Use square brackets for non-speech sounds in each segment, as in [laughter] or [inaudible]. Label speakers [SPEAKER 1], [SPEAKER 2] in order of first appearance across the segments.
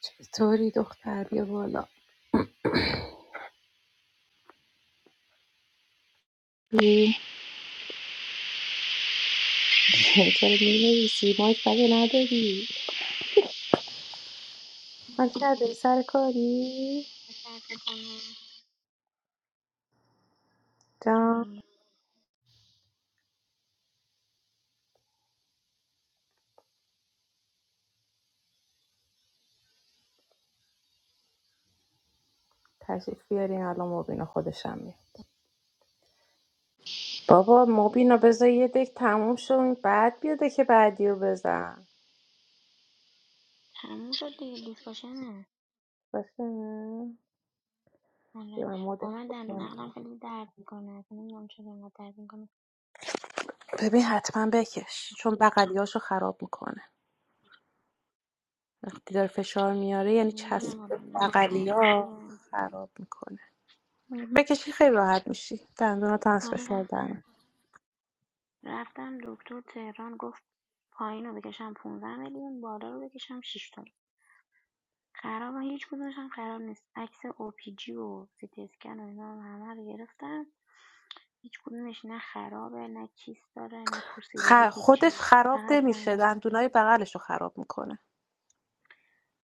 [SPEAKER 1] چطوری دختر بیا بالا می- چرا می نویسی مایک بگه نداری من کرده سر کاری
[SPEAKER 2] درد میکنه
[SPEAKER 1] جان تشریف بیارین الان مبین خودشم میاد بابا مبینا بذار یه دک تموم شد بعد بیا دک بعدی رو بزن
[SPEAKER 2] تموم شد دیگه دیسکاشنه
[SPEAKER 1] باشه
[SPEAKER 2] آره
[SPEAKER 1] بیا من مدل
[SPEAKER 2] با من دندون
[SPEAKER 1] بکنم.
[SPEAKER 2] عقلم خیلی درد میکنه اصلا نمیدونم چرا اینقدر درد میکنه
[SPEAKER 1] ببین حتما بکش چون بغلیاشو خراب میکنه وقتی داره فشار میاره یعنی
[SPEAKER 2] نمیدونم
[SPEAKER 1] چسب
[SPEAKER 2] حالا نه خرابه
[SPEAKER 1] بغلیا خراب میکنه بکشی خیلی راحت میشی دندونات هم از
[SPEAKER 2] حالا
[SPEAKER 1] فشار در
[SPEAKER 2] رفتم
[SPEAKER 1] میاد.
[SPEAKER 2] رفتم دکتر تهران گفت پایین رو بکشم 15 میلیون بالا رو بکشم 6 تومن خراب هیچ کدومشم خراب نیست عکس اوپیجی و سیتی اسکن و اینا هم همه رو گرفتم هیچ کدومش نه خرابه نه کیست داره نه پوسیدگی
[SPEAKER 1] خ...
[SPEAKER 2] هیچ
[SPEAKER 1] خودش خراب
[SPEAKER 2] فقط دندون
[SPEAKER 1] نمیشه دندونای بغلش رو خراب میکنه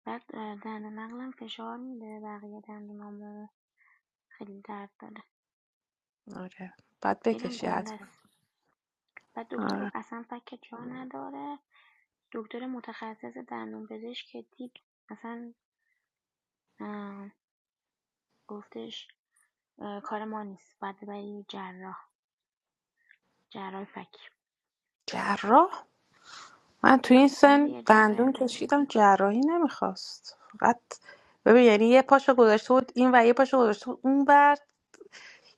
[SPEAKER 2] بعد اه، دهن مغزم فشار میده بقیه تمرینامو خیلی درد داره
[SPEAKER 1] آره باید
[SPEAKER 2] خیلیم
[SPEAKER 1] بکشی
[SPEAKER 2] گنده
[SPEAKER 1] حتما
[SPEAKER 2] است بعد دکتر گفت
[SPEAKER 1] آره
[SPEAKER 2] اصلا فک جا نداره دکتر متخصص دندون پزشک که دید اصلا اه، گفتش اه، کار ما نیست باید ببری جراح جراح فک
[SPEAKER 1] جراح من تو این
[SPEAKER 2] آره
[SPEAKER 1] سن
[SPEAKER 2] دیگه جراح
[SPEAKER 1] دندون
[SPEAKER 2] فک
[SPEAKER 1] کشیدم جراحی نمیخواست فقط ببین یعنی یه پاشو گذاشته بود این و یه پاشو گذاشته بود اون بر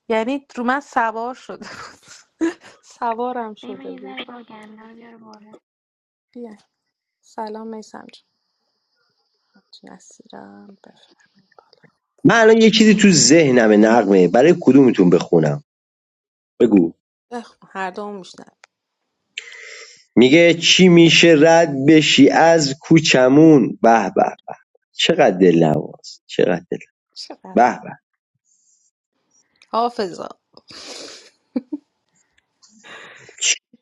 [SPEAKER 1] یعنی رو من سوار شده بود [laughs] سوارم
[SPEAKER 2] ببین من
[SPEAKER 1] شده
[SPEAKER 2] یه
[SPEAKER 1] بود
[SPEAKER 2] ذره باگم اینا رو بیاره بالا
[SPEAKER 1] بیا سلام میسم جان نصیرم بفرم
[SPEAKER 3] من الان یه چیزی تو ذهنمه نغمه برای کدومتون بخونم بگو
[SPEAKER 1] بخون هر دوم میشنم
[SPEAKER 3] میگه چی میشه رد بشی از کوچمون به به چقدر دل چقدر دل
[SPEAKER 1] چقدر
[SPEAKER 3] به به
[SPEAKER 1] حافظا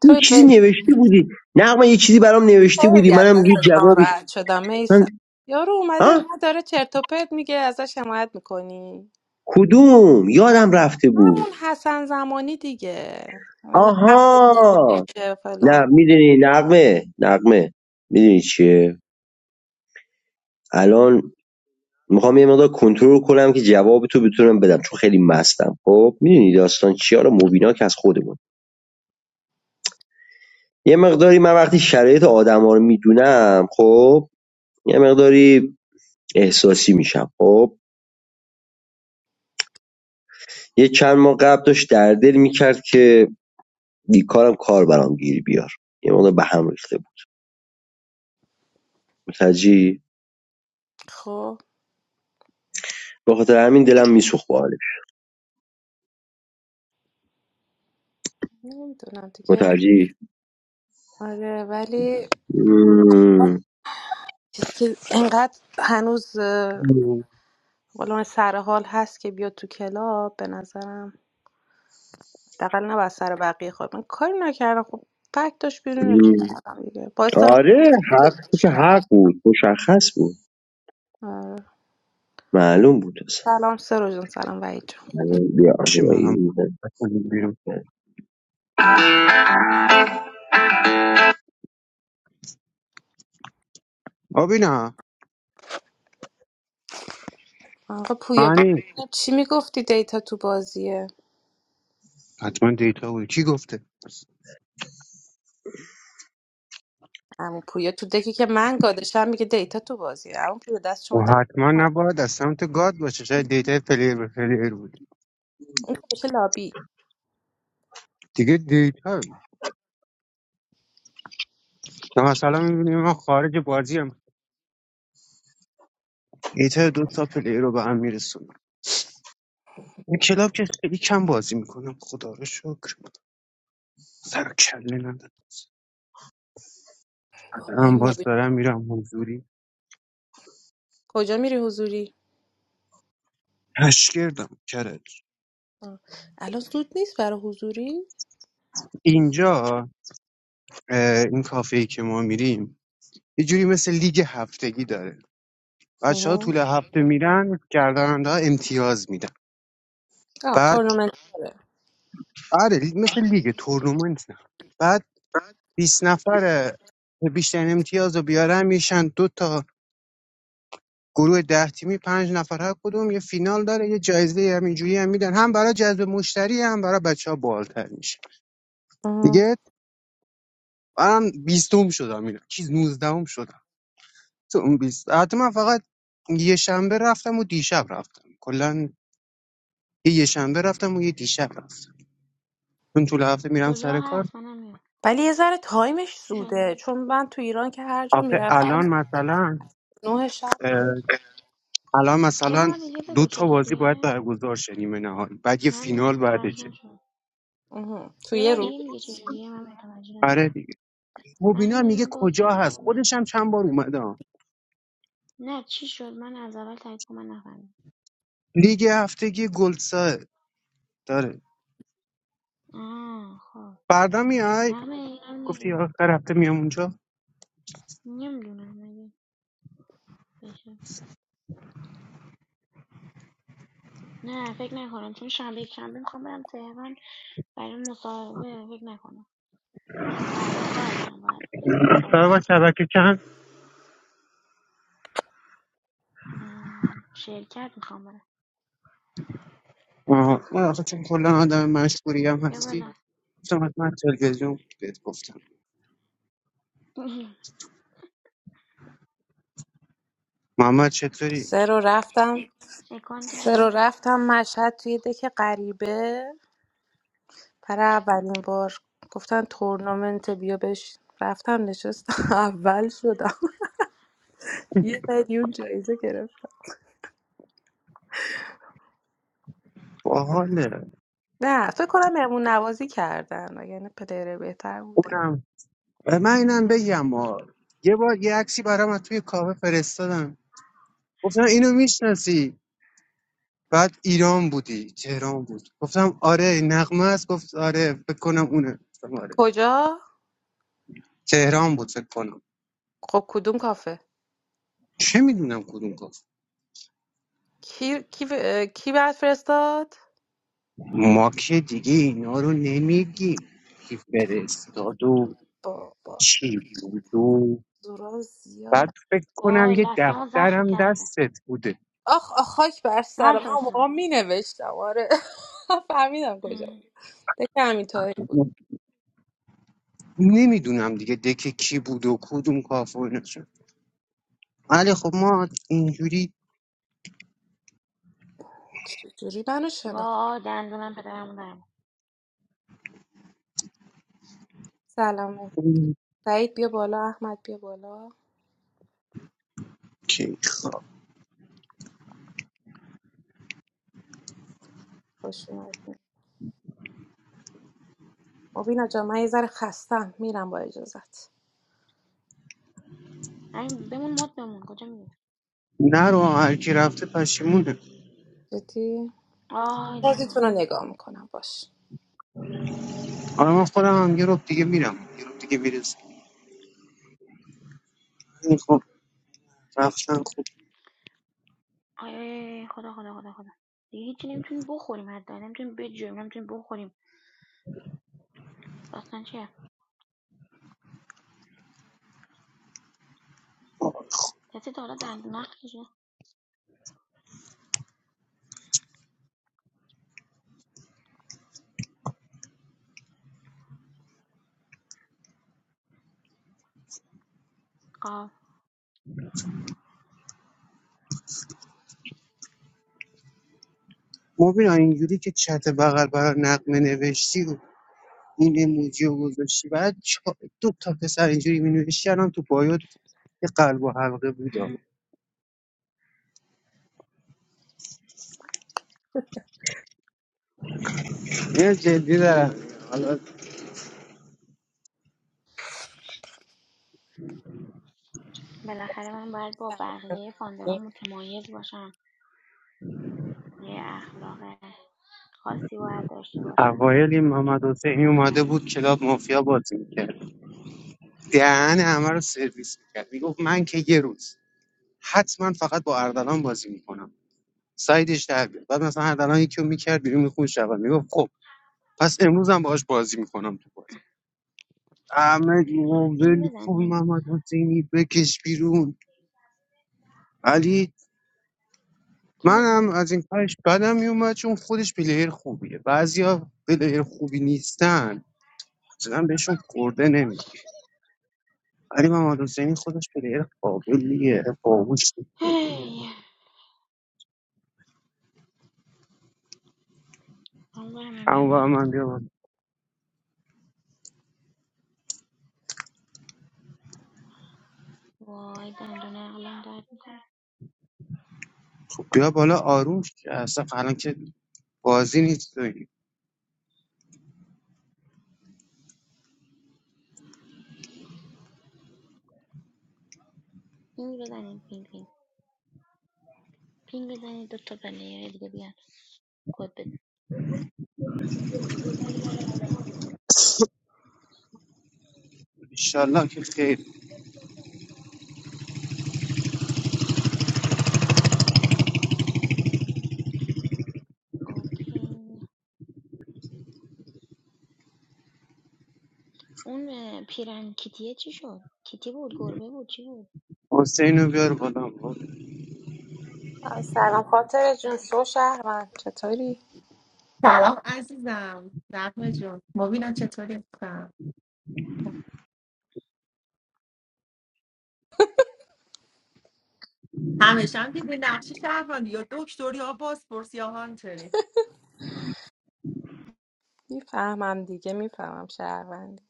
[SPEAKER 1] تو
[SPEAKER 3] یه چیزی
[SPEAKER 1] یه-
[SPEAKER 3] نوشته بودی نغمه یه چیزی برام نوشته بودی
[SPEAKER 1] خیلی از
[SPEAKER 3] منم یه
[SPEAKER 1] دست
[SPEAKER 3] جوابی
[SPEAKER 1] ناراحت شدم
[SPEAKER 3] من...
[SPEAKER 1] میسم یارو اومده به
[SPEAKER 3] ها
[SPEAKER 1] من داره چرت و پرت میگه ازش حمایت میکنی
[SPEAKER 3] کدوم یادم رفته بود
[SPEAKER 1] همون حسن زمانی دیگه اینا عقلت
[SPEAKER 3] آها
[SPEAKER 1] نمیشه
[SPEAKER 3] نه
[SPEAKER 1] فلان
[SPEAKER 3] میدونی نغمه نقمه میدونی چیه الان میخوام یه مقدار کنترل کنم که جواب تو بتونم بدم چون خیلی مستم خب میدونی داستان چی حالا مبینا که از خودمون یه مقداری من وقتی شرایط آدما رو میدونم خب یه مقداری احساسی میشم خب یه چند ماه قبل داشت در دل میکرد که بیکارم کار برام گیر بیار یه مقدار به هم ریخته بود متوجهی
[SPEAKER 1] خب
[SPEAKER 3] به خاطر همین دلم میسوخت با حالش
[SPEAKER 1] نمیدونم دیگه
[SPEAKER 3] متوجهی
[SPEAKER 1] آره ولی
[SPEAKER 3] مم.
[SPEAKER 1] چیزی که انقدر هنوز اه، قولون سر حال هست که بیاد تو کلاب به نظرم حداقل نه بر سر بقیه خود من کاری نکردم خب فکت داشت بیرونش کردم دیگه باعث دارم
[SPEAKER 3] آره حق تو که حق
[SPEAKER 1] کرد
[SPEAKER 3] بود مشخص بود معلوم بود
[SPEAKER 1] سلام سرو جان سلام وحید جان خوب
[SPEAKER 3] Hani they are
[SPEAKER 4] چی
[SPEAKER 3] really
[SPEAKER 4] منم بکنیم بیرون آبی
[SPEAKER 1] آقا پویا ب...
[SPEAKER 4] معنی
[SPEAKER 1] چی میگفتی دیتا تو بازیه
[SPEAKER 4] حتما دیتا بود کی گفته
[SPEAKER 1] اما پویا تو دکی که من گادشم میگه دیتا تو بازیه اما پویا دست
[SPEAKER 4] و
[SPEAKER 1] شما در
[SPEAKER 4] حتما
[SPEAKER 1] نکنه.
[SPEAKER 4] نباید از سمت گاد باشه شاید دیتا پلیر به پلیر بود
[SPEAKER 1] اون که بشه لابی
[SPEAKER 4] دیگه دیتا نه مثلا میبینیم ما خارج بازی هم دیتا دو تا پلیر رو به هم میرسونم این کلاب که خیلی کم بازی میکنم خدا رو شکر سر و کله ندارم
[SPEAKER 1] بابا
[SPEAKER 4] الان
[SPEAKER 1] این
[SPEAKER 4] باز
[SPEAKER 1] موبیل
[SPEAKER 4] دارم میرم حضوری
[SPEAKER 1] کجا میری حضوری
[SPEAKER 4] تشکردم کرج
[SPEAKER 1] آه. الان زود نیست برای حضوری
[SPEAKER 4] اینجا اه، این کافه ای که ما میریم یه جوری مثل لیگ هفتگی داره بچه ها
[SPEAKER 1] آه,
[SPEAKER 4] طول هفته میرن گردنده ها امتیاز میدن
[SPEAKER 1] آه
[SPEAKER 4] بعد
[SPEAKER 1] تورنمنت داره
[SPEAKER 4] آره لی- مثل لیگ تورنمنت نه. بعد 20 نفر بیشترین امتیاز رو بیارن میشن دو تا گروه ده تیمی پنج نفر هر کدوم یه فینال داره یه جایزه همینجوری هم میدن هم برای جذب مشتری هم برای بچه ها بالتر میشه
[SPEAKER 1] آه.
[SPEAKER 4] دیگه من بیستم شدم اینا چیز نوزدهم شدم تو اون بیست حتی من فقط یه شنبه رفتم و دیشب رفتم کلا یه یه شنبه رفتم و یه دیشب رفتم چون طول هفته میرم
[SPEAKER 2] کجا
[SPEAKER 4] سر کار
[SPEAKER 2] هست منم میام
[SPEAKER 1] ولی یه ذره تایمش
[SPEAKER 2] چی
[SPEAKER 1] زوده
[SPEAKER 2] شده
[SPEAKER 1] چون من تو ایران که هر جا
[SPEAKER 4] آخه
[SPEAKER 1] میرفتم
[SPEAKER 4] الان مثلا
[SPEAKER 1] نه شب بود
[SPEAKER 4] اه، الان
[SPEAKER 2] یه
[SPEAKER 4] مثلا
[SPEAKER 2] بار دیگه
[SPEAKER 4] دو
[SPEAKER 2] بگو
[SPEAKER 4] تا بازی باید
[SPEAKER 2] چطوریه
[SPEAKER 4] برگزار شه نیمه نهایی بعد یه
[SPEAKER 2] من نه
[SPEAKER 4] فینال
[SPEAKER 2] متوجه
[SPEAKER 4] بعدشه
[SPEAKER 2] نشدم
[SPEAKER 1] آه. تو
[SPEAKER 2] یه
[SPEAKER 1] یه
[SPEAKER 2] بار
[SPEAKER 1] روز
[SPEAKER 2] دیگه میگه چجوریه من متوجه نشدم
[SPEAKER 4] آره دیگه مبینا هم
[SPEAKER 2] نقمه
[SPEAKER 4] میگه
[SPEAKER 2] من
[SPEAKER 4] کجا
[SPEAKER 2] باگم اینا
[SPEAKER 4] هست
[SPEAKER 2] رو میاری
[SPEAKER 4] خودش هم چند بار اومده ها.
[SPEAKER 2] نه چی شد من از اول تایید کن من نفهمیدم
[SPEAKER 4] لیگ هفتگی گلسا داره
[SPEAKER 2] آه خب
[SPEAKER 4] فردا میای
[SPEAKER 2] نقمه اینا رو میاری
[SPEAKER 4] گفتی
[SPEAKER 2] بالا
[SPEAKER 4] آخر هفته میام اونجا
[SPEAKER 2] نمیدونم اگه بشه نه فکر نکنم چون شنبه یک شنبه میخوام برم تهران برای مصاحبه فکر نکنم فردا کار دارم باید یه سری کار
[SPEAKER 4] سلام از
[SPEAKER 2] انجام-
[SPEAKER 4] شبکه چند
[SPEAKER 2] آه، شرکت میخوام برم
[SPEAKER 4] آها من آخه چون کلا آدم مشغولی هم
[SPEAKER 2] بیا
[SPEAKER 4] هستی
[SPEAKER 2] بالا
[SPEAKER 4] گفتم حتما تلویزیون بهت گفتم
[SPEAKER 2] [laughs]
[SPEAKER 4] محمد چطوری
[SPEAKER 1] سه رو رفتم
[SPEAKER 2] اکانت
[SPEAKER 1] سه رو
[SPEAKER 2] جدیدم
[SPEAKER 1] رفتم مشهد توی دک غریبه پر اولین بار گفتن تورنمنت بیا بش رفتم نشستم [laughs] اول شدم یه میلیون جایزه گرفتم
[SPEAKER 4] باحاله
[SPEAKER 1] نه فکر کنم مهمون نوازی کردن و یعنی پدر بهتر بودن
[SPEAKER 4] اونم من اینم بگم آ. یه بار یه عکسی برام از توی کافه فرستادم گفتم اینو میشناسی بعد ایران بودی تهران بود گفتم آره نغمه است گفت آره فکر کنم اونه گفتم آره
[SPEAKER 1] کجا
[SPEAKER 4] تهران بود فکر کنم
[SPEAKER 1] خب کدوم کافه
[SPEAKER 4] چه میدونم کدوم گفت
[SPEAKER 1] کی کی اه، کی بعد فرستاد
[SPEAKER 4] ما که دیگه اینا رو نمیگیم کی فرستاد و
[SPEAKER 1] بابا
[SPEAKER 4] چی بود و
[SPEAKER 1] زورا زیاد
[SPEAKER 4] بعد فکر کنم
[SPEAKER 2] وای
[SPEAKER 4] یه
[SPEAKER 2] لستم زخم
[SPEAKER 4] دفترم
[SPEAKER 2] کرده
[SPEAKER 4] دستت بوده
[SPEAKER 1] آخ آخ خاک بر
[SPEAKER 2] من
[SPEAKER 1] سرم من اون موقع
[SPEAKER 2] فرستم
[SPEAKER 1] می نوشتم آره [laughs] فهمیدم کجا بود دکه همینطوری بود
[SPEAKER 4] نمیدونم دیگه دکه کی بود و کدوم کافه و اینا. ولی خب ما اینجوری
[SPEAKER 1] چجوری منو شناخت
[SPEAKER 2] وای دندونم پدرم دارم
[SPEAKER 1] سلامه سعید بیا بالا احمد بیا بالا
[SPEAKER 4] که خب
[SPEAKER 1] خوش اومدین مبینا جان من یه ذره خستم میرم با اجازت
[SPEAKER 2] همین بمون مد بمون کجا میری
[SPEAKER 4] نرو هر کی رفته پشیمونه
[SPEAKER 1] جدی
[SPEAKER 2] آی دندونم
[SPEAKER 1] بازیتون رو نگاه میکنم باش
[SPEAKER 4] آره من خودم هم یه رب دیگه میرم یه رب دیگه میرسم این خب رفتن خوب
[SPEAKER 2] آی آی خدا خدا خدا خدا دیگه هیچی نمیتونیم بخوریم حتی نمیتونیم بجویم نمیتونیم بخوریم داستان چیه کسی تا حالا دندون نقشش آه
[SPEAKER 4] مبینا اینجوری که چت بغل برای نقمه نوشتی و این اموجی رو گذاشتی بعد چا- دو تا پسر اینجوری می نوشتی الان تو پایوت یه قلب و حلقه بودا
[SPEAKER 2] [clears throat]
[SPEAKER 4] یه جدی دارم حالا
[SPEAKER 2] بالاخره من باید با بقیه فاندورا متمایز باشم یه اخلاق خاصی باید داشته باشم
[SPEAKER 4] اوایل این محمد حسینی اومده
[SPEAKER 2] بالاخره
[SPEAKER 4] بود کلاب مافیا بازی میکرد دهن همه رو سرویس میکرد میگفت من که یه روز حتما فقط با اردلان بازی میکنم سایدش در بیاد بعد مثلا اردلان یکی رو میکرد بیرون میخون شود میگفت خب پس امروز هم باهاش بازی میکنم تو بازی احمد ایمان
[SPEAKER 2] فیلم
[SPEAKER 4] ول کن
[SPEAKER 2] بزنیم
[SPEAKER 4] محمد حسینی بکش بیرون علی
[SPEAKER 2] فیلم
[SPEAKER 4] منم
[SPEAKER 2] بزنیم
[SPEAKER 4] از این کارش بدم میومد چون خودش پلیر خوبیه بعضیا پلیر خوبی نیستن اصلا بهشون خورده نمیگیره علی محمد حسینی خودش پلیر قابلیه باهوشه
[SPEAKER 2] هی. اون برم من بیا
[SPEAKER 4] اما
[SPEAKER 2] بالا
[SPEAKER 4] من بیا بالا.
[SPEAKER 2] وای دندون عقلم درد میکنه
[SPEAKER 4] خب بیا بالا آروم شو. اصلا الان که بازی نیست
[SPEAKER 2] پینگ بزنیم پینگ پینگ پینگ بزنید دوتا پلیر دیگه بیان کد بده
[SPEAKER 4] ایشالله که خیر
[SPEAKER 2] اوکی اون اه، پیرن کیتیه چی شد کیتی بود گربه بود چی بود
[SPEAKER 4] حسین رو بیار بالا ما
[SPEAKER 1] سلام
[SPEAKER 2] رفت
[SPEAKER 1] خاطر جون سو شهروند چطوری
[SPEAKER 5] سلام عزیزم نقمه جون مبینم چطوری کنم همیشه هم دیدی نقشی شهروندی یا دکتری یا بازپرس یا هانتری
[SPEAKER 1] میفهمم دیگه میفهمم شهروند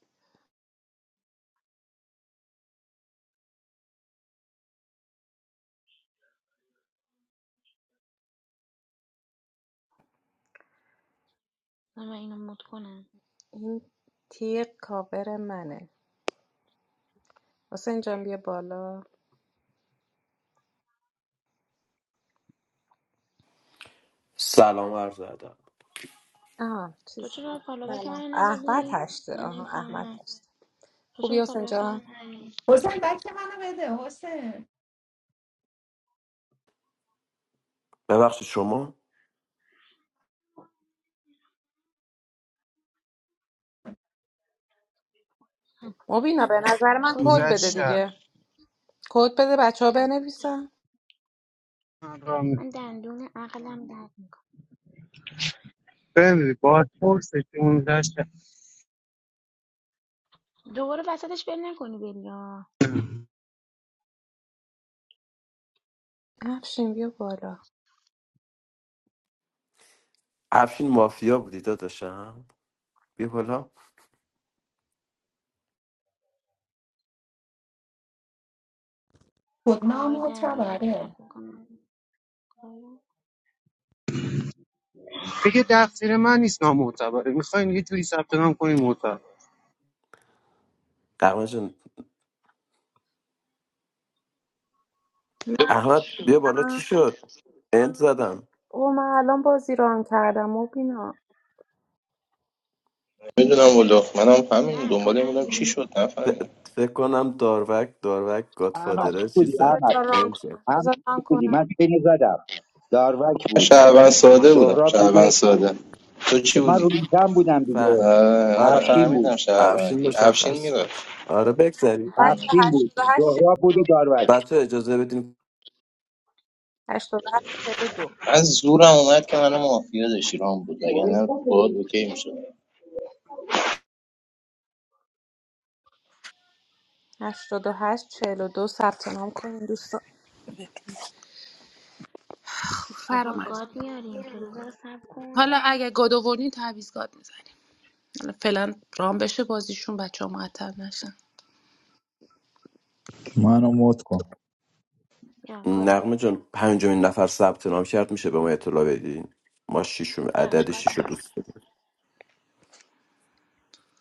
[SPEAKER 2] من من اینو مد کنم
[SPEAKER 1] این تیغ کاور منه حسین جان بیا بالا
[SPEAKER 6] سلام عرض ادب
[SPEAKER 1] آه
[SPEAKER 2] تو
[SPEAKER 1] چیز
[SPEAKER 2] چرا فالوبک
[SPEAKER 1] سلام
[SPEAKER 2] من
[SPEAKER 1] احمد
[SPEAKER 2] ندادی
[SPEAKER 1] هشته
[SPEAKER 2] من
[SPEAKER 1] آها احمد
[SPEAKER 2] نمیفهمم
[SPEAKER 1] هشته
[SPEAKER 2] تو
[SPEAKER 1] خوبی
[SPEAKER 2] چرا
[SPEAKER 1] حسین
[SPEAKER 2] فالوبک من
[SPEAKER 1] جان
[SPEAKER 2] ندادی
[SPEAKER 5] حسین بک منو بده حسین
[SPEAKER 6] ببخشید شما
[SPEAKER 2] هم،
[SPEAKER 1] مبینا به نظر من
[SPEAKER 2] کد
[SPEAKER 1] کد
[SPEAKER 4] 15
[SPEAKER 2] ندادی
[SPEAKER 1] بده
[SPEAKER 4] شهر
[SPEAKER 2] من
[SPEAKER 1] دیگه کد بده بچه ها بنویسن
[SPEAKER 4] من را می-
[SPEAKER 2] من دندون عقلم درد میکنه
[SPEAKER 4] ببین باید پرسش 15 شهر
[SPEAKER 2] دوباره وسطش بل نکنی بلیا
[SPEAKER 1] افشین بیا بالا
[SPEAKER 6] افشین مافیا بودی داداشم بیا بالا
[SPEAKER 5] خودنام
[SPEAKER 2] آی
[SPEAKER 5] و
[SPEAKER 2] دندونم
[SPEAKER 5] تبره
[SPEAKER 2] درد میکنه
[SPEAKER 4] دیگه تقصیر من نیست نامعتبره میخواین یه جوری ثبت نام کنین معتبر
[SPEAKER 6] احمد جان احمد بیا بالا چی شد انت زدم
[SPEAKER 1] او من الان بازی ران کردم و بینا
[SPEAKER 7] میدونم والا منم همین
[SPEAKER 2] نه تو
[SPEAKER 7] دنبال این بودم چی
[SPEAKER 2] نکن
[SPEAKER 7] شد
[SPEAKER 6] ف-
[SPEAKER 7] نفهمیدم
[SPEAKER 6] فکر کنم داروک داروک
[SPEAKER 8] احمد
[SPEAKER 6] گادفادره چیز
[SPEAKER 8] بودی
[SPEAKER 6] زد
[SPEAKER 8] احمد
[SPEAKER 1] بذار ران
[SPEAKER 6] انت زد
[SPEAKER 1] کنم
[SPEAKER 8] احمد
[SPEAKER 1] بذار ران
[SPEAKER 8] بودی
[SPEAKER 1] کنم
[SPEAKER 8] من پینو زدم داروک
[SPEAKER 7] من
[SPEAKER 8] بود
[SPEAKER 7] شهروند ساده بودم
[SPEAKER 1] اوکی.
[SPEAKER 8] سهراب بود
[SPEAKER 7] شهروند
[SPEAKER 8] و-
[SPEAKER 7] ساده تو چی
[SPEAKER 8] من
[SPEAKER 7] بودی؟
[SPEAKER 8] روی زن بودم دیگه
[SPEAKER 6] فهم
[SPEAKER 7] اه، نه
[SPEAKER 6] آره
[SPEAKER 8] افشین
[SPEAKER 7] فهمیدم
[SPEAKER 8] بود
[SPEAKER 6] افشین
[SPEAKER 7] شهروندی افشین
[SPEAKER 6] مشخص بود
[SPEAKER 7] میرفت
[SPEAKER 6] آره بگذاریم
[SPEAKER 1] بچه
[SPEAKER 8] افشین بود
[SPEAKER 1] 88
[SPEAKER 8] سهراب بود و داروک
[SPEAKER 6] بچه اجازه بدین
[SPEAKER 1] 42
[SPEAKER 7] من زورم اومد که منو مافیا داشتی رام بود اگر نه باید اوکی میشد
[SPEAKER 1] هشت 42 88 42 ثبت نام کنین دوستان تو
[SPEAKER 2] بابا
[SPEAKER 1] فرامرز
[SPEAKER 2] گاد
[SPEAKER 1] میاد
[SPEAKER 2] میاریم تو دو دقیقه صبر کن
[SPEAKER 1] حالا اگه گاد آوردین تعویض گاد میزنیم حالا فعلا ران بشه بازیشون بچه ها معطل نشن
[SPEAKER 9] mano motko
[SPEAKER 2] یا گاد اومد
[SPEAKER 6] نقمه جان پنجمین نفر ثبت نام کرد میشه به ما اطلاع بدین ما شیشون
[SPEAKER 2] یا
[SPEAKER 6] عدد
[SPEAKER 2] گاد
[SPEAKER 6] شیش رو
[SPEAKER 2] اومد
[SPEAKER 6] دوست داریم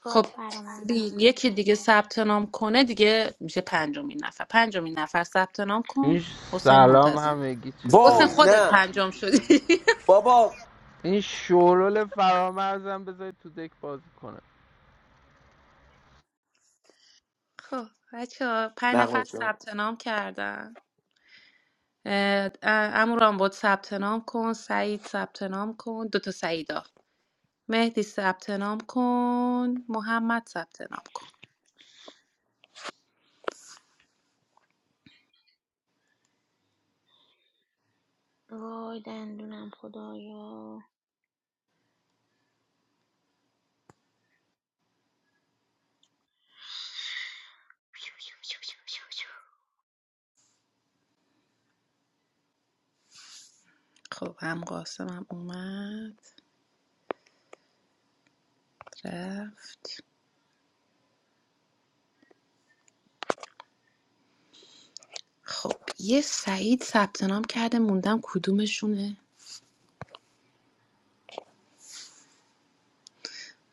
[SPEAKER 2] گاد
[SPEAKER 1] خب
[SPEAKER 2] فرامرز
[SPEAKER 1] بی-
[SPEAKER 2] اومد گاد
[SPEAKER 1] یکی دیگه ثبت نام کنه دیگه میشه پنجمین نفر پنجمین نفر ثبت نام
[SPEAKER 10] این
[SPEAKER 1] کن
[SPEAKER 10] ش-
[SPEAKER 1] حسین
[SPEAKER 10] سلام
[SPEAKER 1] منتظر
[SPEAKER 10] همگی
[SPEAKER 1] حسین
[SPEAKER 10] چطوری
[SPEAKER 6] وای
[SPEAKER 1] خودت
[SPEAKER 6] نه
[SPEAKER 1] پنجم شدی
[SPEAKER 6] بابا
[SPEAKER 10] این شورول فرامرزم بذارید تو دک بازی کنه
[SPEAKER 1] خب بچه ها پنج
[SPEAKER 6] نقمه
[SPEAKER 1] نفر
[SPEAKER 6] جان
[SPEAKER 1] ثبت نام کردن اه، اه، عمو رامبد ثبت نام کن سعید ثبت نام کن دوتا سعیدا مهدی ثبت نام کن محمد ثبت نام کن
[SPEAKER 2] وای دندونم خدایا
[SPEAKER 1] خب هم قاسم هم اومد رفت خب یه سعید ثبت نام کرده موندم کدومشونه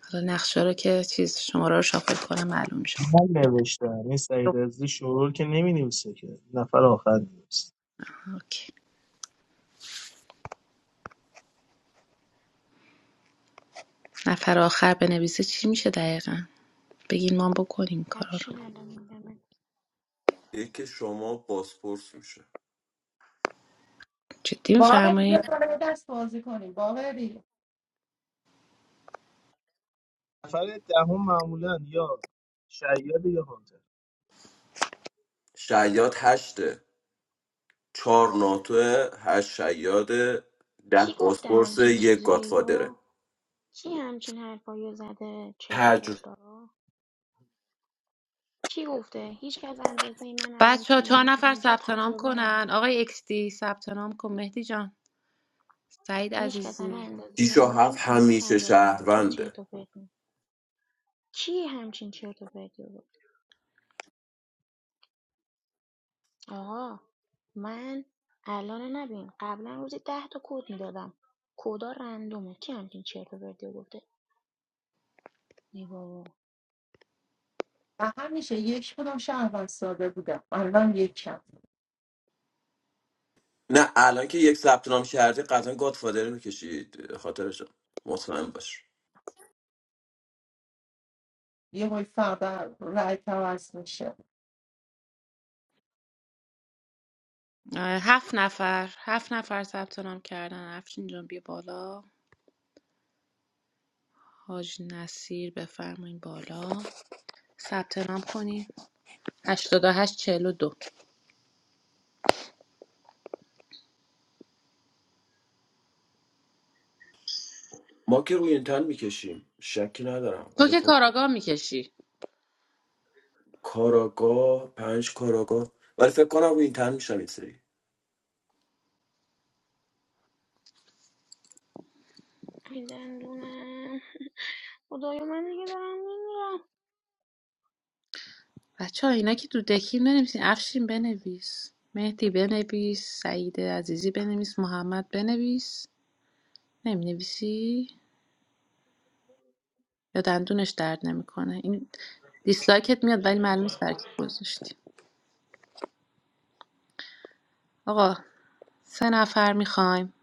[SPEAKER 1] حالا نقشه رو که چیز شماره رو شافل کنم معلوم شد
[SPEAKER 11] من نوشتم این سعید عزیزی شروع که نمی نویسه که نفر آخر نویسه
[SPEAKER 1] اوکی. نفر آخر بنویسه چی میشه دقیقا بگین ما هم بکنیم کارا
[SPEAKER 2] وحشی
[SPEAKER 1] رو
[SPEAKER 2] الان میدمت
[SPEAKER 6] یک شما بازپرس میشه
[SPEAKER 1] جدی
[SPEAKER 5] واقعا
[SPEAKER 1] میفرمایین
[SPEAKER 5] بکنه به دست بازی کنیم باقری
[SPEAKER 11] نفر دهم معمولا یا شیاد یا هانتر
[SPEAKER 6] شیاد هشته چهار ناتوه هشت شیاده
[SPEAKER 2] کی
[SPEAKER 6] ده
[SPEAKER 2] گفته
[SPEAKER 6] بازپرس
[SPEAKER 2] همچین
[SPEAKER 6] یک
[SPEAKER 2] چیزایی
[SPEAKER 6] گاتفادره
[SPEAKER 2] رو کی همچین حرفایی رو زده چرت و
[SPEAKER 6] تجربه
[SPEAKER 2] پرتا رو کی گفته هیچ کس اندازه من الان
[SPEAKER 1] بچه
[SPEAKER 2] تو
[SPEAKER 1] ها چهار
[SPEAKER 2] این-
[SPEAKER 1] نفر
[SPEAKER 2] اینجا
[SPEAKER 1] ثبت نام
[SPEAKER 2] تجربه نداره
[SPEAKER 1] کنن آقای اکستی ثبت نام کن مهدی جان سعید
[SPEAKER 2] هیچ کس الان
[SPEAKER 1] عزیزی
[SPEAKER 2] اندازه
[SPEAKER 6] شیش و هفت
[SPEAKER 2] من اینجا
[SPEAKER 6] همیشه
[SPEAKER 2] تجربه نداره چه
[SPEAKER 6] شهرونده
[SPEAKER 2] چرت و پرت کی همچین چرت و پرتی رو گفت آقا من الان نبین قبلا روزی ده تا کد میدادم کدا رندومه کی همچین چرت و پرتی رو گفته ای بابا
[SPEAKER 5] و همیشه یک کدوم شهروند ساده بودم الان یک کم
[SPEAKER 6] نه الان که یک ثبت نام کردی قطعا گاتفادره میکشید خاطرش مطمئن باش
[SPEAKER 5] یه بای فردا رای توز میشه
[SPEAKER 1] اه، هفت نفر هفت نفر ثبت نام کردن افشین جان بیا بالا حاج نصیر بفرمایین بالا ثبت نام کنین 88 42
[SPEAKER 6] ما که روی انتن میکشیم شکی ندارم
[SPEAKER 1] تو
[SPEAKER 6] ولی
[SPEAKER 1] که
[SPEAKER 6] خب
[SPEAKER 1] کاراگاه میکشی
[SPEAKER 6] کاراگاه پنج کاراگاه ولی فکر کنم روی انتن میشم این سری
[SPEAKER 2] این دندونم خدایا من دیگه دارم میمیرم
[SPEAKER 1] بچه ها اینا که تو دکیم بنویسین افشین بنویس مهدی بنویس سعید عزیزی بنویس محمد بنویس نمینویسی یا دندونش درد نمیکنه این دیسلایکت میاد ولی معلوم نیست برای کی گذاشتی آقا سه نفر میخوایم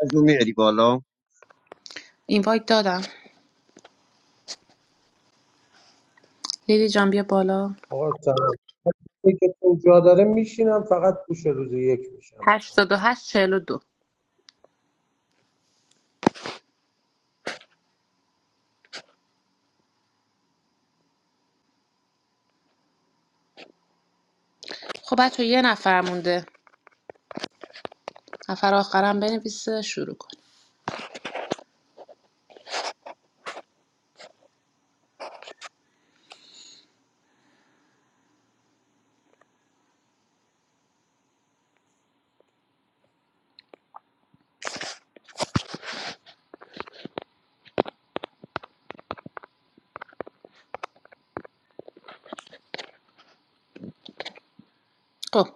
[SPEAKER 12] از اون میاری بالا
[SPEAKER 1] اینوایت دادم لیلی جان بیا بالا
[SPEAKER 13] آقا ترفیعی که تو جا داره میشینم فقط پوش روز یک میشم
[SPEAKER 1] 88 دو. خب بچه یه نفر مونده نفر آخرم بنویسه شروع کن خب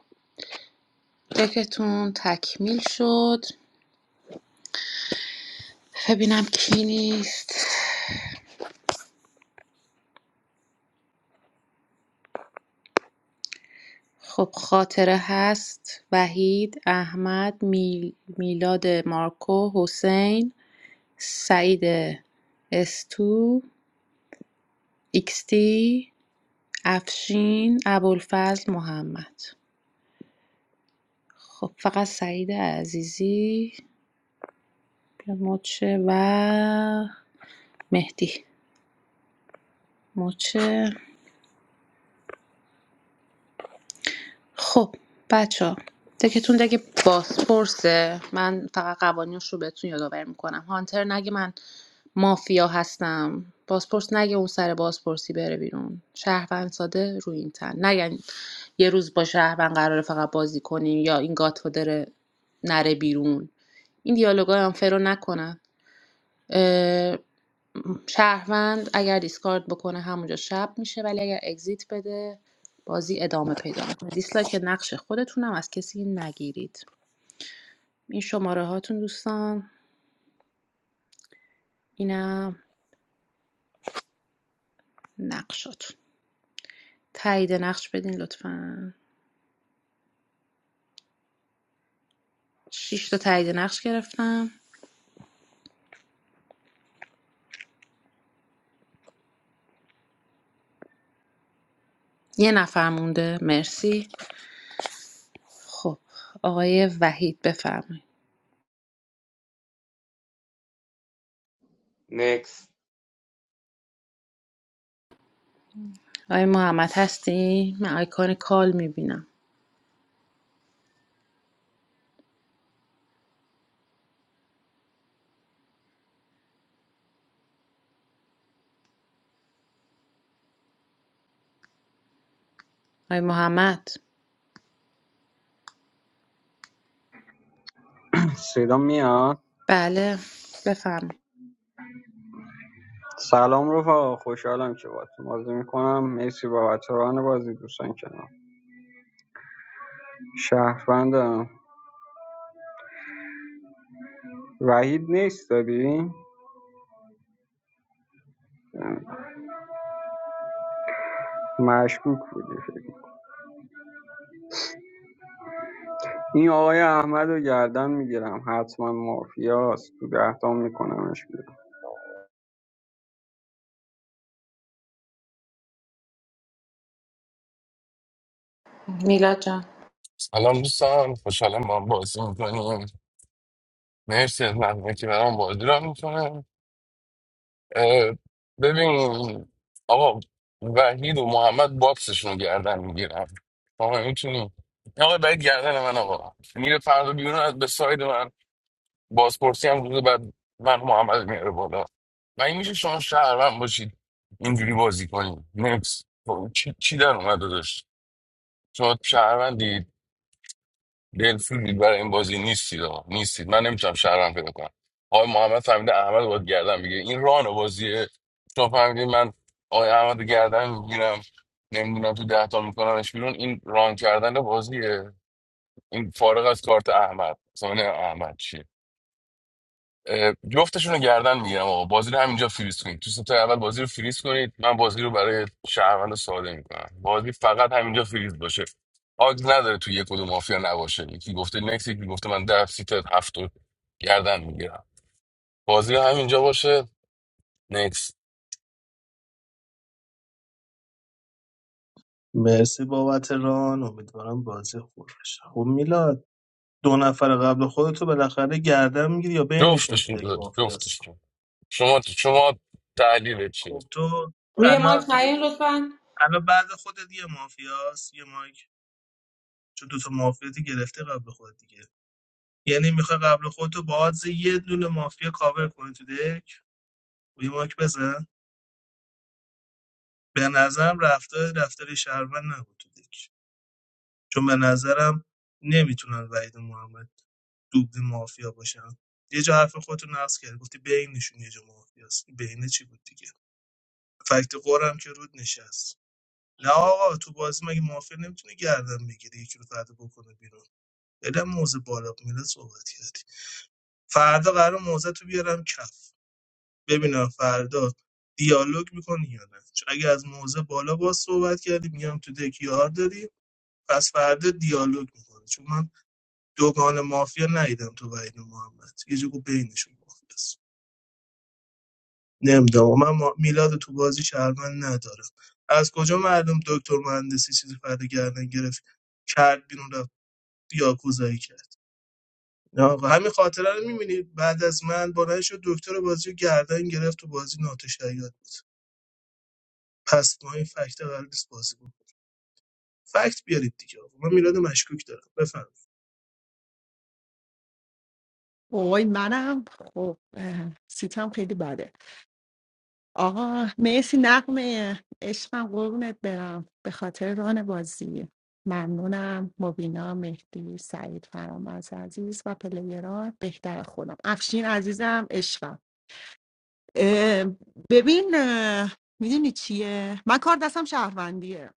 [SPEAKER 1] دکتون تکمیل شد ببینم کی نیست خب خاطره هست وحید احمد میل- میلاد مارکو حسین سعید استو ایکستی افشین ابوالفضل محمد خب فقط سعید عزیزی مچه و مهدی مچه خب بچه ها دکتون دگه بازپرسه من فقط قوانینش رو بهتون یادآور میکنم هانتر نگه من مافیا هستم بازپرس نگه اون سر بازپرسی بره بیرون شهروند ساده رو این تن نگه یه روز با شهروند قراره فقط بازی کنیم یا این گاتفادر نره بیرون این دیالوگای هم فرو نکنن اه، شهروند اگر دیسکارد بکنه همونجا شب میشه ولی اگر اگزیت بده بازی ادامه پیدا میکنه دیسلایک نقش خودتونم از کسی نگیرید این شماره هاتون دوستان اینم نقشاتون تایید نقش بدین لطفا 6 تا تایید نقش گرفتم یه نفر مونده مرسی خب آقای وحید بفرمایید
[SPEAKER 14] نکس
[SPEAKER 1] آقای محمد هستی من آیکان کال میبینم آقای محمد
[SPEAKER 15] صدا میاد
[SPEAKER 1] بله بفرمایید
[SPEAKER 15] سلام رفقا خوشحالم که باهاتون بازی میکنم مرسی بابت ران بازی دوستان کنم شهروندم وحید نیست داری مشکوک بودی فکر کنم. این آقای احمد رو گردن میگیرم حتما مافیاست تو دهتام میکنمش بیرون
[SPEAKER 1] میلاد
[SPEAKER 16] الان دوستان خوشحالم ما بازی میکنیم مرسی از مردمی که برام بازی را میکنم ببین آقا وحید و محمد باکسشون رو گردن میگیرن آقا میتونیم آقا باید گردن من آقا میره فردا بیرون از به ساید من بازپرسی هم روز بعد من و محمد میاره بالا و این میشه شما شهروند باشید اینجوری بازی کنیم نکس چی, چی در اومده داشت شما شهروندی دلسوزید برای این بازی نیستید آقا نیستید من نمیتونم شهرم پیدا کنم آقای محمد فهمیده احمد باید گردن میگه این ران بازیه تو فهمیدی من آقای احمد رو گردن میگیرم نمیدونم تو ده تا میکنمش بیرون این ران کردن بازیه این فارغ از کارت احمد زمان احمد چیه اه، جفتشون رو گردن میگیرم آقا بازی رو همینجا فریز کنید تو ستای اول بازی رو فریز کنید من بازی رو برای شهروند ساده میکنم بازی فقط همینجا فریز باشه آگ نداره تو یک کدوم مافیا نباشه یکی گفته نکس یکی گفته من ده سیت هفت رو گردن میگیرم بازی رو همینجا باشه نکس
[SPEAKER 11] مرسی بابت ران امیدوارم بازی خوب بشه خب میلاد دو نفر قبل خودتو بالاخره گردن میگیری یا بینشون تو
[SPEAKER 16] جفتشون
[SPEAKER 11] دک مافیاست
[SPEAKER 16] جفتشون شما شما تحلیل چیه
[SPEAKER 11] خب تو
[SPEAKER 1] روی مایک
[SPEAKER 11] الان
[SPEAKER 1] نیاین لطفا
[SPEAKER 11] الان بعد خودت یه مافیاست یه مایک چون دوتا مافیاتی گرفته قبل خودت دیگه یعنی میخوای قبل خودتو با آدز یه دونه مافیا کاور کنی تو دک و یه مایک بزن به نظرم رفتار رفتار شهروند نبود تو دک چون به نظرم نمیتونن وحید و محمد دوبلی مافیا باشن یه جا حرف خودتو نقص کرد گفتی بینشون یه جا مافیاست بینه چی بود دیگه فکت قرم که رود نشست نه آقا تو بازی مگه مافیا نمیتونه گردن بگیری یکی رو فردا بکنه بیرون خیلی موزه بالا میره صحبت کردی فردا قرار موزه تو بیارم کف ببینم فردا دیالوگ میکنی یا نه چون اگه از موزه بالا باز صحبت کردی میگم تو دک یار داری پس فردا دیالوگ میکنه چون من دوگان مافیا ندیدم تو وحید محمد یه جگو بینشون مافیاست نمیدونم من ما- میلاد تو بازی شهرمن ندارم از کجا معلوم دکتر مهندسی چیزی فردا گردن گرفت کرد بیرون رفت یاکوزایی کرد نه آقا، همین خاطره رو میبینی بعد از من بلند شد دکتر بازی رو گردن گرفت تو بازی ناتشیاد بود پس ما این فکت قرار نیست بازی بود فکت بیارید دیگه آقا. من میلاد مشکوک دارم بفرمایید
[SPEAKER 5] اوی منم خب اه، سیتم خیلی بده آقا مرسی نقمه عشقم قربونت برم به خاطر ران بازی ممنونم مبینا مهدی سعید فرامرز عزیز و پلیران بهتر خودم افشین عزیزم عشقم اه، ببین میدونی چیه من کار دستم شهروندیه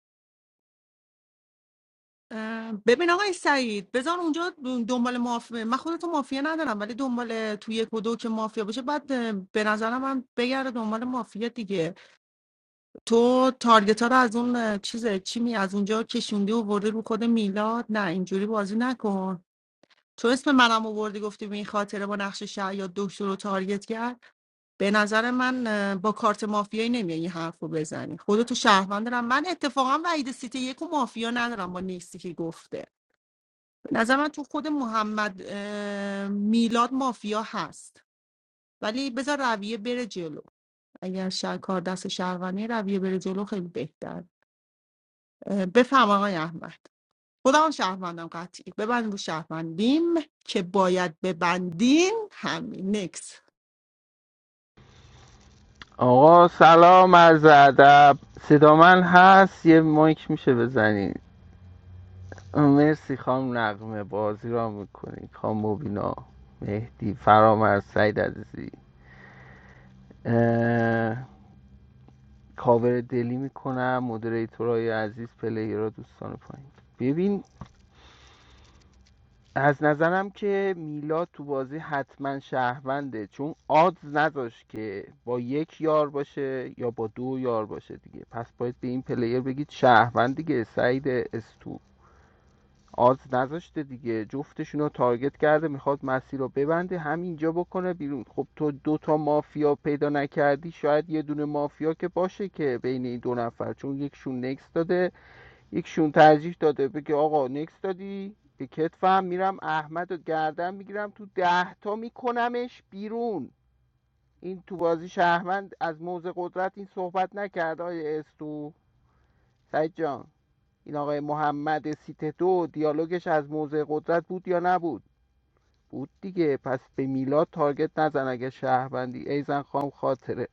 [SPEAKER 5] اه، ببین آقای سعید بذار اونجا دنبال مافیا من خودتو مافیا ندارم ولی دنبال تو یک و دو که مافیا باشه بعد اه، به نظرم هم بگرده دنبال مافیا دیگه تو تارگت ها رو از اون چیزه چی می از اونجا کشوندی و برده رو کد میلاد نه اینجوری بازی نکن تو اسم منم آوردی گفتی به این خاطره با نقش شعیاد دکتر رو تارگت کرد به نظر من اه، با کارت مافیایی نمیای این حرف رو بزنی خودتو شهروند دارم من اتفاقا وعید سیتی یک و مافیا ندارم با نیستی که گفته به نظر من تو خود محمد اه، میلاد مافیا هست ولی بذار رویه بره جلو اگر شهر کار دست شهروندی رویه بره جلو خیلی بهتر بفهم آقای احمد خودمون شهروندم قطعی ببند رو شهروندیم که باید ببندین همین نکس
[SPEAKER 10] آقا سلام عرض ادب صدا من هست یه مایک میشه بزنین مرسی خام نقمه بازی را میکنید خام مبینا مهدی فرامرز سعید عزیزی اه، کاور دلی میکنم مدریتورای عزیز پلیرها دوستان پایین ببین از نظرم که میلاد تو بازی حتما شهرونده چون آدز نداشت که با یک یار باشه یا با دو یار باشه دیگه پس باید به این پلیر بگید شهروند دیگه سعید استو آدز نذاشته دیگه جفتشون رو تارگت کرده میخواد مسیر رو ببنده همینجا بکنه بیرون خب تو دوتا مافیا پیدا نکردی شاید یه دونه مافیا که باشه که بین این دو نفر چون یکشون نکس داده یکشون ترجیح داده بگه آقا نکس دادی به کتفم میرم احمد و گردن میگیرم تو ده تا میکنمش بیرون این تو بازی شهروند از موضع قدرت این صحبت نکرد آقای استو سعید جان این آقای محمد سیته دو دیالوگش از موضع قدرت بود یا نبود بود دیگه پس به میلاد تارگت نزن اگه شهروندی ایزن خام خاطره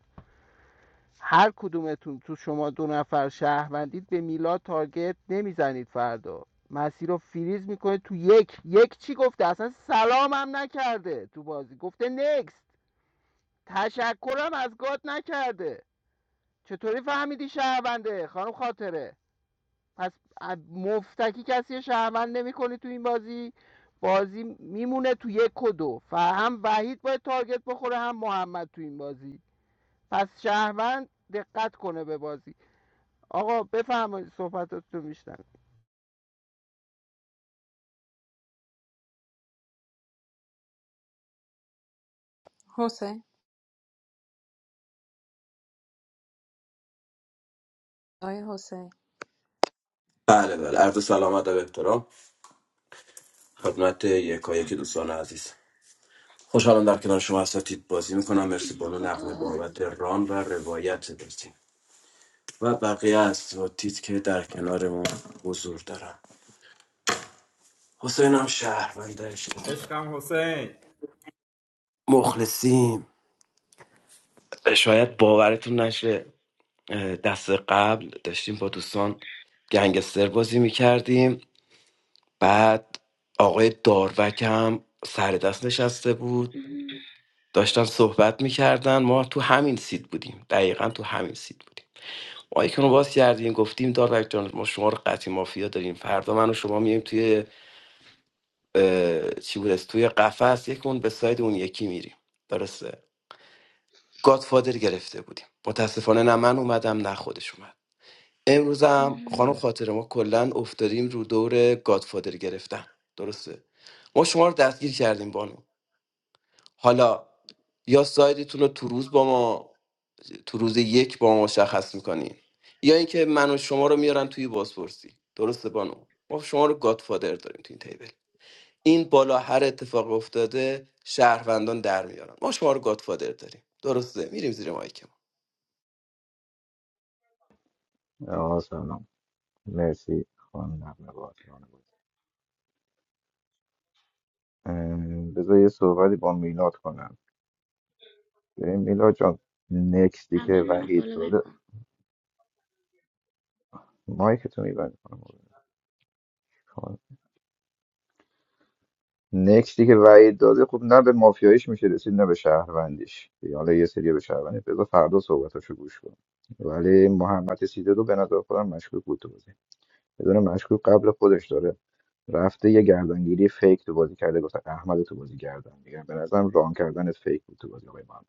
[SPEAKER 10] هر کدومتون تو شما دو نفر شهروندید به میلاد تارگت نمیزنید فردا مسیر رو فریز میکنه تو یک یک چی گفته اصلا سلام هم نکرده تو بازی گفته نکست تشکرم از گاد نکرده چطوری فهمیدی شهرونده خانم خاطره پس مفتکی کسی شهروند نمیکنی تو این بازی بازی میمونه تو یک و دو و وحید باید تارگت بخوره هم محمد تو این بازی پس شهروند دقت کنه به بازی آقا بفرمایید صحبتاتون میشنم
[SPEAKER 1] حسین آقای حسین
[SPEAKER 6] بله بله عرض سلامت و احترام خدمت یکایک دوستان عزیز خوشحالم در کنار شما اساتید بازی میکنم مرسی
[SPEAKER 2] ای
[SPEAKER 6] بانو
[SPEAKER 2] خدا
[SPEAKER 6] نقمه بابت ران و روایت بازی و بقیه اساتید که در کنار ما حضور دارم حسین هم شهرونده اشتباه.
[SPEAKER 17] Ishkam Hussein.
[SPEAKER 6] مخلصیم شاید باورتون نشه اه، دست قبل داشتیم با دوستان گنگستر بازی میکردیم بعد آقای داروک هم سر دست نشسته بود
[SPEAKER 2] ام،
[SPEAKER 6] داشتن صحبت میکردن ما تو همین سید بودیم دقیقا تو همین سید بودیم مایکمون رو باز کردیم گفتیم داربک جان ما شما رو قطعی مافیا داریم فردا من و شما میایم توی اه، چی بود توی قفس یکمون به ساید اون یکی میریم درسته گادفادر گرفته بودیم متاسفانه نه من اومدم نه خودش اومد امروز هم خانم
[SPEAKER 2] ام.
[SPEAKER 6] خاطر ما کلا افتادیم رو دور گادفادر گرفتن درسته ما شما رو دستگیر کردیم بانو حالا یا سایدتون رو تو روز با ما تو روز یک با ما مشخص میکنین یا اینکه من و شما رو میارن توی بازپرسی درسته بانو ما شما رو گادفادر داریم تو این تیبل این بالا هر اتفاق افتاده شهروندان در میارن ما شما رو گادفادر داریم درسته میریم زیر مایک ما
[SPEAKER 18] آقا سلام مرسی خانم نقمه بازران بود ام، بذار یه صحبتی با میلاد کنم ببین میلاد جان نکستی که
[SPEAKER 2] اول منو
[SPEAKER 18] وحید
[SPEAKER 2] فالو بک
[SPEAKER 18] داده
[SPEAKER 2] کن
[SPEAKER 18] مایک تو میبند کنم نکستی که وحید داده خب نه به مافیاییش میشه رسید نه به شهروندیش یعنی حالا یه سری به شهروندی بذار فردا صحبتاشو گوش کن ولی محمد سیده رو به نظر خودم مشکوک بود تو بازی بدون مشکوک قبل خودش داره رفته یه گردنگیری فیک تو بازی کرده گفت احمد تو بازی گردن میگم به نظرم ران کردن فیک بود تو بازی آقای محمد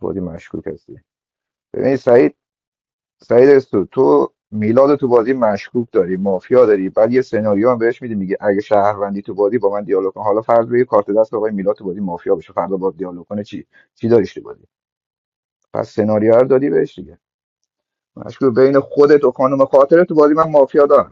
[SPEAKER 18] بازی مشکوک هستی ببین سعید سعید استو تو میلاد تو بازی مشکوک داری مافیا داری بعد یه سناریو هم بهش میدی میگه اگه شهروندی تو بازی با من دیالوگ کن حالا فرض بگیر کارت دست آقای میلاد تو بازی مافیا بشه فردا با دیالوگ کنه چی چی داریش تو بازی پس سناریو رو دادی بهش دیگه مشکوک بین خودت و خانم خاطره تو بازی من مافیا دارم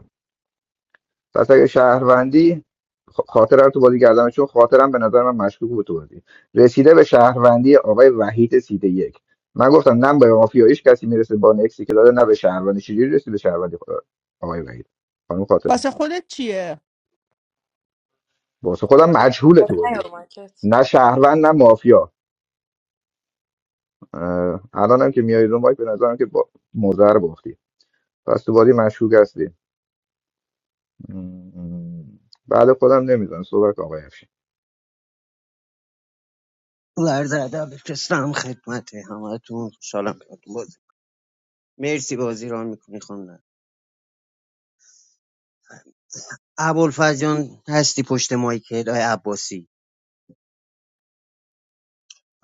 [SPEAKER 18] پس اگه شهروندی خ- خاطر رو تو بازی کردم چون خاطرم به نظر من مشکوک بود تو بازی رسیده به شهروندی آقای وحید سیده یک من گفتم نه به مافیاییش کسی میرسه با نکسی که داره نه به شهروندی چجوری رسید به شهروندی خدا- آقای وحید خانم خاطره
[SPEAKER 5] واسه خودت چیه؟
[SPEAKER 18] واسه خودم مجهوله تو
[SPEAKER 1] نه
[SPEAKER 18] بازی
[SPEAKER 1] رو مایکت
[SPEAKER 18] نه شهروند نه مافیا اه، الانم که میای رو مایک به نظرم که با مضر باختی پس تو بازی مشکوک هستی م- م. بعد خودم نمیدونم صحبت کن آقای افشین.
[SPEAKER 12] ورز ادب بفرستم خدمت همتون خوشحالم کنتون بازی مرسی بازی را میکنی خانم ابوالفضیان هستی پشت مایکل های عباسی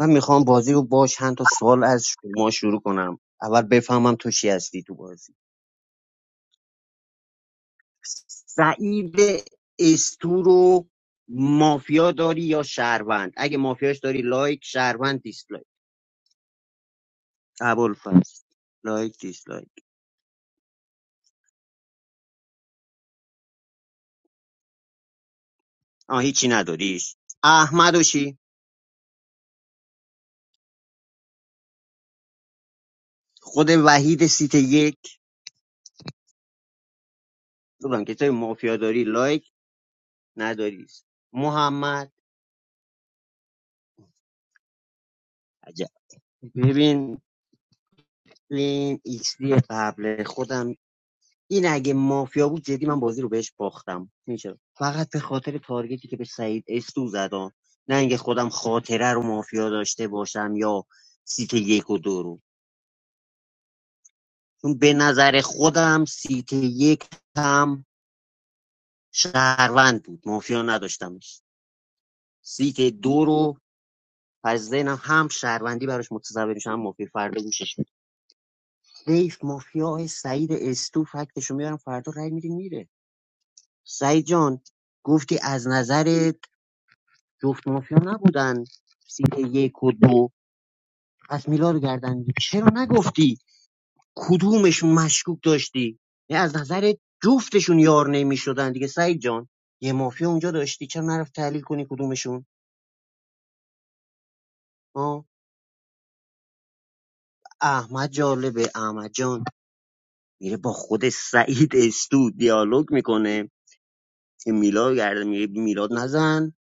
[SPEAKER 12] من میخوام بازی رو با چند تا سوال از شما شروع کنم اول بفهمم تو چی هستی تو بازی سعید استو رو مافیا داری یا شهروند اگه مافیاش داری لایک شهروند دیسلایک ابوالفضل لایک دیسلایک آه هیچی نداریش احمد و شی؟ خود وحید سیت یک گفتم که تو مافیا داری لایک نداری محمد عجب ببین این ایکس دی قبل خودم این اگه مافیا بود جدی من بازی رو بهش باختم میشه فقط به خاطر تارگتی که به سعید استو زدم نه اینکه خودم خاطره رو مافیا داشته باشم یا سیت یک و دو رو چون به نظر خودم سیت یک هم شهروند بود مافیا نداشتمش سیت دو رو پس ذهنم هم شهروندی براش متصور میشه هم مافیا فردا گوشش می‌دم. حیف مافیا سعید استو فکتشو میارم فردا رای میری میره سعید جان گفتی از نظرت جفت مافیا نبودن سیت یک و دو پس میلاد گردن می‌گیری. چرا نگفتی کدومشون مشکوک داشتی یعنی از نظرت جفتشون یار نمیشدن دیگه سعید جان یه مافیا اونجا داشتی چرا نرفت تحلیل کنی کدومشون آه؟ احمد جالبه احمد جان میره با خود سعید استو دیالوگ میکنه که میلاد گرده میگه میلاد نزن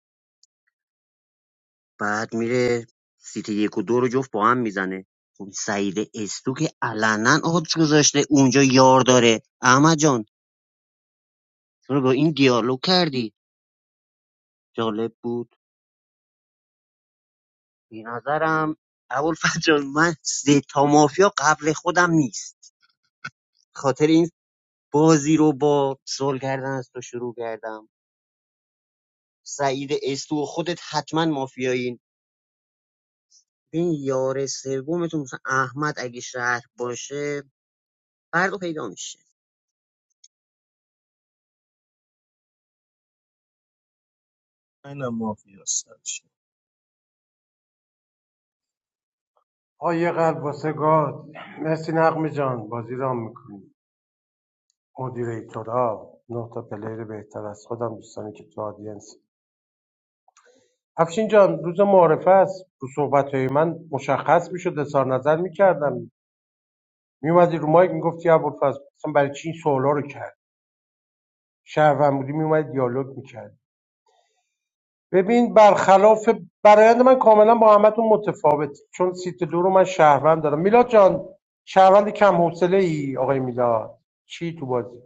[SPEAKER 12] بعد میره سیتی یک و دو رو جفت با هم میزنه خب سعید استو که علنا آدش گذاشته اونجا یار داره احمد جان چرا با این دیالوگ کردی جالب بود به نظرم اول جان من سه تا مافیا قبل خودم نیست خاطر این بازی رو با سول کردن از تو شروع کردم سعید استو و خودت حتما مافیایی این یار سومتون مثلا احمد اگه شهر باشه فردا پیدا میشه
[SPEAKER 11] اینم مافیاست
[SPEAKER 13] آه یه قلب واسه گاد مرسی نقم جان بازی را میکنی مدیریتورا نه تا پلیر بهتر از خودم دوستانی که تو آدینس افشین جان روز معارفه است تو صحبت های من مشخص میشد اظهار نظر میکردم میومدی رو مایک میگفتی ابوالفضل اصلا برای چی این سوالا رو کرد شهروند بودی میومدی دیالوگ میکرد ببین برخلاف برایند من کاملا با همتون متفاوت چون سیت دو رو من شهروند دارم میلاد جان شهروند کم حوصله ای آقای میلاد چی تو بازی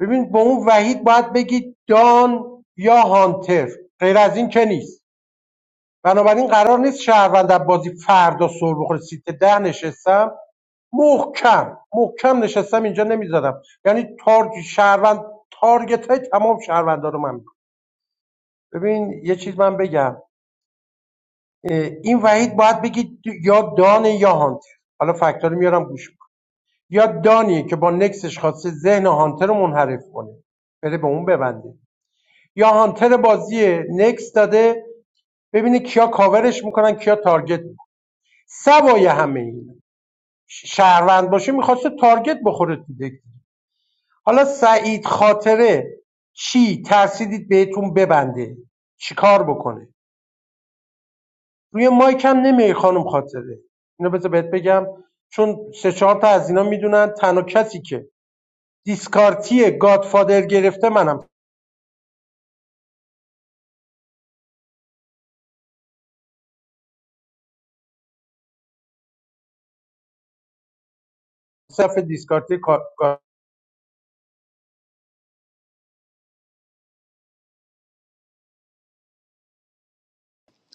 [SPEAKER 13] ببین با اون وحید باید بگید دان یا هانتر غیر از این که نیست بنابراین قرار نیست شهروند در بازی فردا سر بخوره سیت ده نشستم محکم محکم نشستم اینجا نمیذارم یعنی تارگ شهروند تارگت های تمام شهروندان رو من می‌کنم. ببین یه چیز من بگم این وحید باید بگید یا دانه یا هانتر حالا فکت‌ها رو میارم گوش کن. یا دانیه که با نکسش خواسته ذهن هانتر رو منحرف کنه بره به اون ببنده یا هانتر بازیه نکس داده ببینه کیا کاورش میکنن کیا تارگت میکنن سوای همه این ش- شهروند باشه میخواسته تارگت بخوره تو دک. حالا سعید خاطره چی ترسیدید بهتون ببنده چیکار بکنه روی مایک هم نمیای خانم خاطره اینو بذار بهت بگم چون سه چهار تا از اینا میدونن تنها کسی که دیسکارتی گادفادر گرفته منم صفحه دیسکارتی کار کردم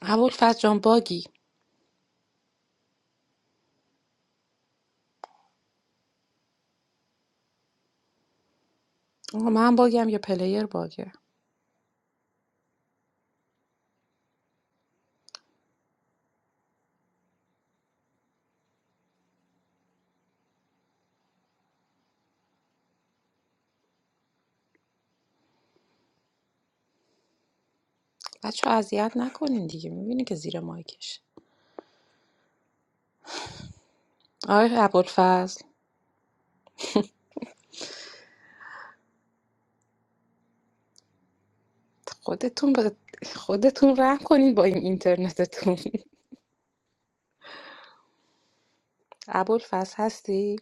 [SPEAKER 1] ابوالفضل جان باگی آقا من باگم یا پلیر باگه بچه اذیت نکنین دیگه میبینی که زیر مایکش آقای ابوالفضل خودتون به خودتون رحم کنین با این اینترنتتون ابوالفضل هستی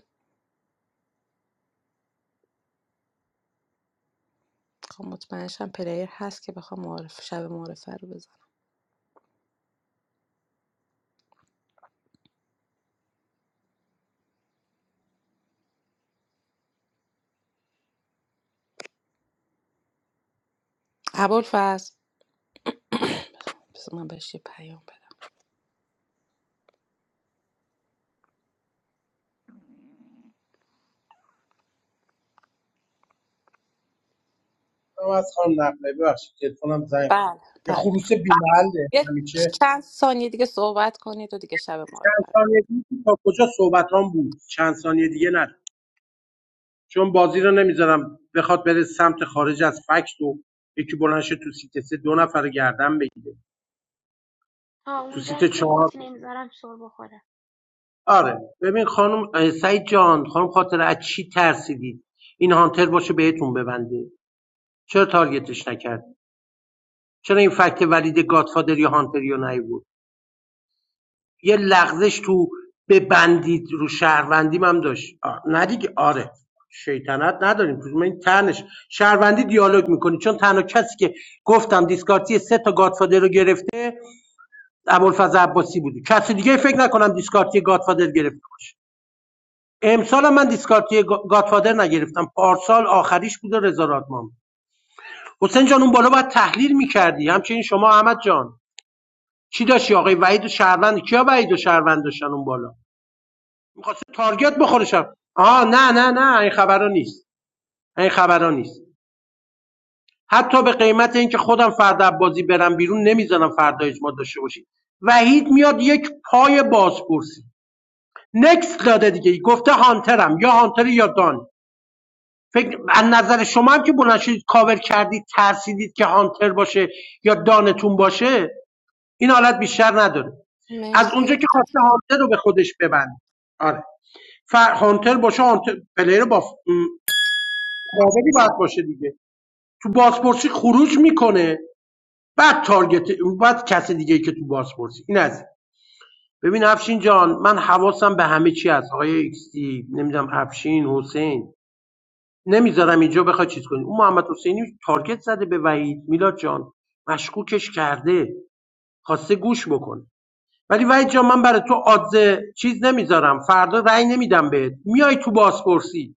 [SPEAKER 1] خب مطمئنشم پلیر هست که بخوام معارف شب معارفه رو بزن ابوالفضل بس من بهش یه پیام بدم
[SPEAKER 13] از خانم نقلی ببخشید تلفنم زنگ خورد.
[SPEAKER 1] بله
[SPEAKER 13] یه
[SPEAKER 1] بله
[SPEAKER 13] خروس بی
[SPEAKER 1] یه
[SPEAKER 13] همیشه
[SPEAKER 1] چند ثانیه دیگه صحبت کنید و دیگه شب
[SPEAKER 13] چند
[SPEAKER 1] معارفه
[SPEAKER 13] ثانیه دیگه تا کجا صحبتام بود چند ثانیه دیگه نه چون بازی رو نمیذارم بخواد بره سمت خارج از فکت و یکی بلنشه تو سیت سه دو نفر رو گردن بگیره
[SPEAKER 2] آه
[SPEAKER 13] تو
[SPEAKER 2] اون
[SPEAKER 13] سیت
[SPEAKER 2] جایی که
[SPEAKER 13] چهار
[SPEAKER 2] گفتی نمیذارم سر بخوره
[SPEAKER 13] آره ببین خانم اه، سعید جان خانم خاطره از چی ترسیدید این هانتر باشه بهتون ببنده چرا تارگتش نکرد چرا این فکت ولید گادفادر یا هانتر یا نیورد یه لغزش تو ببندید رو شهروندیم هم داشت آه، نه دیگه آره شیطنت نداریم من این تنش شهروندی دیالوگ میکنی چون تنها کسی که گفتم دیسکارتی سه تا گادفادر رو گرفته ابوالفضل عباسی بودی کسی دیگه فکر نکنم دیسکارتی گادفادر گرفته باشه امسالم من دیسکارتی گا- گاتفادر نگرفتم پارسال آخریش بود و رضا رادمان حسین جان اون بالا باید تحلیل میکردی همچنین شما احمد جان چی داشتی آقای وحید و شهروند کیا وحید و شهروند داشتن اون بالا میخواست تارگت بخوره شب آه نه نه نه این خبرا نیست این خبرا نیست حتی به قیمت اینکه خودم فردا بازی برم بیرون نمیذارم فردا اجماع داشته باشید وحید میاد یک پای بازپرسی نکس داده دیگه گفته هانترم یا هانتر یا دان فکر از نظر شما هم که بلند شدید کاور کردید ترسیدید که هانتر باشه یا دانتون باشه این حالت بیشتر نداره از اونجا
[SPEAKER 1] مرسی
[SPEAKER 13] که خواسته هانتر رو به خودش ببنده آره ف... هانتر باشه هانتر پلیر با کاوری باید باشه دیگه تو بازپرسی خروج میکنه بعد تارگت بعد کسی دیگه که تو بازپرسی این از ببین افشین جان من حواسم به همه چی هست آقای ایکس تی، نمیدونم افشین حسین نمیذارم اینجا بخواد چیز کنی اون محمد حسینی تارگت زده به وحید میلاد جان مشکوکش کرده خواسته گوش بکن. ولی وحید جان من برای تو آدزه چیز نمیذارم فردا رأی نمیدم بهت میای تو بازپرسی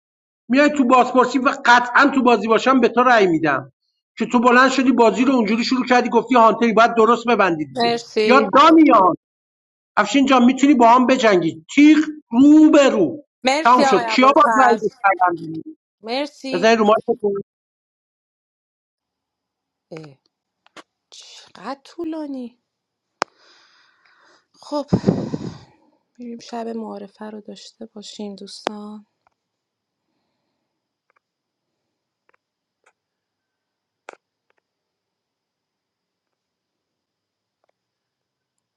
[SPEAKER 13] میای تو بازپرسی و قطعا تو بازی باشم به تو رأی میدم که تو بلند شدی بازی رو اونجوری شروع کردی گفتی هانتری باید درست ببندی دیگه یا
[SPEAKER 1] مرسی
[SPEAKER 13] دانیال افشین جان میتونی با هم بجنگی تیغ رو به رو تمام
[SPEAKER 1] مرسی آقای
[SPEAKER 13] شد کیا باید
[SPEAKER 1] ابوالفضل
[SPEAKER 13] رأی بده؟
[SPEAKER 1] مرسی
[SPEAKER 13] بزنید رو مایک
[SPEAKER 1] اه، چقدر طولانی خب میریم شب معارفه رو داشته باشیم دوستان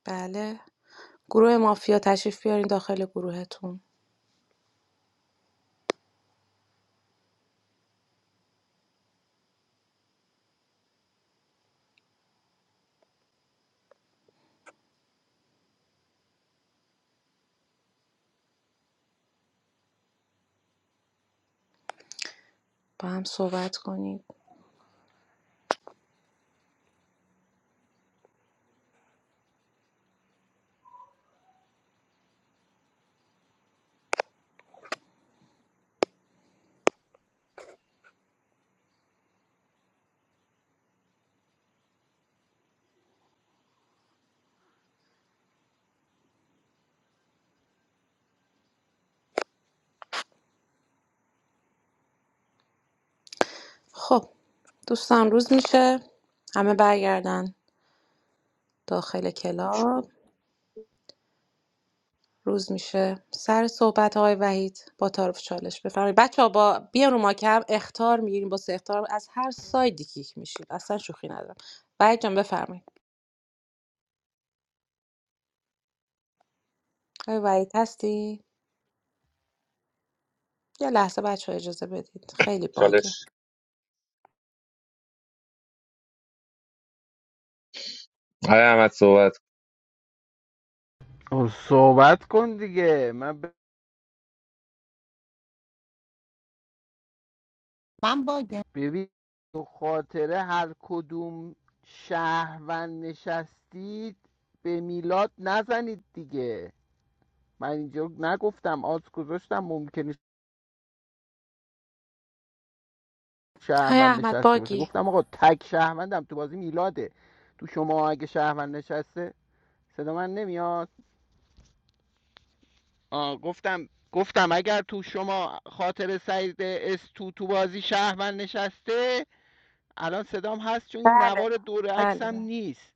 [SPEAKER 1] بله گروه مافیا تشریف بیارین داخل گروهتون با هم صحبت کنید خب دوستان روز میشه همه برگردن داخل
[SPEAKER 12] توش
[SPEAKER 1] کلاب
[SPEAKER 12] برد
[SPEAKER 1] روز میشه سر صحبت آقای وحید با تعارف چالش بفرمایید بچه با بیان رو ما کم اختار میگیریم با سه اختار از هر سایدی کیک میشید اصلا شوخی ندارم وحید جان بفرمایید آقای وحید هستی یه لحظه بچه اجازه بدید خیلی باگه
[SPEAKER 14] آقای احمد صحبت کن.
[SPEAKER 10] صحبت کن دیگه من ب-
[SPEAKER 5] من باگم
[SPEAKER 10] ببین تو خاطره هر کدوم شهروند نشستید به میلاد نزنید دیگه من اینجا نگفتم آز گذاشتم ممکنه
[SPEAKER 1] های
[SPEAKER 10] شهروند
[SPEAKER 1] احمد
[SPEAKER 10] نشسته باشه
[SPEAKER 1] باگی
[SPEAKER 10] گفتم آقا تک شهروندم تو بازی میلاده تو شما اگه شهروند نشسته صدا من نمیاد آه، گفتم گفتم اگر تو شما خاطر سعید اس تو تو بازی شهروند نشسته الان صدام هست چون این
[SPEAKER 1] بله
[SPEAKER 10] نوار دور
[SPEAKER 1] بله
[SPEAKER 10] عکسم
[SPEAKER 1] بله
[SPEAKER 10] نیست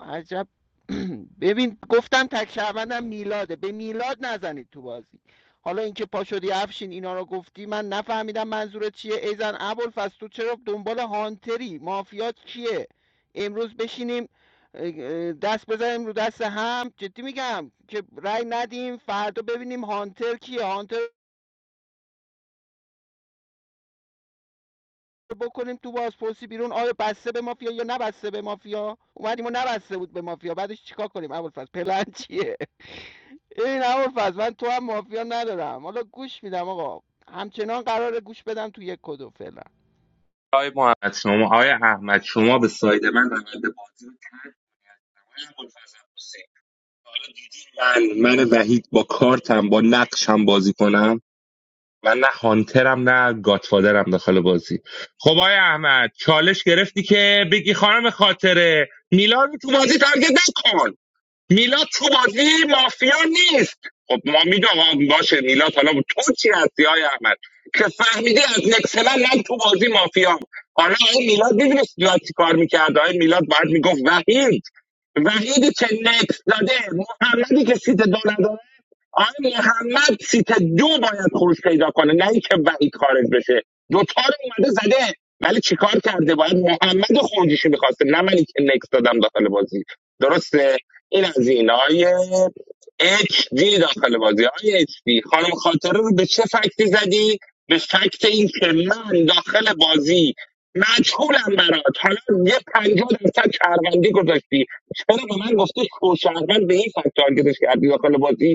[SPEAKER 10] عجب [clears throat] ببین گفتم تک شهروندم میلاده به میلاد نزنید تو بازی حالا اینکه پا شدی افشین اینا رو گفتی من نفهمیدم منظورت چیه ایزن ابوالفضل تو چرا دنبال هانتری مافیات کیه امروز بشینیم دست بزنیم رو دست هم جدی میگم که رای ندیم فردا ببینیم هانتر کیه هانتر بکنیم تو بازپرسی بیرون آیا بسته به مافیا یا نبسته به مافیا اومدیم و نبسته بود به مافیا بعدش چیکار کنیم ابوالفضل پلن چیه این ابوالفضل من تو هم مافیا ندارم حالا گوش میدم آقا همچنان قراره گوش بدم تو یک کدو فعلا
[SPEAKER 14] آقای محمد شما آقای احمد شما به ساید من روند بازی رو ترک کنید. آقای ابوالفضل حسین، حالا دیدی من من وحید با کارتم با نقشم بازی کنم من نه هانترم نه گاتفادرم داخل بازی خب آقای احمد چالش گرفتی که بگی خانم خاطره میلاد رو تو بازی تارگت نکن میلاد تو بازی مافیا نیست خب ما میدونم باشه میلاد حالا تو چی هستی های احمد که فهمیدی از نکسلا من تو بازی مافیا حالا این میلاد میدونی میلاد چی کار میکرد آقای میلاد باید میگفت وحید وحیدی که نکس داده محمدی که سیت دو نداره آقای محمد سیت دو باید خروج پیدا کنه نه اینکه وعید خارج بشه دوتا رو اومده زده ولی چیکار کرده باید محمد خروجیشو میخواسته نه منی که نکس دادم داخل بازی درسته این از این آقای اچ دی داخل بازی آقای اچ دی خانم خاطره رو به چه فکتی زدی به فکت این که من داخل بازی مجهولم برات حالا یه پنجاه درصد شهروندی گذاشتی چرا به من گفته شهروند به این فکت تارگتش کردی داخل بازی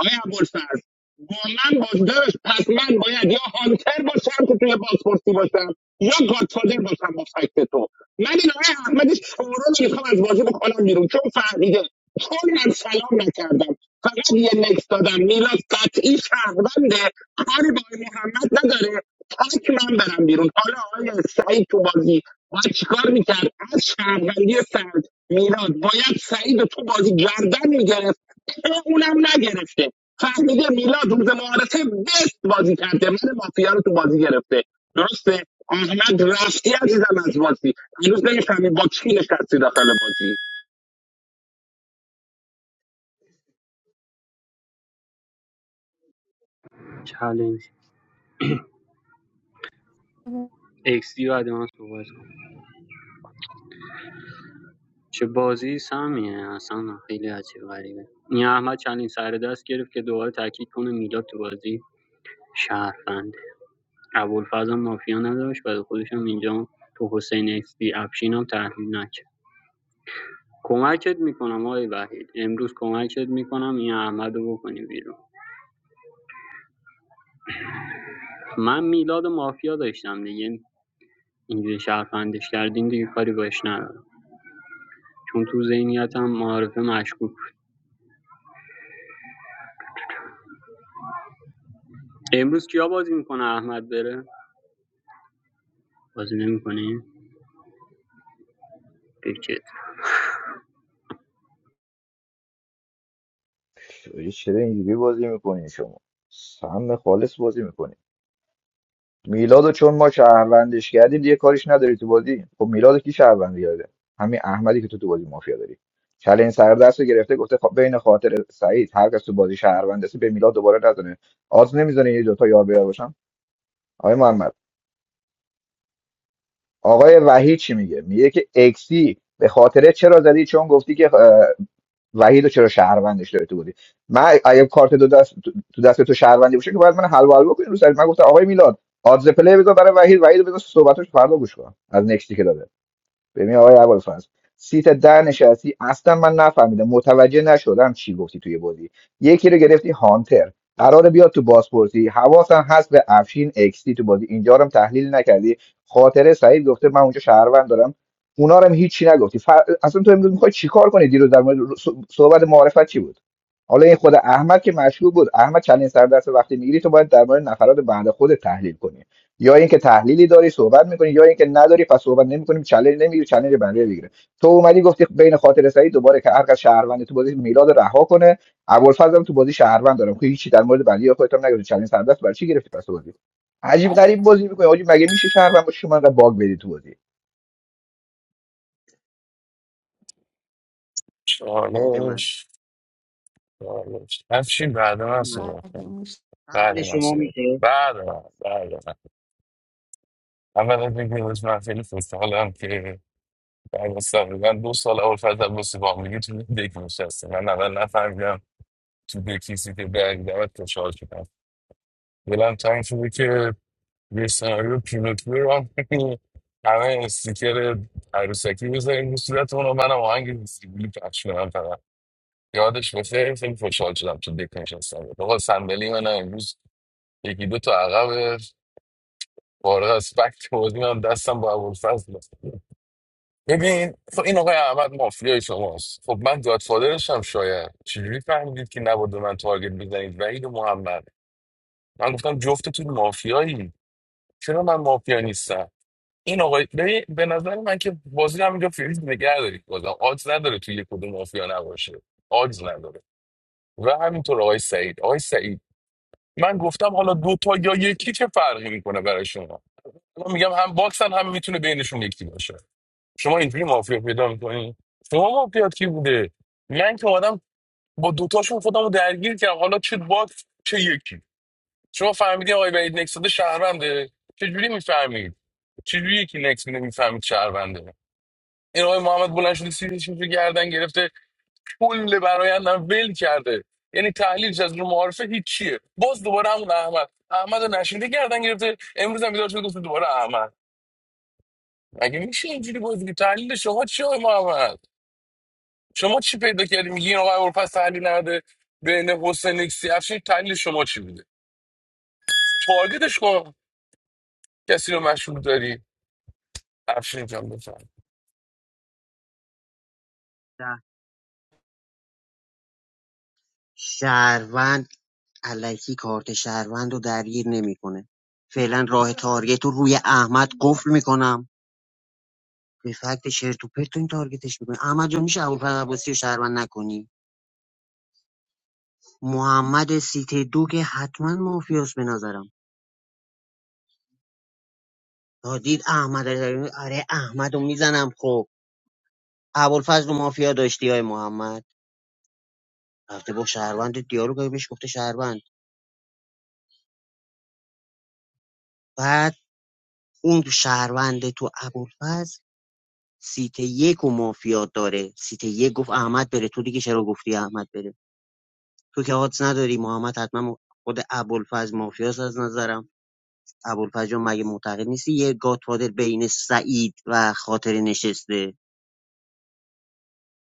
[SPEAKER 14] آیا ابوالفضل با من باش داشت پس من باید یا هانتر باشم که توی بازپرسی باشم یا گادفادر باشم با فکت تو من این آقای احمد شورو رو میخوام از بازی بکنم بیرون چون فهمیده چون من سلام نکردم فقط یه نکس دادم میلاد قطعی شهرونده کاری با آقای محمد نداره تک من برم بیرون حالا آقای سعید تو بازی باید چیکار میکرد از شهروندی سعد میلاد باید سعید رو تو بازی گردن میگرفت چرا اونم نگرفته فهمیده میلاد روز معارفه بست بازی کرده من مافیا رو تو بازی گرفته درسته احمد رفتی عزیزم از بازی هنوز نمیفهمی با کی نشستی داخل بازی
[SPEAKER 15] چالش ایکس دی بعد من صحبت کنم چه بازی سمیه اصلا خیلی عجیب غریبه این احمد چندین سر دست گرفت که دوباره تاکید کنه میلاد تو بازی شهروند ابوالفضل مافیا نداشت برای خودشم اینجا تو حسین اکسپی افشین هم تحلیل نکرد کمکت میکنم آقای وحید امروز کمکت میکنم این احمد رو بکنی بیرون من میلاد مافیا داشتم دیگه اینجوری شرفندش کردین دیگه کاری باش ندارم چون تو ذهنیتم معارفه مشکوک امروز کیا بازی میکنه احمد بره بازی نمیکنه بکت
[SPEAKER 18] یه چرا اینجوری بازی میکنین شما سهم خالص بازی میکنین میلادو چون ما شهروندش کردیم دیگه کاریش نداری تو بازی خب میلادو کی شهروند کرده همین احمدی که تو تو بازی مافیا داری چلین سردست رو گرفته گفته خب بین خاطر سعید هر کس تو بازی شهروند هستی به میلاد دوباره نزنه آز نمیزنه یه دوتا یار بیار باشم آقای محمد آقای وحید چی میگه میگه که اکسی به خاطر چرا زدی چون گفتی که وحید رو چرا شهروندش داره تو بودی من اگه کارت دو دست تو دست تو شهروندی باشه که باید من حلوا حلوا کنی رو سرت من گفتم آقای میلاد آدز پلی بذار برای وحید وحید رو بذار صحبتش فردا گوش کن از نکستی که داده ببین آقای ابوالفضل سیت در نشستی اصلا من نفهمیدم متوجه نشدم چی گفتی توی بازی یکی رو گرفتی هانتر قراره بیاد تو بازپرسی حواسم هست به افشین اکسی تو بازی اینجا رو هم تحلیل نکردی خاطره سعید گفته من اونجا شهروند دارم اونا رو هم هیچی نگفتی فر... اصلا تو امروز میخوای چیکار کنی دیروز در مورد صح- صحبت معرفت چی بود حالا این خود احمد که مشهور بود احمد چندین سر دست وقتی میگیری تو باید در مورد نفرات بعد خود تحلیل کنی یا اینکه تحلیلی داری صحبت میکنی یا اینکه نداری پس صحبت نمیکنیم چالش نمیگیری چالش بنده بگیره تو اومدی گفتی بین خاطر سعید دوباره که هر کس شهروند تو بازی میلاد رها کنه ابوالفضل هم تو بازی شهروند دارم خب هیچی در مورد بنده خودت هم نگفتی چالش سر دست برای چی گرفتی پس تو بازی عجیب غریب بازی میکنی آجی مگه میشه شهروند باشی شما انقدر باگ بدی تو بازی
[SPEAKER 12] بده من
[SPEAKER 16] چالش چالش همچین بعد من صحبت کنم.
[SPEAKER 5] بعدیم.
[SPEAKER 16] بعد
[SPEAKER 12] قبل
[SPEAKER 16] من
[SPEAKER 12] شما
[SPEAKER 16] صحبت کنم.
[SPEAKER 12] میشه
[SPEAKER 16] بعد من بعد من. اولا بگیم از من خیلی خوشحالم که بعد از تقریبا دو سال اول فرد عباسی با هم دیگه تو دک نشستیم من اول نفهمیدم تو به کسی که برگ دمت خوشحال شدم دلم تنگ شده که یه سناریو پینوکیو رو هم کنیم. همه استیکر عروسکی بذاریم رو صورت اونو منم آهنگ زیبولی پخش کنم فقط یادش باشه خیلی خوشحال شدم تو دک نشستم آقا صندلی من امروز یکی دو تا عقب فارغ از فکت بازی من دستم با ابوالفضل ببین خب این آقای احمد مافیای شماست خب من گادفادرشم شاید چجوری فهمیدید که نباید به من تارگت بزنید وحید و محمد من گفتم جفتتون مافیایی چرا من مافیا نیستم این آقای ببین به نظر من که بازی رو همینجا فریز نگه دارید بازم آجز نداره توی یک کدوم مافیا نباشه آجز نداره و همینطور آقای سعید آقای سعید من گفتم حالا دو تا یا یکی چه فرقی میکنه برای شما الان میگم هم باکسن هم میتونه بینشون یکی باشه شما اینجوری مافیا پیدا میکنی شما مافیات کی بوده من که آدم با دوتاشون خودم رو درگیر کردم حالا چه باد چه یکی شما فهمیدین آقای بعید نکس داده شهرونده چجوری میفهمید چجوری یکی نکس میده میفهمید شهرونده این آقای محمد بلند شده سیریش رو گردن گرفته کل برایندم ول کرده یعنی تحلیلش از رو معارفه هیچیه باز دوباره همون احمد احمد رو نشینده گردن گرفته امروز هم بیدار شده گفته دوباره احمد مگه میشه اینجوری بازی که تحلیل شما چیه آقای محمد شما چی پیدا کردی میگی این آقای اروپا تحلیل نده بین حسین اکسی افشین تحلیل شما چی بوده تارگتش کن کسی رو مشروع داری افشین جان بفهم
[SPEAKER 12] شه- شهروند علکی کارت شهروند رو درگیر نمیکنه فعلا راه تارگت رو روی احمد قفل میکنم به فکت شرت و پرت این تارگتش میکنه احمد جان میشه ابوالفضل عباسی رو شهروند نکنی محمد سیته دو که حتما مافیاس به نظرم تا دید احمد آره احمد رو میزنم خب ابوالفضل و مافیا داشتی های محمد رفته با شهروند دیالوگ کرده، بهش گفته شهروند بعد اون شهروند تو ابوالفضل سیت یک و مافیا داره سیت یک گفت احمد بره تو دیگه چرا گفتی احمد بره تو که حادث نداری محمد حتما خود ابوالفضل مافیاس از نظرم ابوالفضل جان، مگه معتقد نیستی یه گاتفادر بین سعید و خاطر نشسته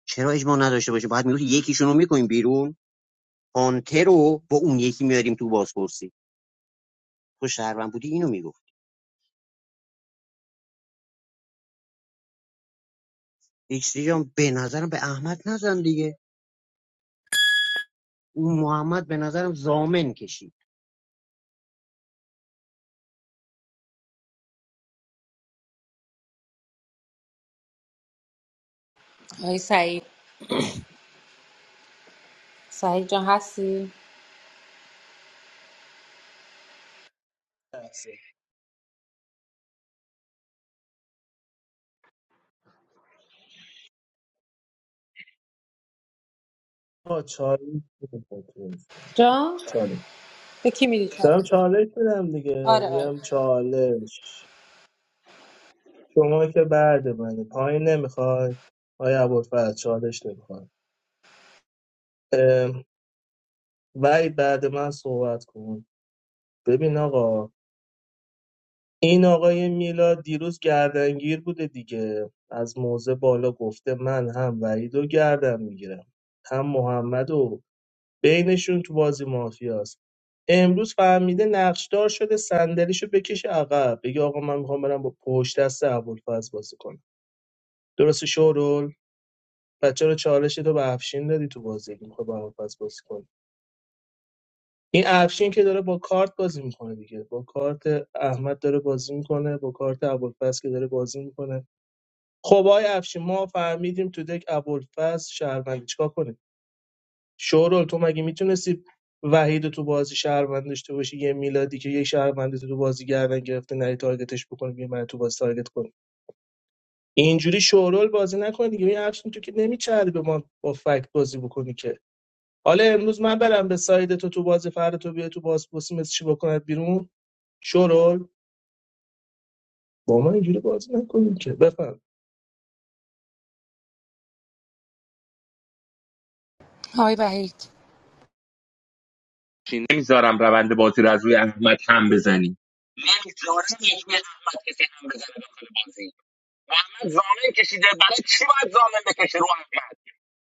[SPEAKER 12] چرا اجماع نداشته باشه باید میگفتی یکیشون رو میکنیم بیرون پانتر رو با اون یکی میاریم تو بازپرسی تو شهروند بودی اینو میگفتی ایکس جان به نظرم به احمد نزن دیگه اون محمد به نظرم زامن کشید
[SPEAKER 1] آقای سعید سعید جان هستی
[SPEAKER 11] آه چالش بده.
[SPEAKER 1] جان
[SPEAKER 11] چالش
[SPEAKER 1] به کی میدی
[SPEAKER 11] دارم چالش بدم دیگه
[SPEAKER 1] آره آره
[SPEAKER 11] میگم چالش شما که بعد منه پایین نمیخواد آیا ابوالفضل چالش نمیخواد ولی بعد من صحبت کن ببین آقا این آقای میلاد دیروز گردنگیر بوده دیگه از موضع بالا گفته من هم وحید رو گردن میگیرم هم محمد و بینشون تو بازی مافیاست امروز فهمیده نقشدار شده صندلیشو بکشه عقب بگه آقا من میخوام برم با پشت دست ابوالفضل بازی کنم درست شورول بچه رو چالش تو به افشین دادی تو بازی که میخوای با ابوالفضل بازی کنی این افشین که داره با کارت بازی میکنه دیگه با کارت احمد داره بازی میکنه با کارت ابوالفضل که داره بازی میکنه خب آقای افشین ما فهمیدیم تو دک ابوالفضل شهروندی چیکار کنیم شورال تو مگه میتونستی وحید تو بازی شهروند داشته باشی یه میلادی که یه شهروندی تو بازی گردن گرفته نری تارگتش بکنی بیا من تو بازی تارگت کنی اینجوری شورال بازی نکنی دیگه این اکشن تو که نمیچرد به ما با فکت بازی بکنی که حالا امروز من برم به ساید تو تو بازی فردا تو بیا تو باز پرسی مثل چی بکنت بیرون شورال با من اینجوری بازی نکنیم که بفهم
[SPEAKER 1] آقای وحید
[SPEAKER 14] بزنی نمیذارم روند بازی رو از روی احمد هم بزنی نمیذارم یک روی احمد کسی هم بزنه داخل بازی احمد زامن کشیده برای چی باید زامن بکشه رو احمد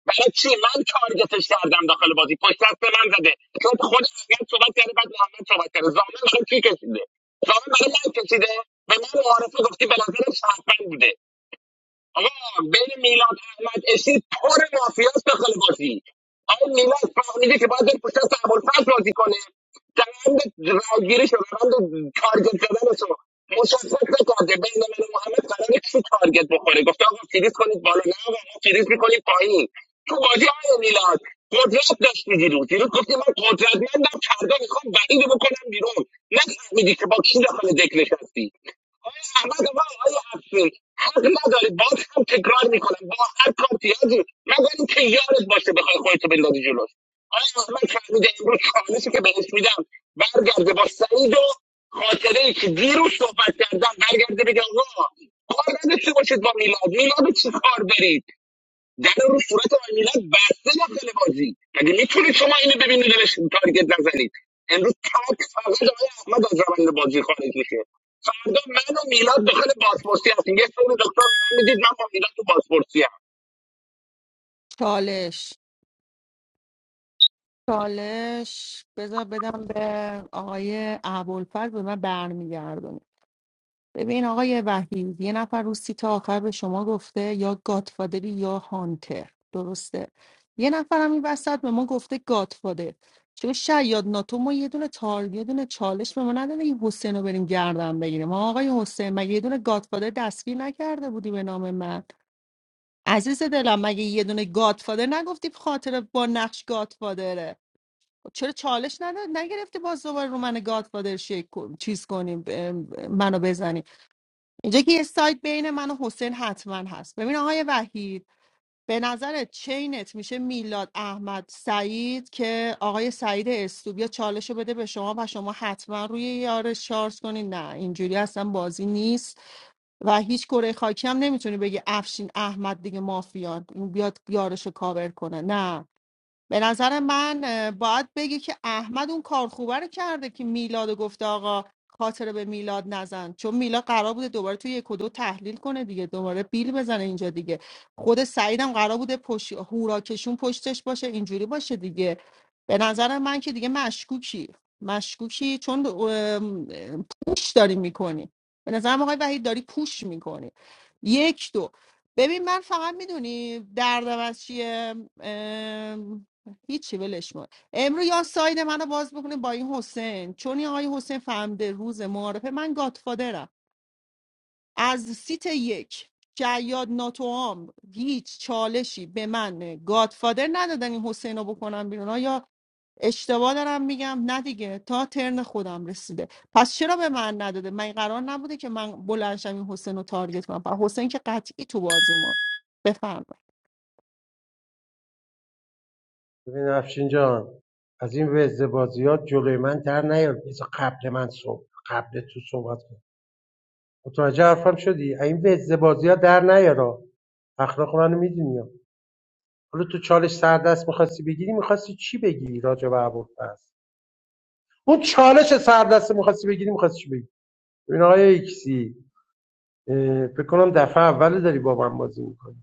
[SPEAKER 14] برای چی من تارگتش کردم داخل بازی پشت دست به من زده چون خود احمد صحبت کرده بعد محمد صحبت کرده زامن برای کی کشیده زامن برای من کشیده به من معارفه گفتی به نظر شهروند بوده آقا بین میلاد احمد اسی پر مافیاست داخل بازی آقا میلاد فهمیده که باید بره پشت سر ابوالفضل بازی کنه روند رایگیریش و روند تارگت زدنش شو. مشخص نکرده بین من و محمد قراره کی تارگت بخوره گفته آقا فریز کنید بالا نه آقا ما فریز میکنیم پایین تو بازی آقا میلاد قدرت داشتی دیروز دیروز گفتی من قدرتمندم فردا میخوام وحید رو بکنم بیرون نفهمیدی که با کی داخل دک نشستی آقای احمد و آقای افشین حق نداری باز هم تکرار میکنم با هر کارتیازی مگر اینکه یارت باشه بخوای خودتو بندازی جلوش آقای احمد فهمیده امروز چالشی که بهش میدم برگرده با سعید و خاطره ای که دیروز صحبت کردم برگرده بگه آقا کار نداشته باشید با میلاد میلاد رو چی کار دارید در رو صورت آقای میلاد بسته داخل بازی مگه میتونید شما اینو ببینید دلش تارگت نزنید امروز تک فقط آقای احمد از روند بازی خارج میشه فردا من و میلاد داخل بازپرسی هستیم یه سری دکتر به من میدید من با میلاد تو بازپرسی
[SPEAKER 5] چالش چالش بذار بدم به آقای عبالفرد به من برمیگردونه ببین آقای وحید یه نفر رو سیت آخر به شما گفته یا گاتفادری یا هانتر درسته یه نفر هم این وسط به ما گفته گاتفادر چه شاید ناتو ما یه دونه تار یه دونه چالش به ما نداده این حسین رو بریم گردن بگیریم ما آقای حسین مگه یه دونه گاتفادر دستگیر نکرده بودی به نام من عزیز دلم مگه یه دونه گاتفادر نگفتی به خاطر با نقش گاتفادره چرا چالش نداد نگرفتی باز دوباره رو من گاتفادر شیک کن- چیز کنیم ب- منو بزنی اینجا که یه سایت بین من و حسین حتما هست ببین آقای وحید به نظر چینت میشه میلاد احمد سعید که آقای سعید استوبیا چالش رو بده به شما و شما حتما روی یارش شارژ کنین نه اینجوری اصلا بازی نیست و هیچ کره خاکی هم نمیتونی بگی افشین احمد دیگه مافیان اون بیاد یارش رو کاور کنه نه به نظر من اه، باید بگی که احمد اون کار خوبه رو کرده که میلاد گفته آقا خاطره به میلاد نزن چون میلاد قرار بوده دوباره توی یک و دو تحلیل کنه دیگه دوباره بیل بزنه اینجا دیگه خود سعیدم قرار بوده پشت هوراکشون پشتش باشه اینجوری باشه دیگه به نظر من که دیگه مشکوکی مشکوکی چون ام، پوش داری میکنی به نظرم آقای وحید داری پوش میکنی یک دو ببین من فقط میدونی دردم از چیه هیچی ولش کن امرو یا ساید منو باز بکنه با این حسین چون این آقای حسین فهمده روز معارفه من گاتفادرم از سیت یک جیاد ناتوام هیچ چالشی به من گاتفادر ندادن این حسین رو بکنم بیرون یا اشتباه دارم میگم نه دیگه تا ترن خودم رسیده پس چرا به من نداده من قرار نبوده که من بلنشم این حسین رو تارگت کنم و حسین که قطعی تو بازی ما بفهم
[SPEAKER 13] ببین افشین جان از این وزده بازیات جلوی من در نیار بذار قبل من صحبت قبل تو صحبت کن متوجه حرفم شدی از این وزده بازیات در نیارا اخلاق منو میدونی حالا تو چالش سردست میخواستی بگیری میخواستی چی بگیری راجع به ابوالفضل اون چالش سردست میخواستی بگیری میخواستی چی بگیری ببین آقای ایکسی اه، فکر کنم دفعه اول داری با من بازی میکنی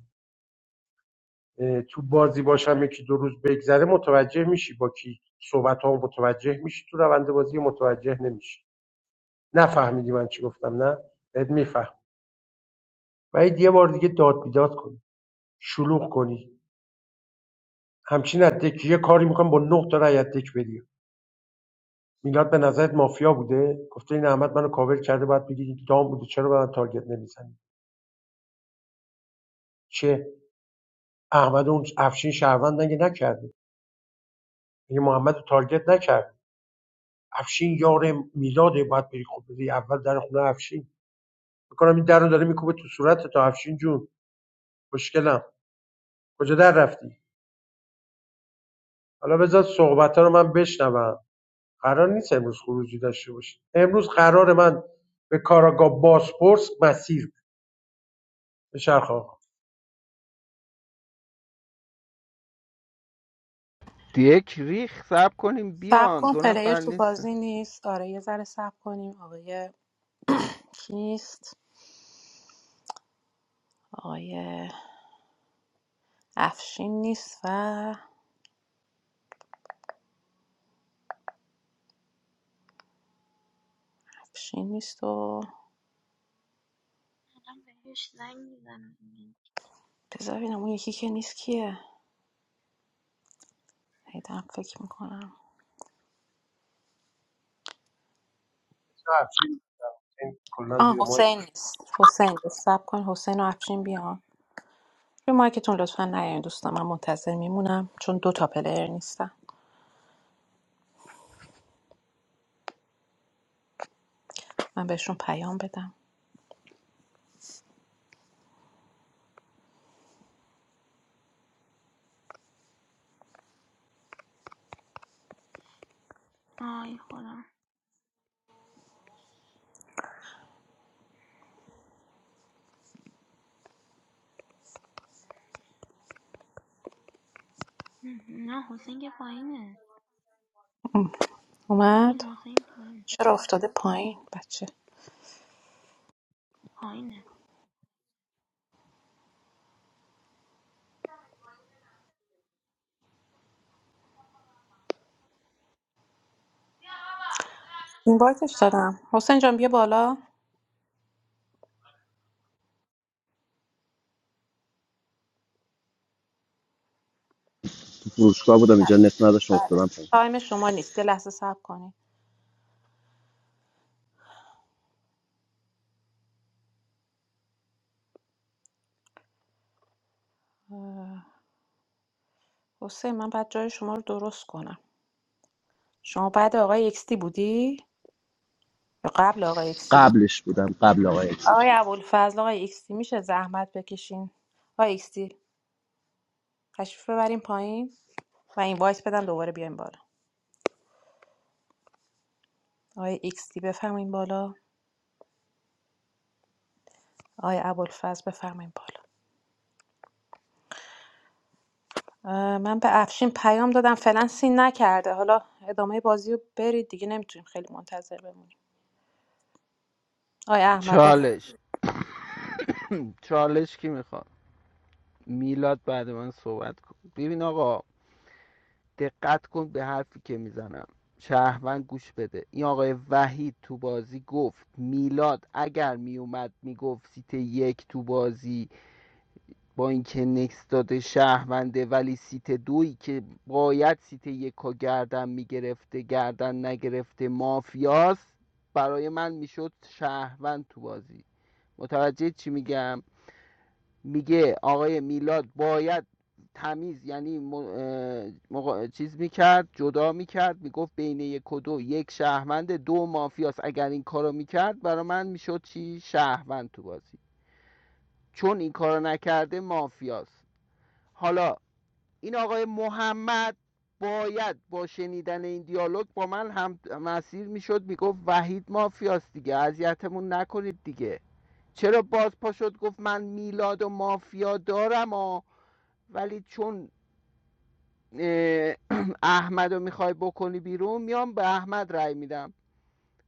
[SPEAKER 13] تو بازی باشم یکی دو روز بگذره متوجه میشی با کی صحبت ها متوجه میشی تو روند بازی متوجه نمیشی نفهمیدی من چی گفتم نه بهت میفهم وحید یه بار دیگه داد بیداد کنی شلوغ کنی همچین از دک یه کاری میکنم با نه تا رای از دک بدی میلاد به نظرت مافیا بوده گفته این احمد منو کاور کرده باید بگی این دام بوده چرا به من تارگت نمیزنی چه احمد اون افشین شهروند نگه نکرده میگه محمد رو تارگت نکرد افشین یار میلاده باید بری خود بری اول در خونه افشین میکنم این در رو داره میکوبه تو صورت تا افشین جون مشکلم کجا در رفتی حالا بذار صحبت رو من بشنوم قرار نیست امروز خروجی داشته باشیم امروز قرار من به کاراگاه باسپورس مسیر بدم. به شرخ آقا
[SPEAKER 10] یک ریخ سب کنیم
[SPEAKER 1] سب
[SPEAKER 10] بیان
[SPEAKER 1] کن
[SPEAKER 10] دو
[SPEAKER 1] پلیر
[SPEAKER 10] نفر
[SPEAKER 1] تو
[SPEAKER 10] نیست
[SPEAKER 1] بازی نیست آره یه ذره سب کنیم آقای کی نیست آقای افشین نیست و افشین نیست و
[SPEAKER 2] الان بهش زنگ میزنم
[SPEAKER 1] بذار ببینم اون یکی که نیست کیه هیدم فکر میکنم
[SPEAKER 13] این کلا
[SPEAKER 1] آه
[SPEAKER 13] زیر
[SPEAKER 1] حسین
[SPEAKER 13] مایکش
[SPEAKER 1] نیست حسین نیست. سب کن حسین و افشین بیان روی مایکتون لطفا نیاین دوستان من منتظر میمونم چون دو تا پلیر نیستم من بهشون پیام بدم
[SPEAKER 2] آی خدا ام، نه حسین که پایینه ببین
[SPEAKER 1] اومد
[SPEAKER 2] حسین پایینه
[SPEAKER 1] چرا افتاده پایین بچه
[SPEAKER 2] پایینه
[SPEAKER 1] این بایدش دادم حسین جان بیا بالا
[SPEAKER 6] تو فروشگاه بودم اینجا
[SPEAKER 1] بله
[SPEAKER 6] نت نداشتم
[SPEAKER 1] بله.
[SPEAKER 6] افتادم پایین
[SPEAKER 1] تایم شما نیست یه لحظه صبر کنید حسین من بعد جای شما رو درست کنم شما بعد آقای اکستی بودی قبل آقای اکسی
[SPEAKER 6] قبل
[SPEAKER 1] بود
[SPEAKER 6] قبل
[SPEAKER 1] آقای ابوالفضل آقای اکسی میشه زحمت بکشین آقای اکسی تشریف ببریم پایین و این وایس بدن دوباره بیایم بالا آقای اکسی بفرمایین بالا آقای ابوالفضل بفرمایین بالا اه، من به افشین پیام دادم فعلا سین نکرده حالا ادامه بازی رو برید دیگه نمیتونیم خیلی منتظر بمونیم آقای احمد بفرمایین.
[SPEAKER 10] چالش چالش کی میخواد میلاد بعد من صحبت کن ببین آقا دقت کن به حرفی که میزنم شهروند گوش بده این آقای وحید تو بازی گفت میلاد اگر میومد میگفت سیت یک تو بازی با اینکه نکس داده شهرونده ولی سیت دویی که باید سیت یک ها گردن میگرفته گردن نگرفته مافیاست برای من میشد شهروند تو بازی متوجه چی میگم میگه آقای میلاد باید تمیز یعنی م- مقا- چیز میکرد جدا میکرد میگفت بین یک و دو یک شهروند دو مافیاست اگر این کارو میکرد برای من میشد چی شهروند تو بازی چون این کارو نکرده مافیاست حالا این آقای محمد باید با شنیدن این دیالوگ با من هم مسیر میشد میگفت وحید مافیاست دیگه اذیتمون نکنید دیگه چرا باز پا شد گفت من میلاد و مافیا دارم و ولی چون اه، [clears throat] احمد رو میخوای بکنی بیرون میام به احمد رأی میدم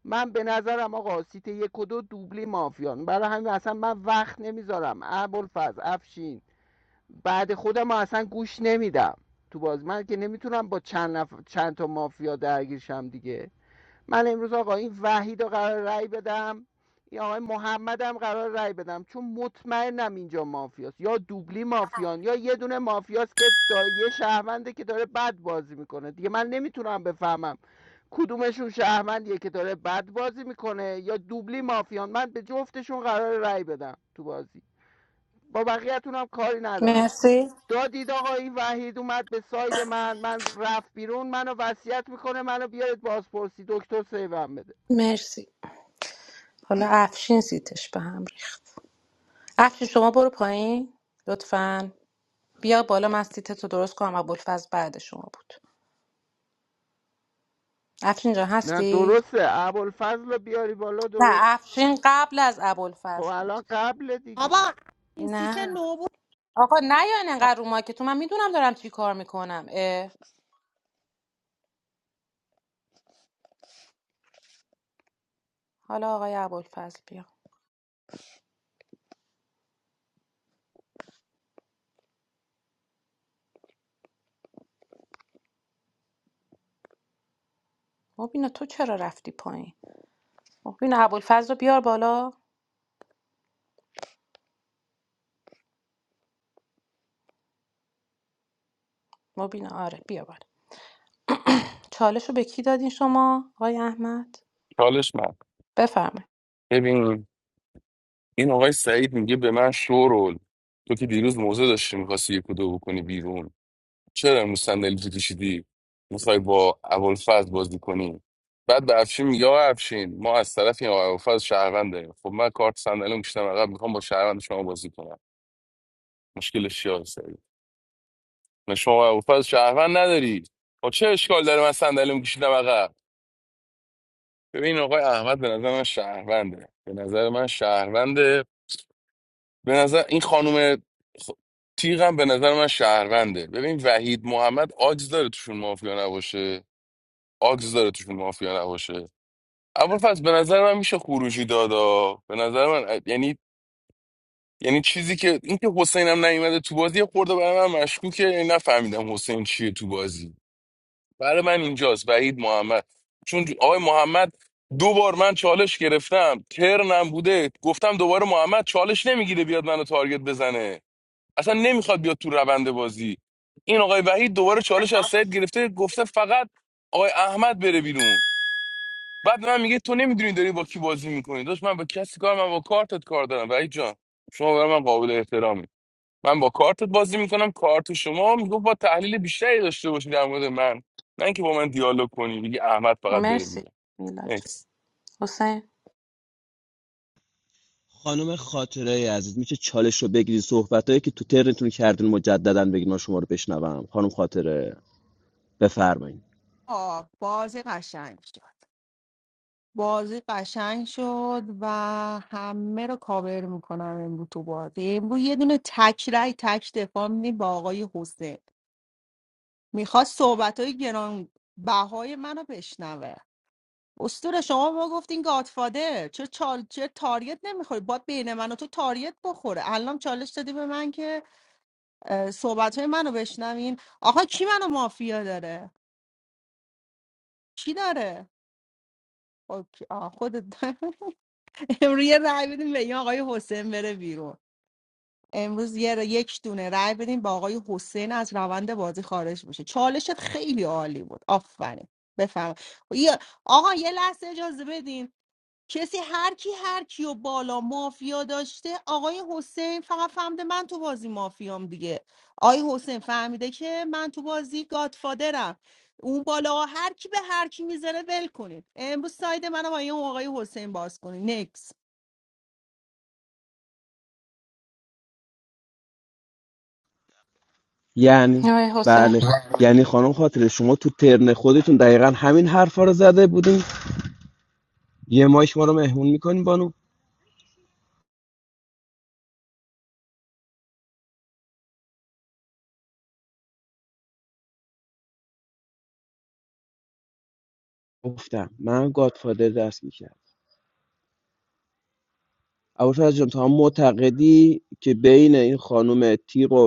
[SPEAKER 10] من به نظرم آقا سیت یک و دو دوبلی مافیان برای همین اصلا من وقت نمیذارم ابوالفضل افشین بعد خودم رو اصلا گوش نمیدم تو باز من که نمیتونم با چند, نف... چند تا مافیا درگیرشم دیگه من امروز آقا این وحید رو قرار رای بدم این آقای محمد هم قرار رای بدم چون مطمئنم اینجا مافیاست یا دوبلی مافیان یا یه دونه مافیاست که دا یه شهرونده که داره بد بازی میکنه دیگه من نمیتونم بفهمم کدومشون شهروندیه که داره بد بازی میکنه یا دوبلی مافیان من به جفتشون قرار رای بدم تو بازی با بقیه‌تون هم کاری ندارم
[SPEAKER 1] مرسی
[SPEAKER 10] دادید آقا این وحید اومد به ساید من من رفت بیرون منو وصیت میکنه منو بیارید بازپرسی دکتر سیوم بده
[SPEAKER 1] مرسی حالا افشین سیتش به هم ریخت افشین شما برو پایین لطفا بیا بالا من سیتتو درست کنم ابوالفضل بعد شما بود افشین جان
[SPEAKER 10] نه
[SPEAKER 1] هستی
[SPEAKER 10] درسته ابوالفضل رو بیاری بالا
[SPEAKER 1] نه
[SPEAKER 10] درست میشه.
[SPEAKER 1] افشین قبل از
[SPEAKER 10] خب
[SPEAKER 1] ابوالفضل بود
[SPEAKER 10] الان قبل دیگه
[SPEAKER 5] بابا این سیت
[SPEAKER 1] نه
[SPEAKER 5] نو بود
[SPEAKER 1] آقا نه یا انقدر رو مایک تو من میدونم دارم چی کار میکنم حالا آقای ابوالفضل بیا مبینا تو چرا رفتی پایین مبینا ابوالفضل رو بیار بالا مبینا آره بیا بالا چالش رو به کی دادین شما آقای احمد
[SPEAKER 16] چالش من
[SPEAKER 1] بفرمایید
[SPEAKER 16] ببین این آقای سعید میگه به من شورول تو که دیروز موزه داشتی میخواستی یک و دو بکنی بیرون چرا امروز صندلی تو کشیدی میخوای با ابوالفضل بازی کنی بعد به افشین میگه آقا افشین ما از طرف این آقای ابوالفضل شهروند داریم خب من کارت صندلی میشتم عقب میخوام با شهروند شما بازی کنم مشکلش چیه شما اروپا از شهروند نداری خب چه اشکال داره من صندلیمو کشیدم عقب ببین آقای احمد به نظر من شهرونده به نظر من شهرونده به نظر این خانم خ- تیغم به نظر من شهرونده ببین وحید محمد آگز داره توشون مافیا نباشه آگز داره توشون مافیا نباشه اول فصل به نظر من میشه خروجی دادا به نظر من یعنی یعنی چیزی که اینکه حسینم نیومده تو بازی یه خورده برای من مشکوکه یعنی نفهمیدم حسین چیه تو بازی برای من اینجاست وحید محمد چون آقای محمد دو بار من چالش گرفتم ترنم بوده گفتم دوباره محمد چالش نمیگیره بیاد منو تارگت بزنه اصلا نمیخواد بیاد تو روند بازی این آقای وحید دوباره چالش از سید گرفته گفته فقط آقای احمد بره بیرون بعد من میگه تو نمیدونی داری با کی بازی میکنی داشت من با کسی کار من با کارتت کار دارم وحید جان شما برای من قابل احترامی من با کارتت بازی میکنم کارت شما میگفت با تحلیل بیشتری داشته باشی در مورد من نه اینکه با من دیالوگ کنی بگی احمد فقط بره
[SPEAKER 1] مرسی
[SPEAKER 16] میگه
[SPEAKER 1] میلاد جان. حسین
[SPEAKER 6] خانم خاطره ای عزیز میشه چالش رو بگیری صحبت که تو ترنتون کردین مجددا بگین ما شما رو بشنوم خانم خاطره بفرمایید
[SPEAKER 5] آه، بازی قشنگ شد بازی قشنگ شد و همه رو کاور میکنم امرو تو بازی امرو یه دونه تک رای تک دفاع می‌دی با آقای حسین میخواست صحبت های گران بهای منو بشنوه اسطوره شما ما گفتین گادفادر چرا چال چرا تاریت نمیخوری باید بین من و تو تاریت بخوره الان چالش دادی به من که صحبت های منو بشنوین آقا کی منو مافیا داره کی داره اوکی. آه، خودت [laughs] امروز یه رأی بدیم به این آقای حسین بره بیرون امروز یه ر- یک دونه رأی بدیم به آقای حسین از روند بازی خارج بشه چالشت خیلی عالی بود آفرین بفهم آقا یه لحظه اجازه بدین کسی هر کی هر کیو بالا مافیا داشته آقای حسین فقط فهمده من تو بازی مافیام دیگه آقای حسین فهمیده که من تو بازی گادفادرم اون بالا هر کی به هر کی میذاره ول کنید امروز ساید منو با اون آقای حسین باز کنید نکس
[SPEAKER 6] یعنی
[SPEAKER 1] آقای حسین
[SPEAKER 6] بله یعنی خانم خاطره شما تو ترن خودتون دقیقا همین حرفا رو زده بودین یه ماش ما رو مهمون میکنیم بانو گفتم من گادفادر دست میکرد اول جان تو هم معتقدی که بین این خانم تیغ و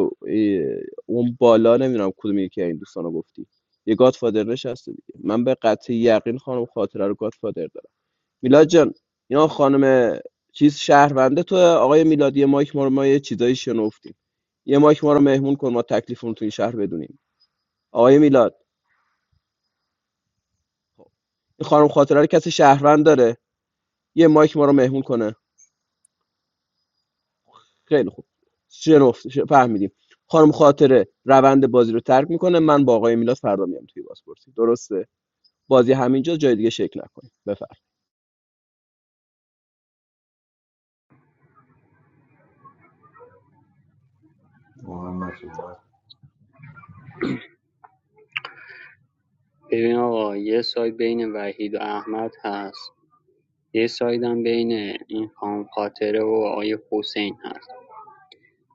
[SPEAKER 6] اون بالا نمیدونم کدوم یکی از این دوستان گفتی یه گادفادر نشسته دیگه من به قطع یقین خانم خاطره رو گادفادر دارم میلاد جان اینا خانم چیز شهرونده تو آقای میلادی مایک ما رو ما یه چیزایی شنفتیم یه مایک ما رو مهمون کن ما تکلیفمون رو تو شهر بدونیم آقای میلاد این خانم خاطره رو کسی شهروند داره یه مایک ما رو مهمون کنه خیلی خوب شنفت فهمیدیم خانم خاطره روند بازی رو ترک میکنه من با آقای میلاد فردا میام توی بازپرسی درسته بازی همینجا جای دیگه شکل نکنه بفر
[SPEAKER 18] محمد صحبت
[SPEAKER 15] ببین آقا یه ساید بین وحید و احمد هست یه سایدم بین این خانم خاطره و آقای حسین هست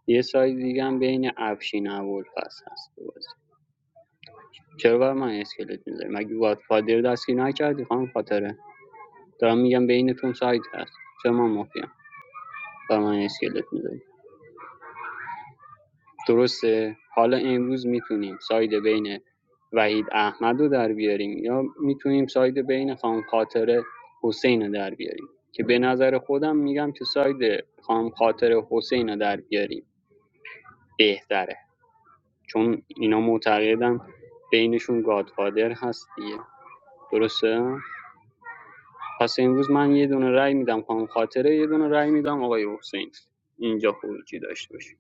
[SPEAKER 15] یه سایت دیگه هم بین افشین ابوالفضل هست تو بازی چرا برای من اسکلت می‌ذاری مگه گادفادر دستگیر نکردی خانم خاطره دارم میگم بینتون سایت هست چرا من مافیام برای من اسکلت می‌ذاری درسته حالا امروز میتونیم ساید بین وحید احمد رو در بیاریم یا میتونیم ساید بین خانم خاطره حسین رو در بیاریم که به نظر خودم میگم که ساید خانم خاطر حسین رو در بیاریم بهتره چون اینا معتقدن بینشون گادفادر هست دیگه درسته پس امروز من یه دونه رأی میدم خانم خاطره یه دونه رأی میدم آقای حسین اینجا خروجی داشته باشه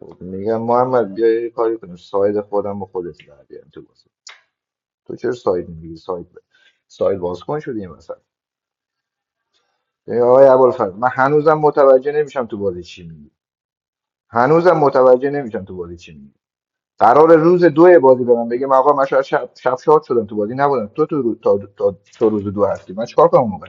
[SPEAKER 18] خب میگم محمد بیا یه کاری کنیم ساید خودم با خودت در بیارم تو بازی تو چرا ساید میگیری ساید ب- ساید باز کن شدی این ای آقای ابوالفضل من هنوزم متوجه نمیشم تو بازی چی میگی هنوزم متوجه نمیشم تو بازی چی میگی قرار روز دو بازی به من بگه من آقا من شاید شب, شب شاد شدم تو بازی نبودم تو تو رو- تا, تا, تا روز دو هستی من چیکار کنم اون موقع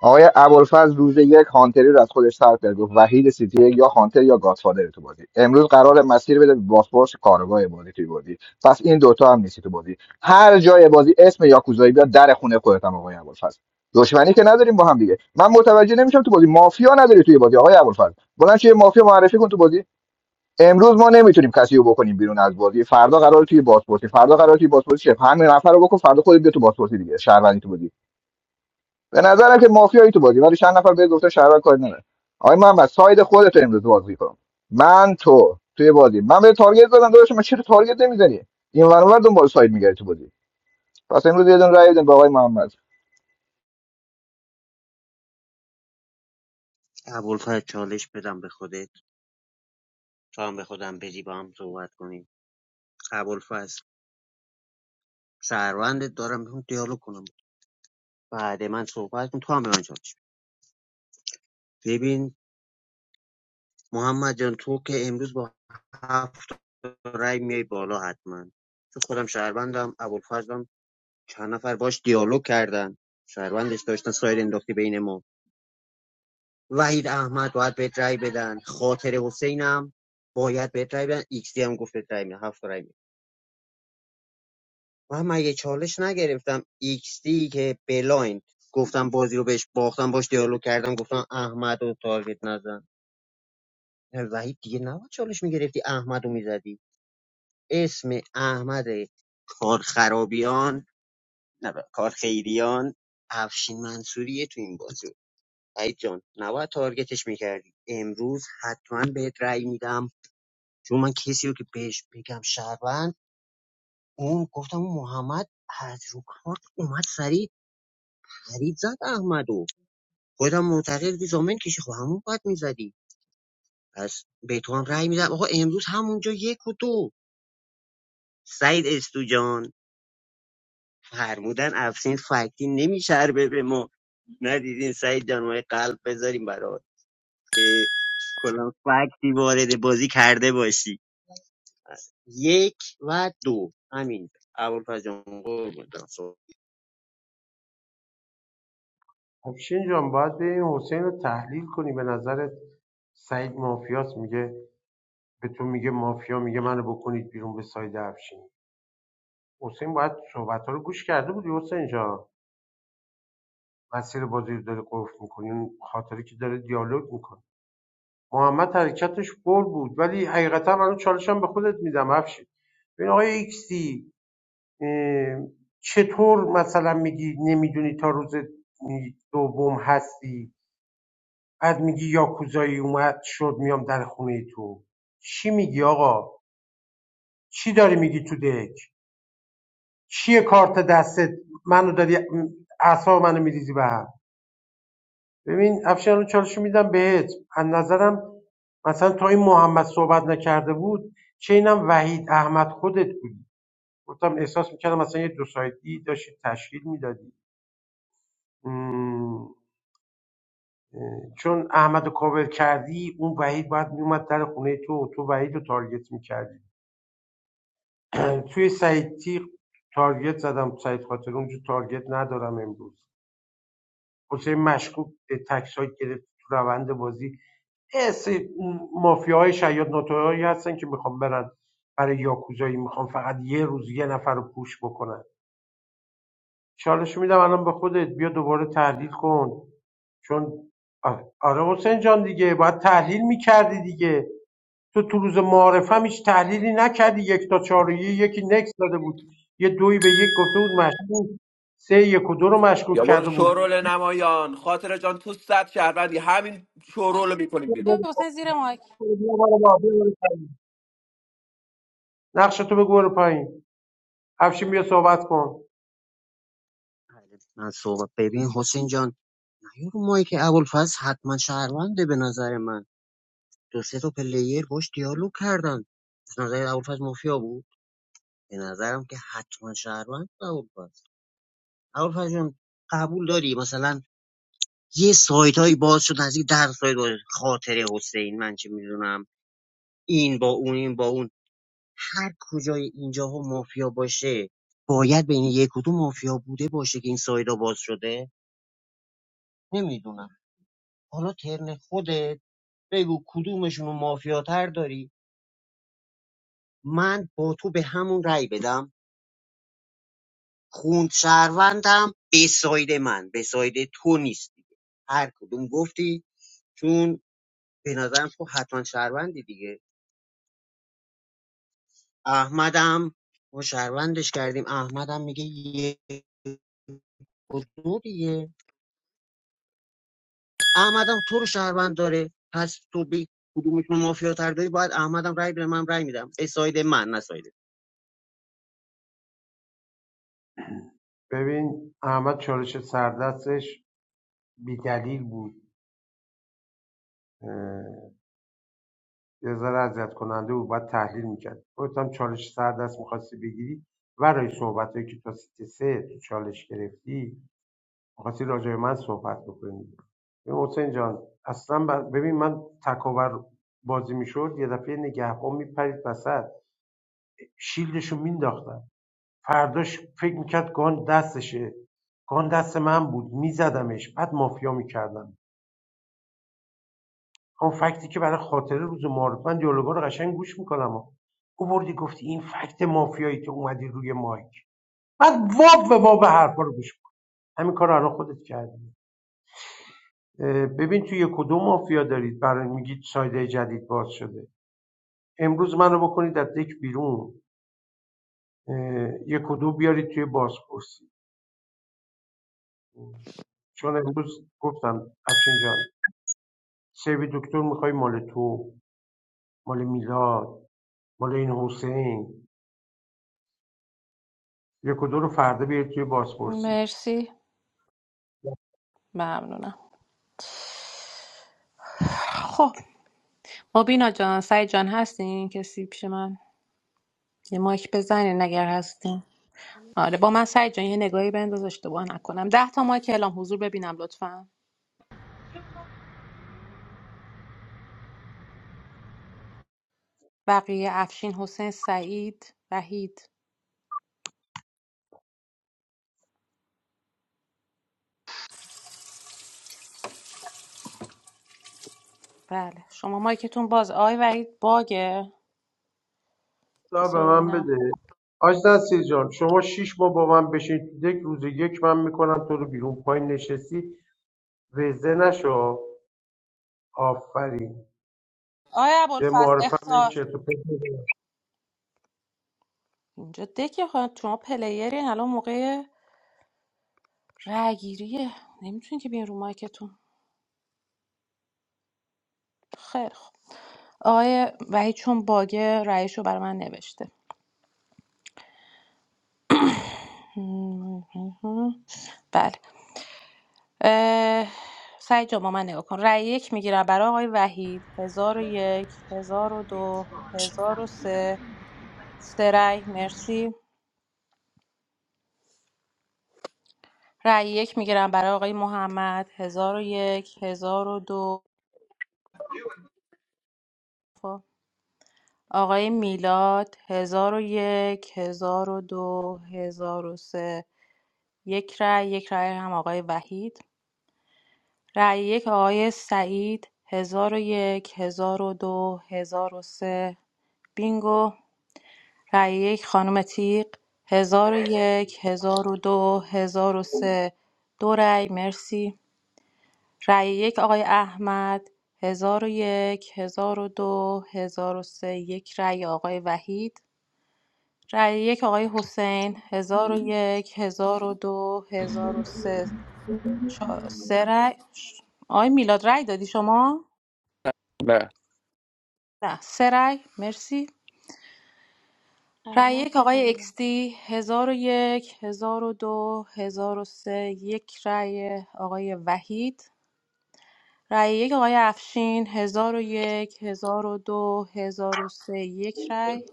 [SPEAKER 18] آقای ابوالفضل روز یک هانتری رو از خودش سر کرد گفت وحید سیتی یک یا هانتر یا گاتفادر تو بازی امروز قرار مسیر بده به باسپورس کارگاه بازی توی بازی پس این دوتا هم نیستی تو بازی هر جای بازی اسم یاکوزایی بیاد در خونه خودت هم آقای ابوالفضل دشمنی که نداریم با هم دیگه من متوجه نمیشم تو بازی مافیا نداری توی بازی آقای ابوالفضل بلند شو مافیا معرفی کن تو بازی امروز ما نمیتونیم کسی رو بکنیم بیرون از بازی فردا قرار توی بازپرسی فردا قرار توی بازپرسی شه همین نفر رو بکن فردا خودت بیا تو بازپرسی دیگه شهروندی تو بازی به نظرم که مافیایی تو بازی ولی چند نفر بهت گفتن شهروند کاری نداره آقای محمد ساید خودت رو امروز بازی کن من تو توی بازی من به تارگت زدم داداش من چرا تارگت نمیزنی این ور اون ور دنبال ساید میگردی تو بازی پس امروز یه دون رای بدیم به آقای محمد
[SPEAKER 12] ابوالفضل چالش بدم به خودت تو هم به خودم بدی با هم صحبت کنیم ابوالفضل شهروندت دارم بهم دیالوگ کنم بعد من صحبت کن تو هم به من چالش بده. ببین محمد جان تو که امروز با هفت رای میای بالا حتما چون خودم شهروندم ابوالفضلم چند نفر باش دیالوگ کردن شهروندش داشتن سایر انداختی بین ما وحید احمد باید بهت رای بدن خاطر حسینم باید بهت رای بدن ایکس دی هم گفت بهت رای میدن هفت تا رای میدن من یه چالش نگرفتم ایکس دی که بلایند گفتم بازی رو بهش باختم باش دیالوگ کردم گفتم احمد رو تارگت نزن وحید دیگه نباید چالش میگرفتی احمد رو میزدی اسم احمد کار خرابیان نه کار خیریان افشین منصوریه تو این بازی وحید جان نباید تارگتش میکردی امروز حتما بهت رأی میدم چون من کسی رو که بهش بگم شهروند اون گفتم اون محمد از رو کارت اومد سریع خرید زد احمدو خودم معتقد بودی زامن کشی خب همون باید میزدی پس به تو هم رأی میدم آقا امروز همونجا یک و دو سعید استوجان فرمودن افسین فکتی نمیچربه به ما ندیدین سعید جان ما یه قلب بذاریم برات که کلا فکتی وارد بازی کرده باشی یک و دو همین اول جان قربونت برم.
[SPEAKER 13] افشین جان باید به این حسین رو تحلیل کنی به نظرت سعید مافیاس میگه به تو میگه مافیا میگه منو بکنید بیرون به ساید افشین حسین باید صحبت رو گوش کرده بودی حسین جان مسیر بازی رو داره قفل میکنی اون خاطری که داره دیالوگ میکنه محمد حرکتش بر بود ولی حقیقتا من چالشم به خودت میدم افشین ببین آقای ایکسی چطور مثلا میگی نمیدونی تا روز دوم هستی بعد میگی یاکوزایی اومد شد میام در خونه تو چی میگی آقا چی داری میگی تو دک چیه کارت دستت منو داری اعصاب منو میریزی به هم ببین افشان رو چالش میدم بهت از نظرم مثلا تا این محمد صحبت نکرده بود چه اینم وحید احمد خودت بود گفتم احساس میکردم مثلا یه دو سایتی داشتی تشکیل میدادی چون احمد رو کاور کردی اون وحید باید میومد در خونه تو و تو وحید رو تارگت میکردی [clears throat] توی سعید تیغ تارگت زدم سعید خاطر اونجا تارگت ندارم امروز حسین مشکوک تک سایت گرفت تو روند بازی یه سری مافیاهای شیاد ناتوهایی هستن که میخوام برن برای یاکوزایی میخوام فقط یه روز یه نفر رو پوش بکنن چالش میدم الان به خودت بیا دوباره تحلیل کن چون آره, آره حسین جان دیگه باید تحلیل میکردی دیگه تو تو روز معارف هم هیچ تحلیلی نکردی یک تا چهار و یه، یکی نکس داده بود یه دوی به یک گفته بود مشکوک سه یک و دو رو مشکوک
[SPEAKER 6] یا برو
[SPEAKER 13] کرده بود
[SPEAKER 6] شورول نمایان خاطر جان تو صد شهروندی همین شورول رو میکنیم
[SPEAKER 1] آقای
[SPEAKER 6] بیرون
[SPEAKER 1] حسین زیر مایک
[SPEAKER 13] نقش تو بگو برو پایین افشین بیا صحبت کن
[SPEAKER 12] بله، من صحبت ببین حسین جان نیا رو مایی که ابوالفضل حتما شهرونده به نظر من دو سه تا پلیر باش دیالوگ کردن از نظر ابوالفضل مافیا بود به نظرم که حتما شهروند بود ابوالفضل ابوالفضل جان قبول داری مثلا یه سایت هایی باز شد از این در سایت باز خاطر حسین من چه میدونم این با اون این با اون هر کجای اینجاها مافیا باشه باید بین یک و دو مافیا بوده باشه که این سایت ها باز شده نمیدونم حالا ترن خودت بگو کدومشون رو مافیاتر داری من با تو به همون رأی بدم خوند شهروندم به ساید من به ساید تو نیست دیگه هر کدوم گفتی چون به نظرم تو حتما شهروندی دیگه احمدم ما شهروندش کردیم احمدم میگه یه و دو دیگه احمدم تو رو شهروند داره پس تو به کدومشون مافیا تر داری باید احمدم رأی به من رأی میدم به ساید من نه ساید
[SPEAKER 13] ببین احمد چالش سردستش بیدلیل بود یه ذره اذیت کننده بود باید تحلیل میکرد خودت هم چالش سر دست میخواستی بگیری ورای صحبت هایی که تا سیت سه تو چالش گرفتی میخواستی راجع به من صحبت بکنی ببین حسین جان اصلا ببین من تکاور بازی میشد یه دفعه نگهبان میپرید وسط شیلدشو مینداختم فرداش فکر میکرد گان دستشه گان دست من بود میزدمش بعد مافیا میکردم همون فکتی که برای خاطره روز معارف من دیالوگا رو قشنگ گوش میکنم او بردی گفتی این فکت مافیایی که اومدی روی مایک بعد واب و واب حرفا رو گوش کن. همین کار الان خودت کردی ببین توی یک و دو مافیا دارید برای میگید سایده جدید باز شده امروز منو بکنید از دک بیرون یک و دو بیارید توی بازپرسی چون امروز گفتم افشین جان سیو دکتر میخوای مال تو مال میلاد مال این حسین یک و دو رو فردا بیارید توی بازپرسی
[SPEAKER 1] مرسی ممنونم خب مبینا جان سعید جان هستین کسی پیش من یه مایک بزنین اگر هستین آره با من سعید جان یه نگاهی بنداز اشتباه نکنم ده تا مایک اعلام حضور ببینم لطفا بقیه افشین حسین سعید وحید بله شما مایکتون باز آی وحید باگه
[SPEAKER 13] تا به
[SPEAKER 1] بسا
[SPEAKER 13] من
[SPEAKER 1] ببینم
[SPEAKER 13] بده آج نصیر جان شما شیش ماه با من بشین تو دک روز یک من میکنم تو رو بیرون پایین نشستی وزه نشو آفرین
[SPEAKER 1] آی
[SPEAKER 13] یه
[SPEAKER 1] ابوالفضل
[SPEAKER 13] معارفم یه
[SPEAKER 1] اختار
[SPEAKER 13] چرت و پرت
[SPEAKER 1] اینجا دکه خواهد شما پلیرین الان موقع رأیگیریه نمیتونین که بیاین رو مایکتون خیر خب آقای وحید چون باگه رأیشو برای من نوشته بله اه، سعید جان با من نگاه کن رأی یک میگیرم برای آقای وحید هزار و یک هزار و دو هزار و سه سه رأی مرسی رأی یک میگیرم برای آقای محمد هزار و یک هزار و دو آقای میلاد هزار و یک هزار و دو هزار و سه یک رأی یک رأی هم آقای وحید رأی یک آقای سعید 1001 1002 سه بینگو رأی یک خانم تیق 1001 1002 1003 دو هزار و سه دو رأی مرسی رأی یک آقای احمد 1001 1002 سه یک رأی آقای وحید رأی یک آقای حسین 1001 1002 1003 چه- سه رأی آقای میلاد رأی دادی شما
[SPEAKER 16] نه
[SPEAKER 1] نه سه رأی مرسی
[SPEAKER 2] آره
[SPEAKER 1] رای
[SPEAKER 2] من
[SPEAKER 1] یک
[SPEAKER 2] سه تا
[SPEAKER 1] آقای
[SPEAKER 2] دیدم
[SPEAKER 1] اکستی هزار و یک هزار و دو هزار و سه یک رای آقای وحید رای یک آقای افشین هزار و یک هزار و دو هزار و سه یک رای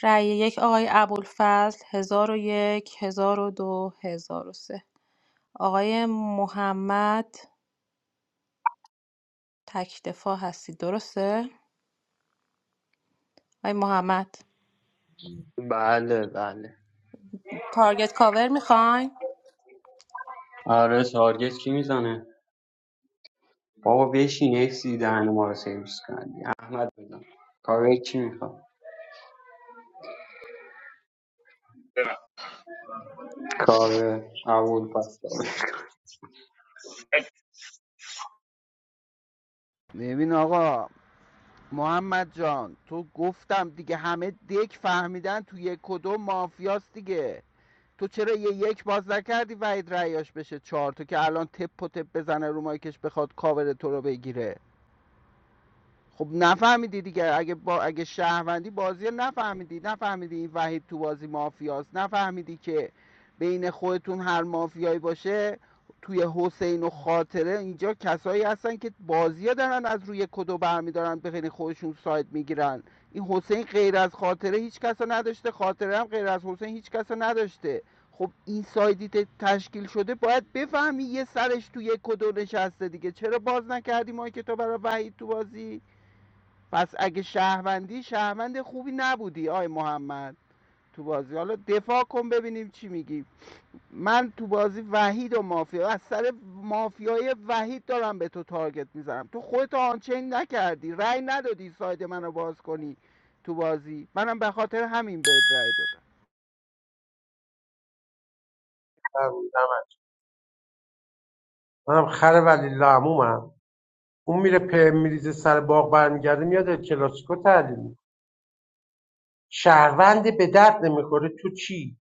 [SPEAKER 1] رای یک آقای ابوالفضل هزار و یک هزار و دو هزار و سه آقای محمد تک دفاع هستید درسته؟ آقای محمد
[SPEAKER 15] بله بله
[SPEAKER 1] تارگت کاور میخواین؟
[SPEAKER 15] آره تارگت کی میزنه بابا بشین اکسی دهن ما رو سرویس کردی احمد بزن کاوه کی میخواد
[SPEAKER 14] هم
[SPEAKER 15] کاوه اول پس کاوه.
[SPEAKER 10] ببین آقا محمد جان تو گفتم دیگه همه دک فهمیدن تو یک و دو مافیاست دیگه تو چرا یه یک باز نکردی وحید رعیاش بشه چهار تو که الان تپ و تپ بزنه رو مایکش بخواد کاور تو رو بگیره خب نفهمیدی دیگه اگه با اگه شهروندی بازی نفهمیدی نفهمیدی این وحید تو بازی مافیاست نفهمیدی که بین خودتون هر مافیایی باشه توی حسین و خاطره اینجا کسایی هستن که بازی دارن از روی کدو برمیدارن به خیلی خودشون سایت میگیرن این حسین غیر از خاطره هیچ کسا نداشته خاطره هم غیر از حسین هیچ کسا نداشته خب این سایدی تشکیل شده باید بفهمی یه سرش توی کدو نشسته دیگه چرا باز نکردی ما که تو برای وحید تو بازی پس اگه شهروندی شهروند خوبی نبودی آی محمد تو بازی حالا دفاع کن ببینیم چی میگی من تو بازی وحید و مافیا از سر مافیای وحید دارم به تو تارگت میزنم تو خودت آنچین نکردی رأی ندادی ساید منو باز کنی تو بازی منم به خاطر همین بهت رأی دادم
[SPEAKER 13] برمی‌دم. منم خر ولی لعمومم اون میره په میریزه سر باغ برمیگرده میاد ال کلاسیکو تعلیم می‌کنه. شهروند به درد نمیخوره تو چی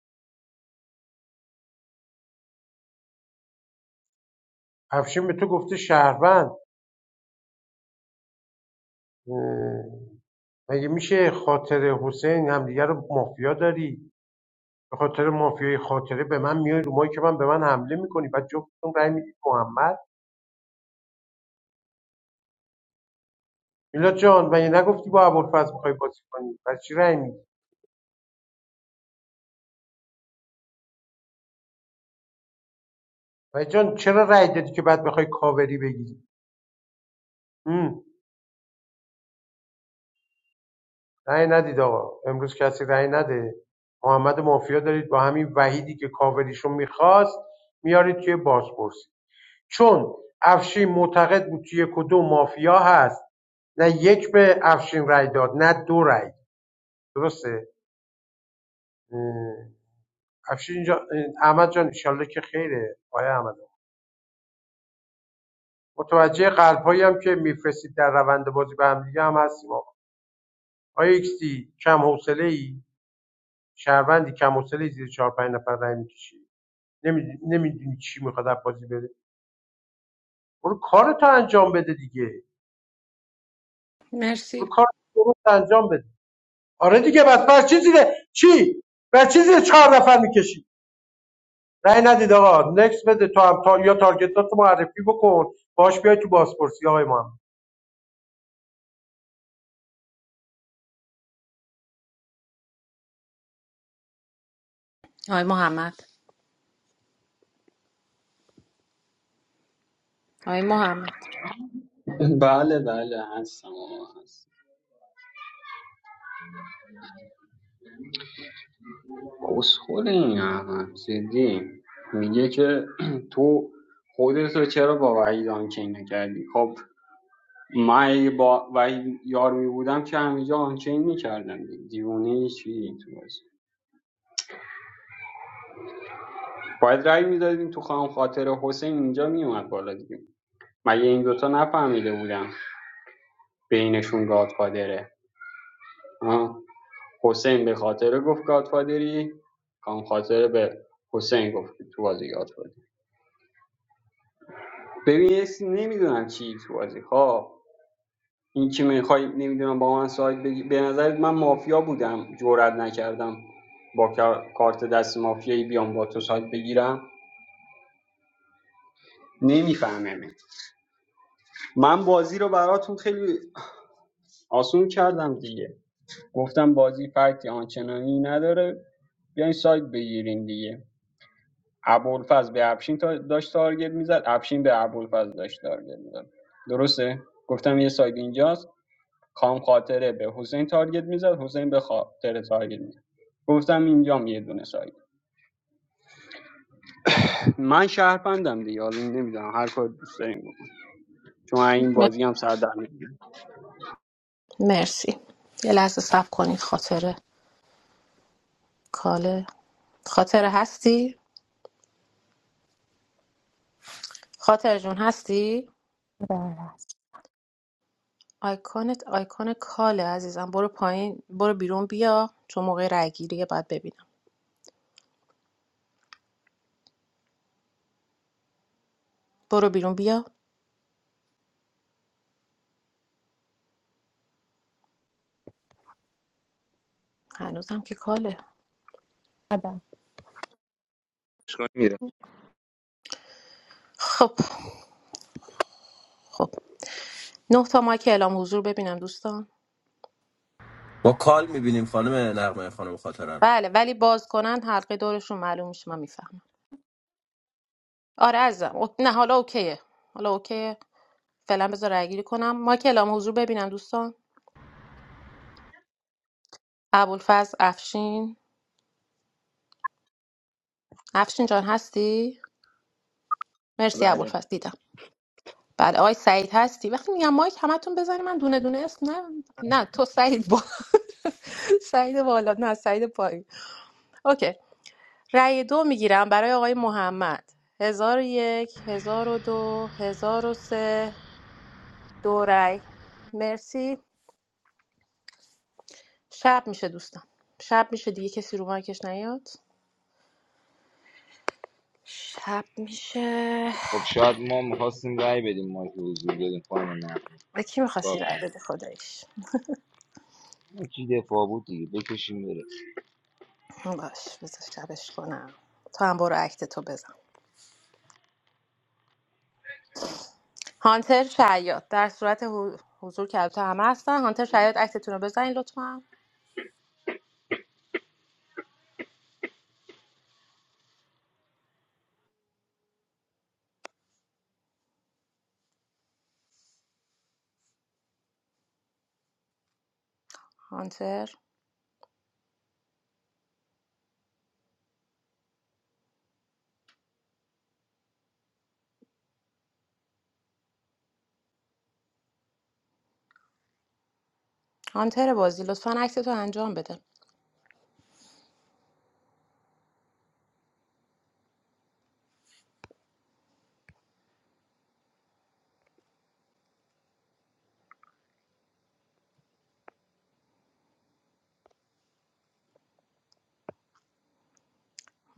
[SPEAKER 13] افشین به تو گفته شهروند اه، مگه میشه خاطر حسین همدیگه رو مافیا داری به خاطر مافیای خاطره به من میای رو مایی که من به من حمله میکنی بعد جفتتون رأی میدید محمد میلاد جان و نگفتی با ابوالفضل میخوای بازی کنی پس چی رأی میدی و جان چرا رأی دادی که بعد بخوای کاوری بگیری هم، رأی ندید آقا امروز کسی رأی نده محمد مافیا دارید با همین وحیدی که کاوریشو میخواست میارید توی بازپرسی چون افشین معتقد بود توی کدوم مافیا هست نه یک به افشین رأی داد نه دو رأی درسته افشین جان احمد جان انشالله که خیره آیا احمد متوجه قلبهایی هم که میفرستید در روند بازی به هم دیگه هم هستیم آقا آیا ایکسی کم حوصله ای شهروندی کم حوصله زیر چهار پنج نفر رای میکشی نمیدونی چی میخواد از بازی بده برو کارتو انجام بده دیگه برو
[SPEAKER 1] مرسی
[SPEAKER 13] کار درست انجام بده آره دیگه بس بر چی زیره چی بر چی چهار نفر میکشی رای ندید آقا نکس بده تو هم تا... یا تارگتات معرفی بکن باش بیای تو بازپرسی آقای محمد
[SPEAKER 1] آقای محمد آقای محمد
[SPEAKER 15] [laughs] بله بله هستم آقا، هستم اسخول این احمد جدی میگه که [clears throat] تو خودت رو چرا با وحید آنچین نکردی خب من اگه با وحید یار می بودم که همینجا آنچین میکردم دیوونه چی تو بازی باید رأی میدادیم تو خواهم خاطر حسین اینجا میومد بالا دیگه مگه این دوتا نفهمیده بودم بینشون گادفادره آه. حسین به خاطر گفت گادفادری خواهم خاطر به حسین گفت تو بازی گادفادر. ببین یه نمیدونم چی تو بازی ها این که میخوای نمیدونم با من ساید بگی به نظرت من مافیا بودم جرئت نکردم با کارت دست مافیایی بیام با تو ساید بگیرم نمیفهمم من بازی رو براتون خیلی آسون کردم دیگه گفتم بازی فکتی آنچنانی نداره بیاین ساید بگیرین دیگه ابوالفضل به افشین تا داشت تارگت میزد افشین به ابوالفضل داشت تارگت میزد درسته گفتم یه ساید اینجاست کام خاطره به حسین تارگت میزد حسین به خاطر تارگت میزد گفتم اینجام یه دونه سایت من شهرپندم دیگه حالا نمیدونم هر کار دوست داریم بکن. چون این
[SPEAKER 1] م-
[SPEAKER 15] بازی هم سر در نمیاد
[SPEAKER 1] مرسی یه لحظه صبر کنید خاطره کاله خاطره هستی خاطر جون هستی آیکونت آیکون کاله عزیزم برو پایین برو بیرون بیا چون موقع رای گیریه باید ببینم برو بیرون بیا هنوزم که کاله
[SPEAKER 14] میره
[SPEAKER 1] خب خب نه تا مایک اعلام حضور ببینم دوستان
[SPEAKER 6] ما کال میبینیم خانم نقمه خانم خاطره رو
[SPEAKER 1] بله ولی باز کنن حلقه دورشون معلوم میشه من میفهمم آره عزیزم او- نه حالا اوکیه حالا اوکیه فعلا بذار رای گیری کنم مایک اعلام حضور ببینم دوستان ابوالفضل افشین افشین جان هستی مرسی
[SPEAKER 12] بله
[SPEAKER 1] ابوالفضل دیدم بله آقای سعید هستی وقتی میگم مایک همتون بزنی من دونه دونه اسم نه نه تو سعید با [laughs] سعید بالا نه سعید پایین اوکی رأی دو میگیرم برای آقای محمد هزار و یک هزار و دو هزار و سه دو رأی مرسی شب میشه دوستان شب میشه دیگه کسی رو مایکش نیاد شب میشه
[SPEAKER 19] خب شاید ما میخواستیم رأی بدیم ما که حضور بدیم خانم نقمه
[SPEAKER 1] به کی
[SPEAKER 19] چیکار
[SPEAKER 1] میخواستی رأی
[SPEAKER 19] کنیم
[SPEAKER 1] بده خدایش
[SPEAKER 19] یکی دفاع بود دیگه بکشیم بره
[SPEAKER 1] باش بذار شبش کنم تو هم برو اکت تو بزن هانتر شیاد در صورت حو- حضور که البته همه هستن هانتر شیاد اکتتون رو بزنین لطفا هانتر هانتر بازی لطفا اکتتو انجام بده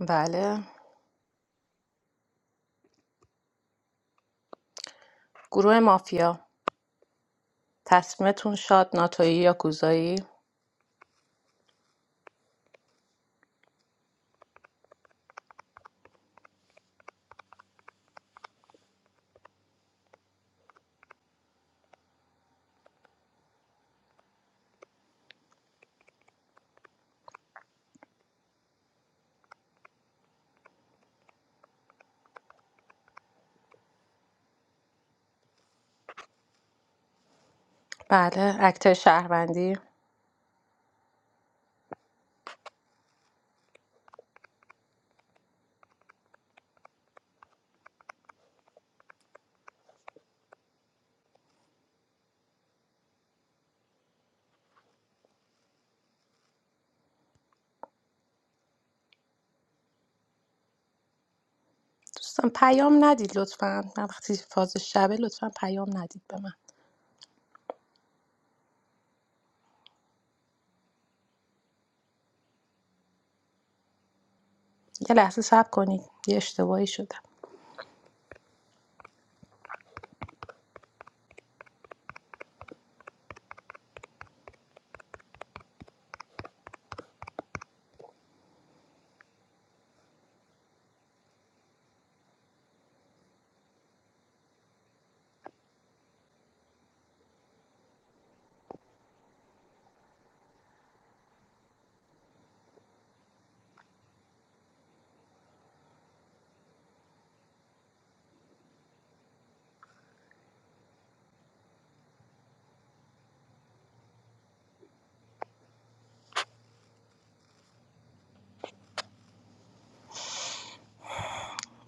[SPEAKER 1] بله گروه مافیا تصمیمتون شاد ناتویی یا کوزایی بله اکتر شهروندی دوستان پیام ندید لطفا من وقتی فاز شبه لطفا پیام ندید به من یه لحظه صبر کنید یه اشتباهی شده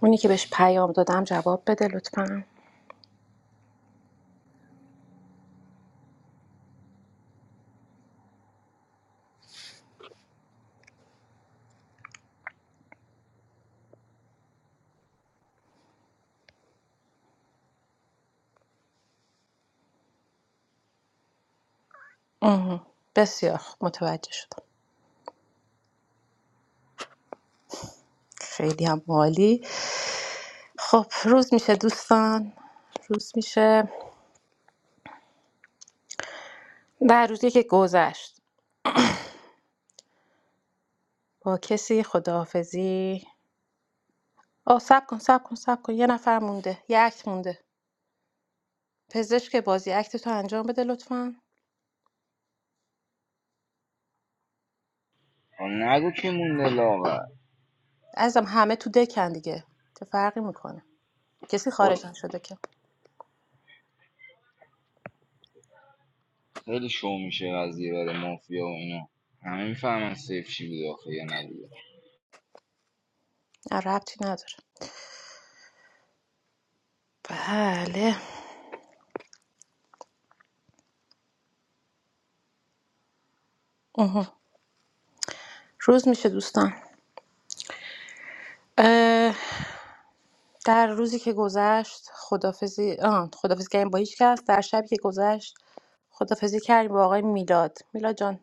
[SPEAKER 1] اونی که بهش پیام دادم جواب بده لطفا مهم. بسیار خوب متوجه شدم خیلی هم عالی خب روز میشه دوستان روز میشه در روزی که گذشت با کسی خداحافظی آه سب کن سب کن سب کن یه نفر مونده یه اکت مونده پزشک بازی اکت تو انجام بده لطفا
[SPEAKER 19] خب نگو که مونده لاغر
[SPEAKER 1] ازم همه تو دکن دیگه چه فرقی میکنه کسی
[SPEAKER 19] خب
[SPEAKER 1] خارج نشده که
[SPEAKER 19] خیلی شو میشه قضیه برای مافیا و اینا همه میفهمن سیف چی بود آخه یا نبوده
[SPEAKER 1] نه، ربطی نداره بله روز میشه دوستان در روزی که گذشت خدافزی آه خدافزی کردیم با هیچ کس در شبی که گذشت خدافزی کردیم با آقای میلاد میلاد جان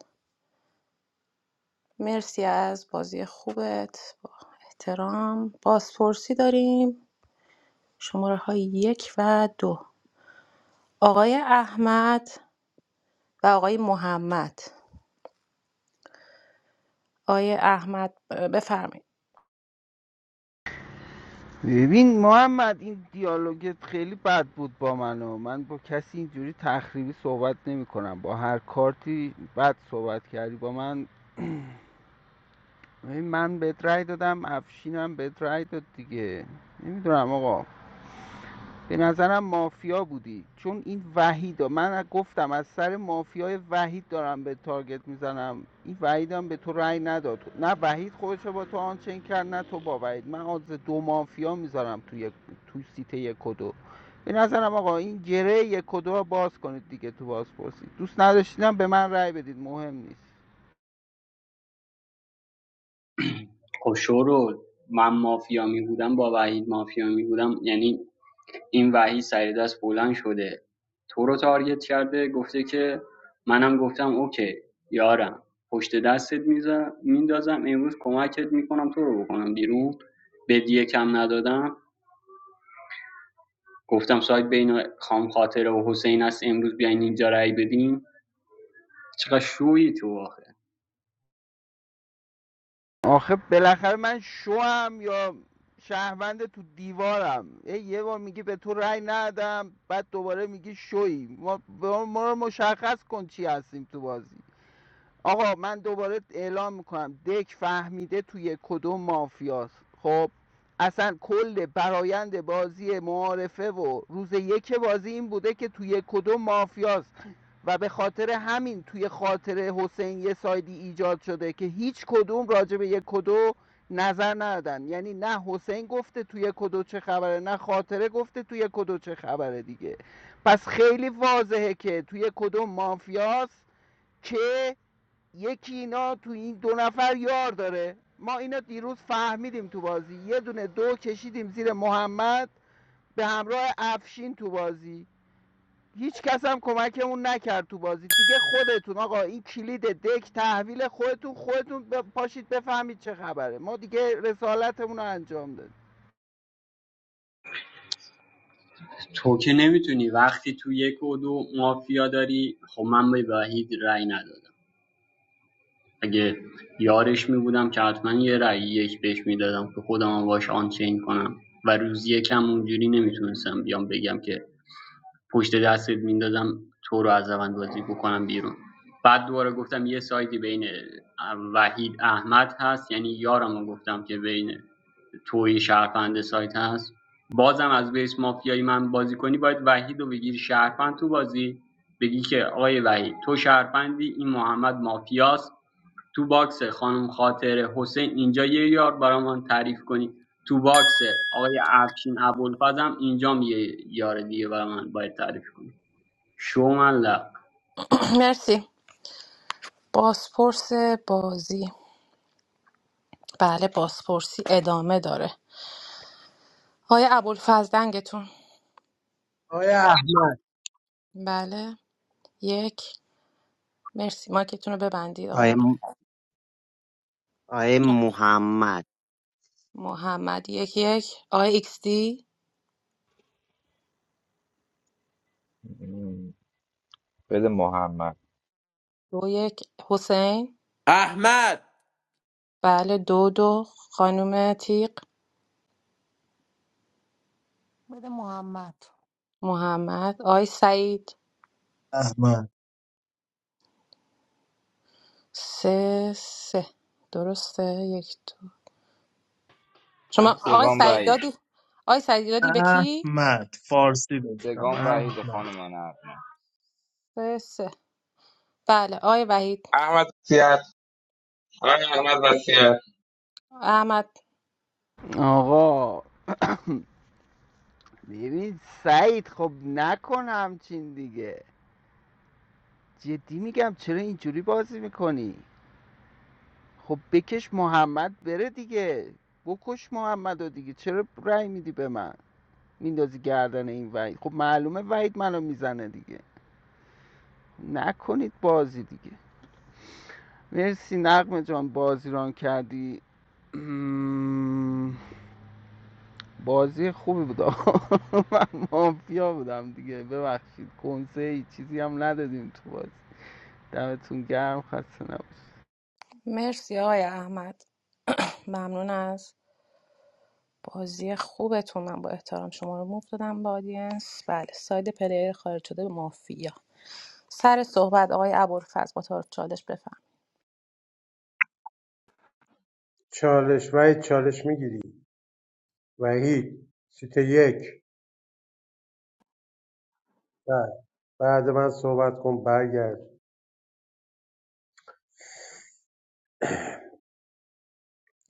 [SPEAKER 1] مرسی از بازی خوبت با احترام بازپرسی داریم شماره های یک و دو آقای احمد و آقای محمد آقای احمد بفرمایید
[SPEAKER 10] ببین محمد این دیالوگت خیلی بد بود با من و من با کسی اینجوری تخریبی صحبت نمی کنم با هر کارتی بد صحبت کردی با من این من بهت رای دادم افشینم بهت رای داد دیگه نمیدونم آقا به نظرم مافیا بودی چون این وحید ها. من گفتم از سر مافیای وحید دارم به تارگت میزنم این وحیدم به تو رأی نداد نه وحید خودش با تو آنچین کرد نه تو با وحید من از دو مافیا میذارم توی یک تو سیت یک و دو به نظرم آقا این گره یک و دو باز کنید دیگه تو باز پرسید دوست نداشتینم به من رای بدید مهم نیست
[SPEAKER 15] خب شورو من مافیا می بودم با وحید مافیا می بودم یعنی این وحید سر دست بلند شده تو رو تارگت کرده گفته که منم گفتم اوکی یارم پشت دستت میذارم میندازم امروز کمکت میکنم تو رو بکنم بیرون بدیه کم ندادم گفتم شاید بین خام خاطره و حسین است امروز بیاین اینجا رأی بدیم چقدر شوی تو آخه
[SPEAKER 10] آخه بالاخره من شوام یا شهروند تو دیوارم ای یه بار میگی به تو رأی ندم بعد دوباره میگی شوی ما, ما ما رو مشخص کن چی هستیم تو بازی آقا من دوباره اعلام میکنم دک فهمیده توی کدوم مافیاست خب اصلا کل برایند بازی معارفه و روز یک بازی این بوده که توی کدوم مافیاست و به خاطر همین توی خاطر حسین یه سایدی ایجاد شده که هیچ کدوم راجع به یک کدو نظر ندادن یعنی نه حسین گفته توی کدو چه خبره نه خاطره گفته توی کدو چه خبره دیگه پس خیلی واضحه که توی کدوم مافیاست که یکی اینا تو این دو نفر یار داره ما اینا دیروز فهمیدیم تو بازی یه دونه دو کشیدیم زیر محمد به همراه افشین تو بازی هیچ کس هم کمکمون نکرد تو بازی دیگه خودتون آقا این کلید دک تحویل خودتون خودتون ب- پاشید بفهمید چه خبره ما دیگه رسالتمون رو انجام دادیم
[SPEAKER 15] تو که نمیتونی وقتی تو یک و دو مافیا داری خب من به وحید رای ندادم اگه یارش می که حتما یه رأی یک بهش میدادم که خودم هم باش آنچین کنم و روز یکم اونجوری نمیتونستم بیام بگم که پشت دستت میندازم تو رو از روند بازی بکنم بیرون بعد دوباره گفتم یه سایدی بین وحید احمد هست یعنی یارم رو گفتم که بین توی شهروند سایت هست بازم از بیس مافیایی من بازی کنی باید وحید رو بگیری شهروند تو بازی بگی که آقای وحید تو شهروندی این محمد مافیاست تو باکس خانم خاطره حسین اینجا یه یار برام تعریف کنی تو باکس آقای افشین ابوالفضل اینجا یه یار دیگه برای باید تعریف کنی شومن لب
[SPEAKER 1] [clears throat] مرسی بازپرس بازی بله بازپرسی ادامه داره آقای ابوالفضل دنگتون
[SPEAKER 13] آقای
[SPEAKER 1] بله یک مرسی مایکتون رو ببندید آقای
[SPEAKER 12] آیه
[SPEAKER 1] عب-
[SPEAKER 12] م- آیه محمد
[SPEAKER 1] محمد یک یک آقای ایکس دی
[SPEAKER 18] م، بده محمد
[SPEAKER 1] دو یک حسین
[SPEAKER 6] احمد
[SPEAKER 1] بله دو دو خانم تیق
[SPEAKER 5] بده محمد
[SPEAKER 1] محمد آقای سعید
[SPEAKER 11] احمد
[SPEAKER 1] سه سه درسته یک دو شما آقای
[SPEAKER 19] سگام
[SPEAKER 1] سعید
[SPEAKER 19] وحید
[SPEAKER 1] دادی آقای سعید دادی به کی؟
[SPEAKER 11] احمد فارسی داشتم
[SPEAKER 19] سگام وحید
[SPEAKER 11] احمد
[SPEAKER 19] خانم نقمه
[SPEAKER 1] سه سه بله آقای وحید
[SPEAKER 14] احمد وسیعت آقای احمد وسیعت
[SPEAKER 1] احمد
[SPEAKER 10] آقا ببین سعید خب نکن همچین دیگه جدی میگم چرا اینجوری بازی میکنی خب بکش محمد بره دیگه بکش محمد رو دیگه چرا رأی میدی به من میندازی گردن این وحید خب معلومه وحید منو میزنه دیگه نکنید بازی دیگه مرسی نقمه جان بازی ران کردی [clears throat] بازی خوبی بود [laughs] [applause] من مافیا بودم دیگه ببخشید کنسه ای چیزی هم ندادیم تو بازی دمتون گرم خسته نباشید
[SPEAKER 1] مرسی آقای احمد ممنون از بازی خوبتون من با احترام شما رو موف دادم به آدینس بله ساید پلیر خارج شده به مافیا سر صحبت آقای ابوالفضل با تعارف چالش بفهم
[SPEAKER 13] چالش وحید چالش میگیری وحید سیت یک بعد بعد من صحبت کن برگرد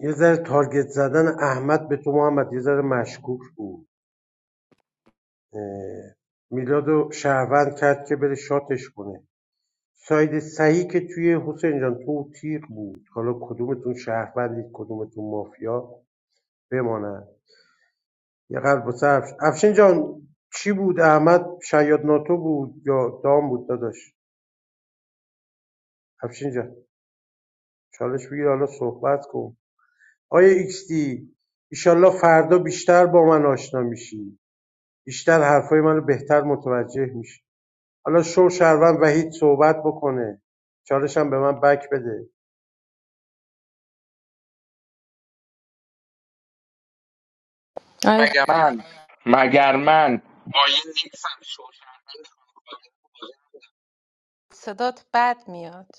[SPEAKER 13] یه ذره تارگت زدن احمد به تو محمد یه ذره مشکوک بود اه، میلاد و شهروند کرد که بره شاتش کنه ساید صحیح که توی حسین جان تو تیغ بود حالا کدومتون شهروندید کدومتون مافیا بماند یه قلب واسه افش- افشین جان چی بود احمد شیاد ناتو بود یا دام بود داداش افشین جان چالش بگیر حالا صحبت کن آیا ایکس دی ایشالله فردا بیشتر با من آشنا میشی بیشتر حرفای منو بهتر متوجه میشی حالا شو شروان وحید صحبت بکنه چالش هم به من بک بده
[SPEAKER 1] آقای
[SPEAKER 14] مگر من مگر من با یه نیکسم شو شهروند خانواده تو
[SPEAKER 1] صدات بد میاد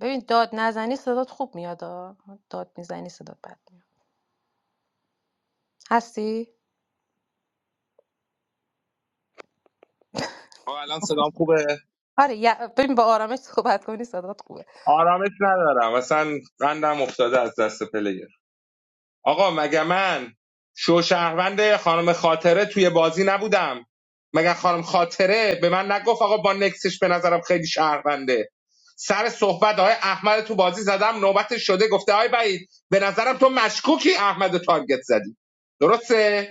[SPEAKER 1] ببین داد نزنی صدات خوب میاد آه. داد میزنی صدات بد میاد هستی
[SPEAKER 14] آه، الان صدام خوبه
[SPEAKER 1] آره یا- ببین با آرامش صحبت کنی صدات خوبه
[SPEAKER 14] آرامش ندارم اصلا قندم افتاده از دست پله آقا مگه من شوشهروند خانم خاطره توی بازی نبودم مگه خانم خاطره به من نگفت آقا با نکسش به نظرم خیلی شهرونده سر صحبت های احمد تو بازی زدم نوبت شده گفته های بعید به نظرم تو مشکوکی احمد رو تارگت زدی درسته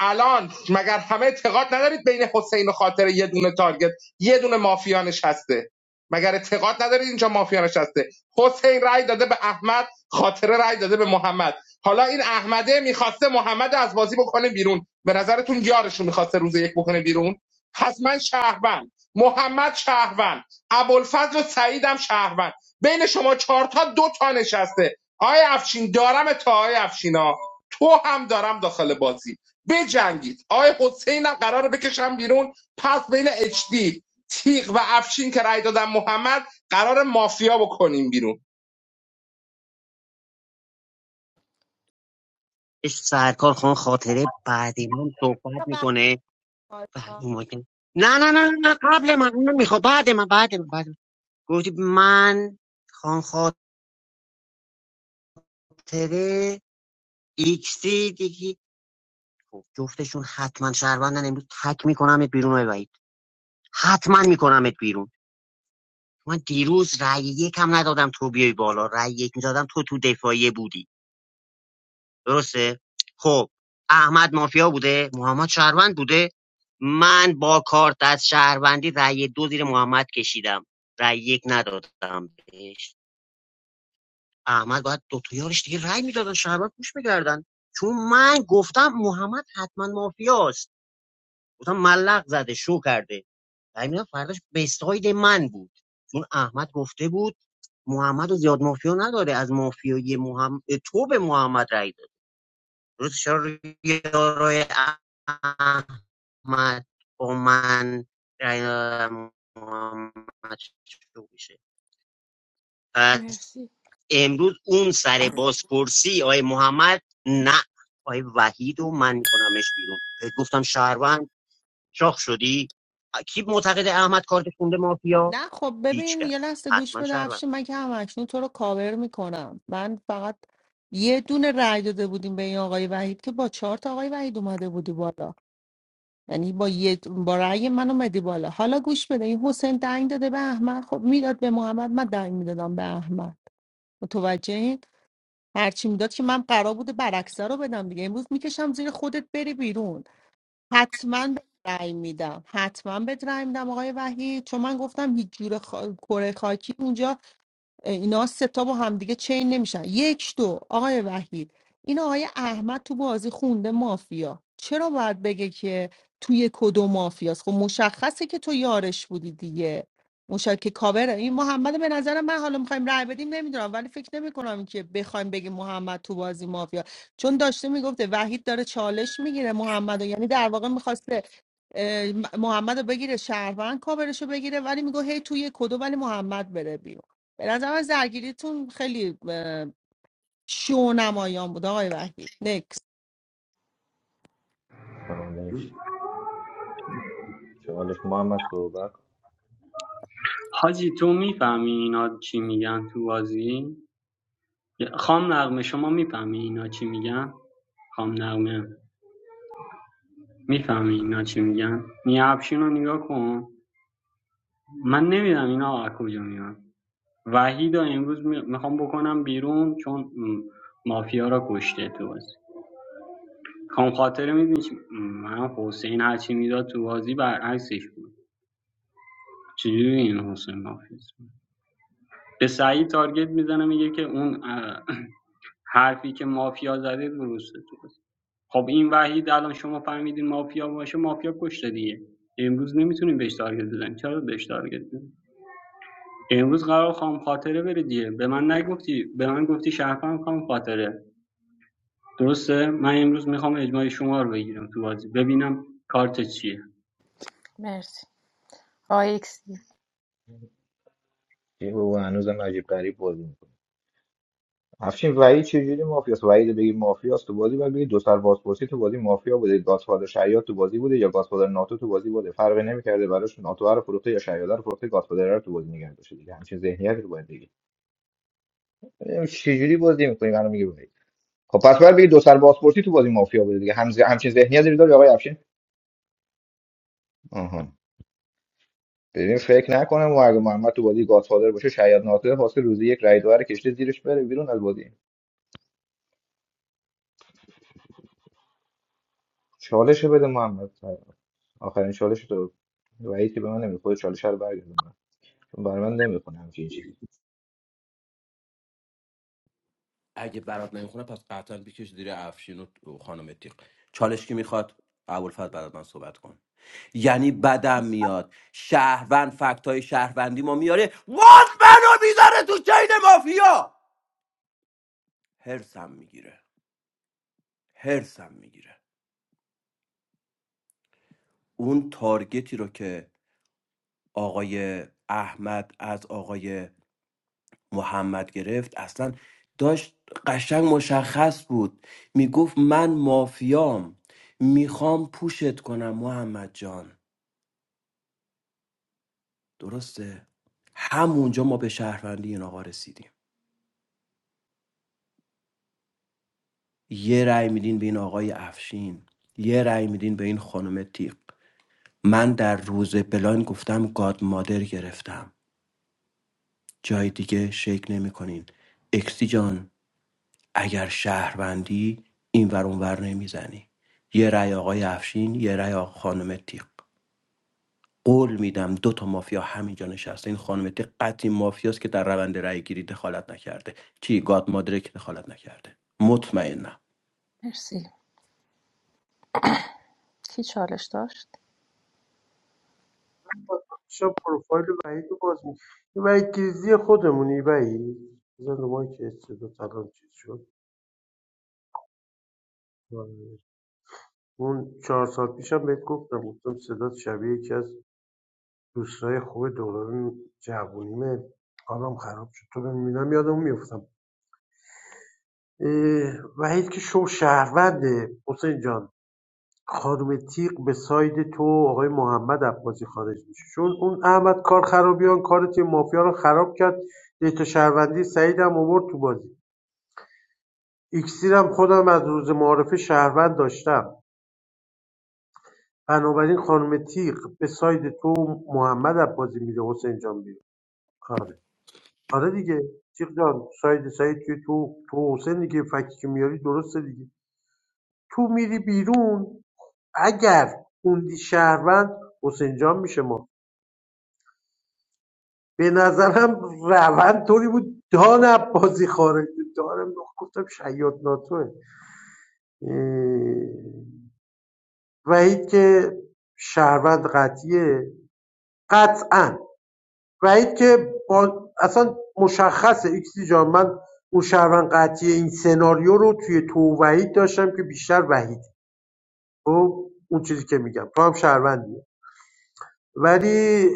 [SPEAKER 14] الان مگر همه اعتقاد ندارید بین حسین و خاطر یه دونه تارگت یه دونه مافیا نشسته مگر اعتقاد ندارید اینجا مافیا نشسته حسین رای داده به احمد خاطره رای داده به محمد حالا این احمده میخواسته محمد از بازی بکنه بیرون به نظرتون یارشون میخواسته روز یک بکنه بیرون پس من شهروند محمد شهروند ابوالفضل و سعیدم شهروند بین شما چهار تا دو تا نشسته آقای افشین دارم تا آقای افشینا تو هم دارم داخل بازی بجنگید آقای حسینم قراره بکشم بیرون پس بین دی تیغ و افشین که رأی دادن محمد قرار مافیا بکنیم بیرون
[SPEAKER 12] اش سرکار خان خاطره بعد من صحبت میکنه بعد اون موقع- نه نه نه نه قبل من اونو میخوام بعد من بعد من بعد من. گفتی من خان خاطره ایکسی دیگی خب، جفتشون حتما شهروندن امروز تک میکنمت بیرون های وحید حتما میکنمت بیرون من دیروز رأی یکم ندادم تو بیای بالا رأی یک میدادم تو تو دفاعیه بودی درسته خب احمد مافیا بوده محمد شهروند بوده من با کارت از شهروندی رأی دو زیر محمد کشیدم رأی یک ندادم بهش احمد باید دو تا یارش دیگه رأی میدادن شهروند پوش میکردن چون من گفتم محمد حتما مافیاست گفتم ملق زده شو کرده رأی میدادم فرداش به ساید من بود چون احمد گفته بود محمد رو زیاد مافیا نداره از مافیای محمد تو به محمد رأی روز یارای احمد با من محمد شروع میشه پس
[SPEAKER 1] مرسی
[SPEAKER 12] امروز اون سر بازپرسی آقای محمد نه آقای وحید و من میکنمش بیرون گفتم شهروند شاخ شدی کی معتقد احمد کارت خونده مافیا
[SPEAKER 5] نه خب
[SPEAKER 12] هیچ
[SPEAKER 5] ببین یه
[SPEAKER 12] کس
[SPEAKER 5] لحظه گوش
[SPEAKER 12] حتما
[SPEAKER 5] بده
[SPEAKER 12] شهروند
[SPEAKER 5] افشین من که هم اکنون تو رو کاور میکنم من فقط یه دونه رأی داده بودیم به این آقای وحید که با چهار تا آقای وحید اومده بودی بالا یعنی با یه با رأی من اومدی بالا حالا گوش بده این حسین دنگ داده به احمد خب میداد به محمد من دنگ میدادم به احمد متوجهین هرچی میداد که من قرار بوده برعکسه رو بدم دیگه امروز میکشم زیر خودت بری بیرون حتما به رأی میدم حتما به رأی میدم آقای وحید چون من گفتم هیچ جور خا... کره خاکی اونجا اینا سه تا با همدیگه چین نمیشن یک دو آقای وحید این آقای احمد تو بازی خونده مافیا چرا باید بگه که توی کدو مافیاست خب مشخصه که تو یارش بودی دیگه مشکل که کاوره این محمد به نظرم من حالا میخوایم رای بدیم نمیدونم ولی فکر نمی کنم که بخوایم بگیم محمد تو بازی مافیا چون داشته میگفته وحید داره چالش میگیره محمد یعنی در واقع میخواسته محمد رو بگیره شهروند کاورش رو بگیره ولی میگه هی توی کدو ولی محمد بره بیرون به نظر من زرگیریتون خیلی اه، شونمایان بود آقای وحید نکس
[SPEAKER 18] چالش چالش محمد صحبت کن.
[SPEAKER 15] حاجی تو میفهمی اینا چی میگن تو بازی خام نغمه شما میفهمی اینا چی میگن خام نغمه میفهمی اینا چی میگن نیابشین افشین رو نگاه کن من نمیدم اینا از کجا میان وحید رو امروز میخوام بکنم بیرون چون مافیا را کشته تو بازی خانم خاطره میدونی من حسین هرچی میداد تو بازی برعکسش بود چجوری این حسین مافیا به سعید تارگت میزنه میگه که اون حرفی که مافیا زده درسته تو بازی خب این وحید الان شما فهمیدین مافیا باشه مافیا کشته دیگه امروز نمیتونیم بهش تارگت بزنیم چرا بهش تارگت بزنیم؟ امروز قرار خانم خاطره بره دیگه به من نگفتی به من گفتی شهروند خانم خاطره درسته من امروز میخوام اجماع شما رو بگیرم تو بازی ببینم کارت چیه
[SPEAKER 1] مرسی آقای اکسی
[SPEAKER 18] یه بابا هنوزم عجیب غریب بازی افشین وحید چجوری مافیاست وحید بگی مافیاست تو بازی باید بگی دو سر بازپرسی تو بازی مافیا بوده گاتفادر شیاد تو بازی بوده یا گاتفادر ناتو تو بازی بوده فرقی نمیکرده براش ناتو رو فروخته یا شیاد رو فروخته گاتفادر رو تو بازی نگه داشته دیگه همچین ذهنیتی رو باید بگی ببینیم چجوری بازی می‌کنی منو میگی وحید خب پس باید بگی دو سر بازپرسی تو بازی مافیا بوده دیگه همز... همچین ذهنیتی رو داره آقای افشین آها ببین فکر نکنم و اگه محمد تو بازی گاتفادر باشه شیاد ناتو حاصل روزی یک رای داور کشته زیرش بره بیرون از بازی چالش بده محمد آخرین چالش تو وحید که به من نمیخوره چالش رو برگردم چون برای من نمیخونه همچین چیزی
[SPEAKER 6] اگه برات نمیخونه پس قطعا بکش زیر افشین و خانم تیق چالش کی میخواد ابوالفضل برات من صحبت کن یعنی بدم میاد شهروند فکت های شهروندی ما میاره باز منو میذاره تو چین مافیا هرسم میگیره هرسم میگیره اون تارگتی رو که آقای احمد از آقای محمد گرفت اصلا داشت قشنگ مشخص بود میگفت من مافیام میخوام پوشت کنم محمد جان درسته همونجا ما به شهروندی این آقا رسیدیم یه رأی میدین به این آقای افشین یه رأی میدین به این خانم تیق من در روز بلاین گفتم گاد مادر گرفتم جای دیگه شک نمیکنین اکسی جان اگر شهروندی این ور اون ور نمیزنی یه رأی آقای افشین یه رأی آقای خانم تیق قول میدم دو تا مافیا همینجا نشسته این خانم تیق قطعی مافیاست که در روند رأی گیری دخالت نکرده کی گاد مادره که دخالت نکرده مطمئنم
[SPEAKER 1] مرسی کی چالش داشت
[SPEAKER 13] شب پروفایل وحید رو باز میکنه این وحید گریزی خودمونی وحید بزن رو مایی که صدا تلان چیز شد آره. اون چهار سال پیشم بهت گفتم گفتم صدات شبیه یکی از دوستای خوب دوران جوونیمه حالم خراب شد تو رو میبینم یادم میفتم وحید که شو شهرونده حسین جان خانم تیق به ساید تو آقای محمد عباسی خارج میشه چون اون احمد کار خرابیان کار تیم مافیا رو خراب کرد دیتا شهروندی سعید هم آورد تو بازی اکسیر هم خودم از روز معارف شهروند داشتم بنابراین خانم تیق به ساید تو محمد عباسی میره حسین جان بیره آره دیگه جیغ جان سعید سعید که تو تو حسینی که فکی که میاری درسته دیگه تو میری بیرون اگر خوندی شهروند حسین جان میشه ما به نظرم روند طوری بود دان عباسی خارج بود. دارم گفتم شیاد ناتوه اه، وحید که شهروند قطعیه قطعا وحید که با اصلا مشخصه ایکسی جان من اون شهروند قطعی این سناریو رو توی تو و وحید داشتم که بیشتر وحید خب اون چیزی که میگم تو هم شهروندیه ولی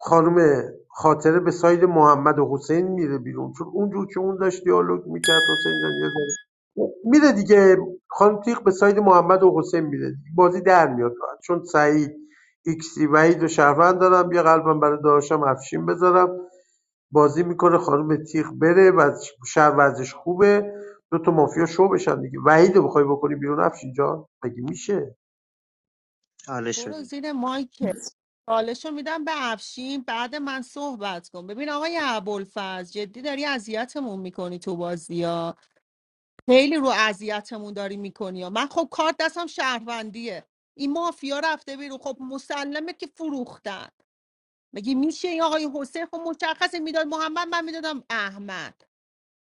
[SPEAKER 13] خانم خاطره به ساید محمد و حسین میره بیرون چون اونجور که اون داشت دیالوگ میکرد حسین جان یه ذره- میره دیگه خانم تیق به ساید محمد و حسین میره دیگه. بازی در میاد چون سعید ایکسی وحید و شهروند دارم یه قلبم برای داداشم افشین بذارم بازی میکنه خانم تیغ بره و شهر ورزش خوبه دو تا مافیا شو بشن دیگه وحید رو بخوای بکنی بیرون افشین جان مگه میشه
[SPEAKER 12] حالش
[SPEAKER 5] برو
[SPEAKER 12] شدی
[SPEAKER 5] زیر مایک چالشو میدم به افشین بعد من صحبت کن ببین آقای ابوالفضل جدی داری اذیتمون میکنی تو بازی ها خیلی رو اذیتمون داری میکنی ها من خب کارت دستم شهروندیه این مافیا رفته بیرون خب مسلمه که فروختن مگه میشه این آقای حسین خب مشخصه میداد محمد من میدادم احمد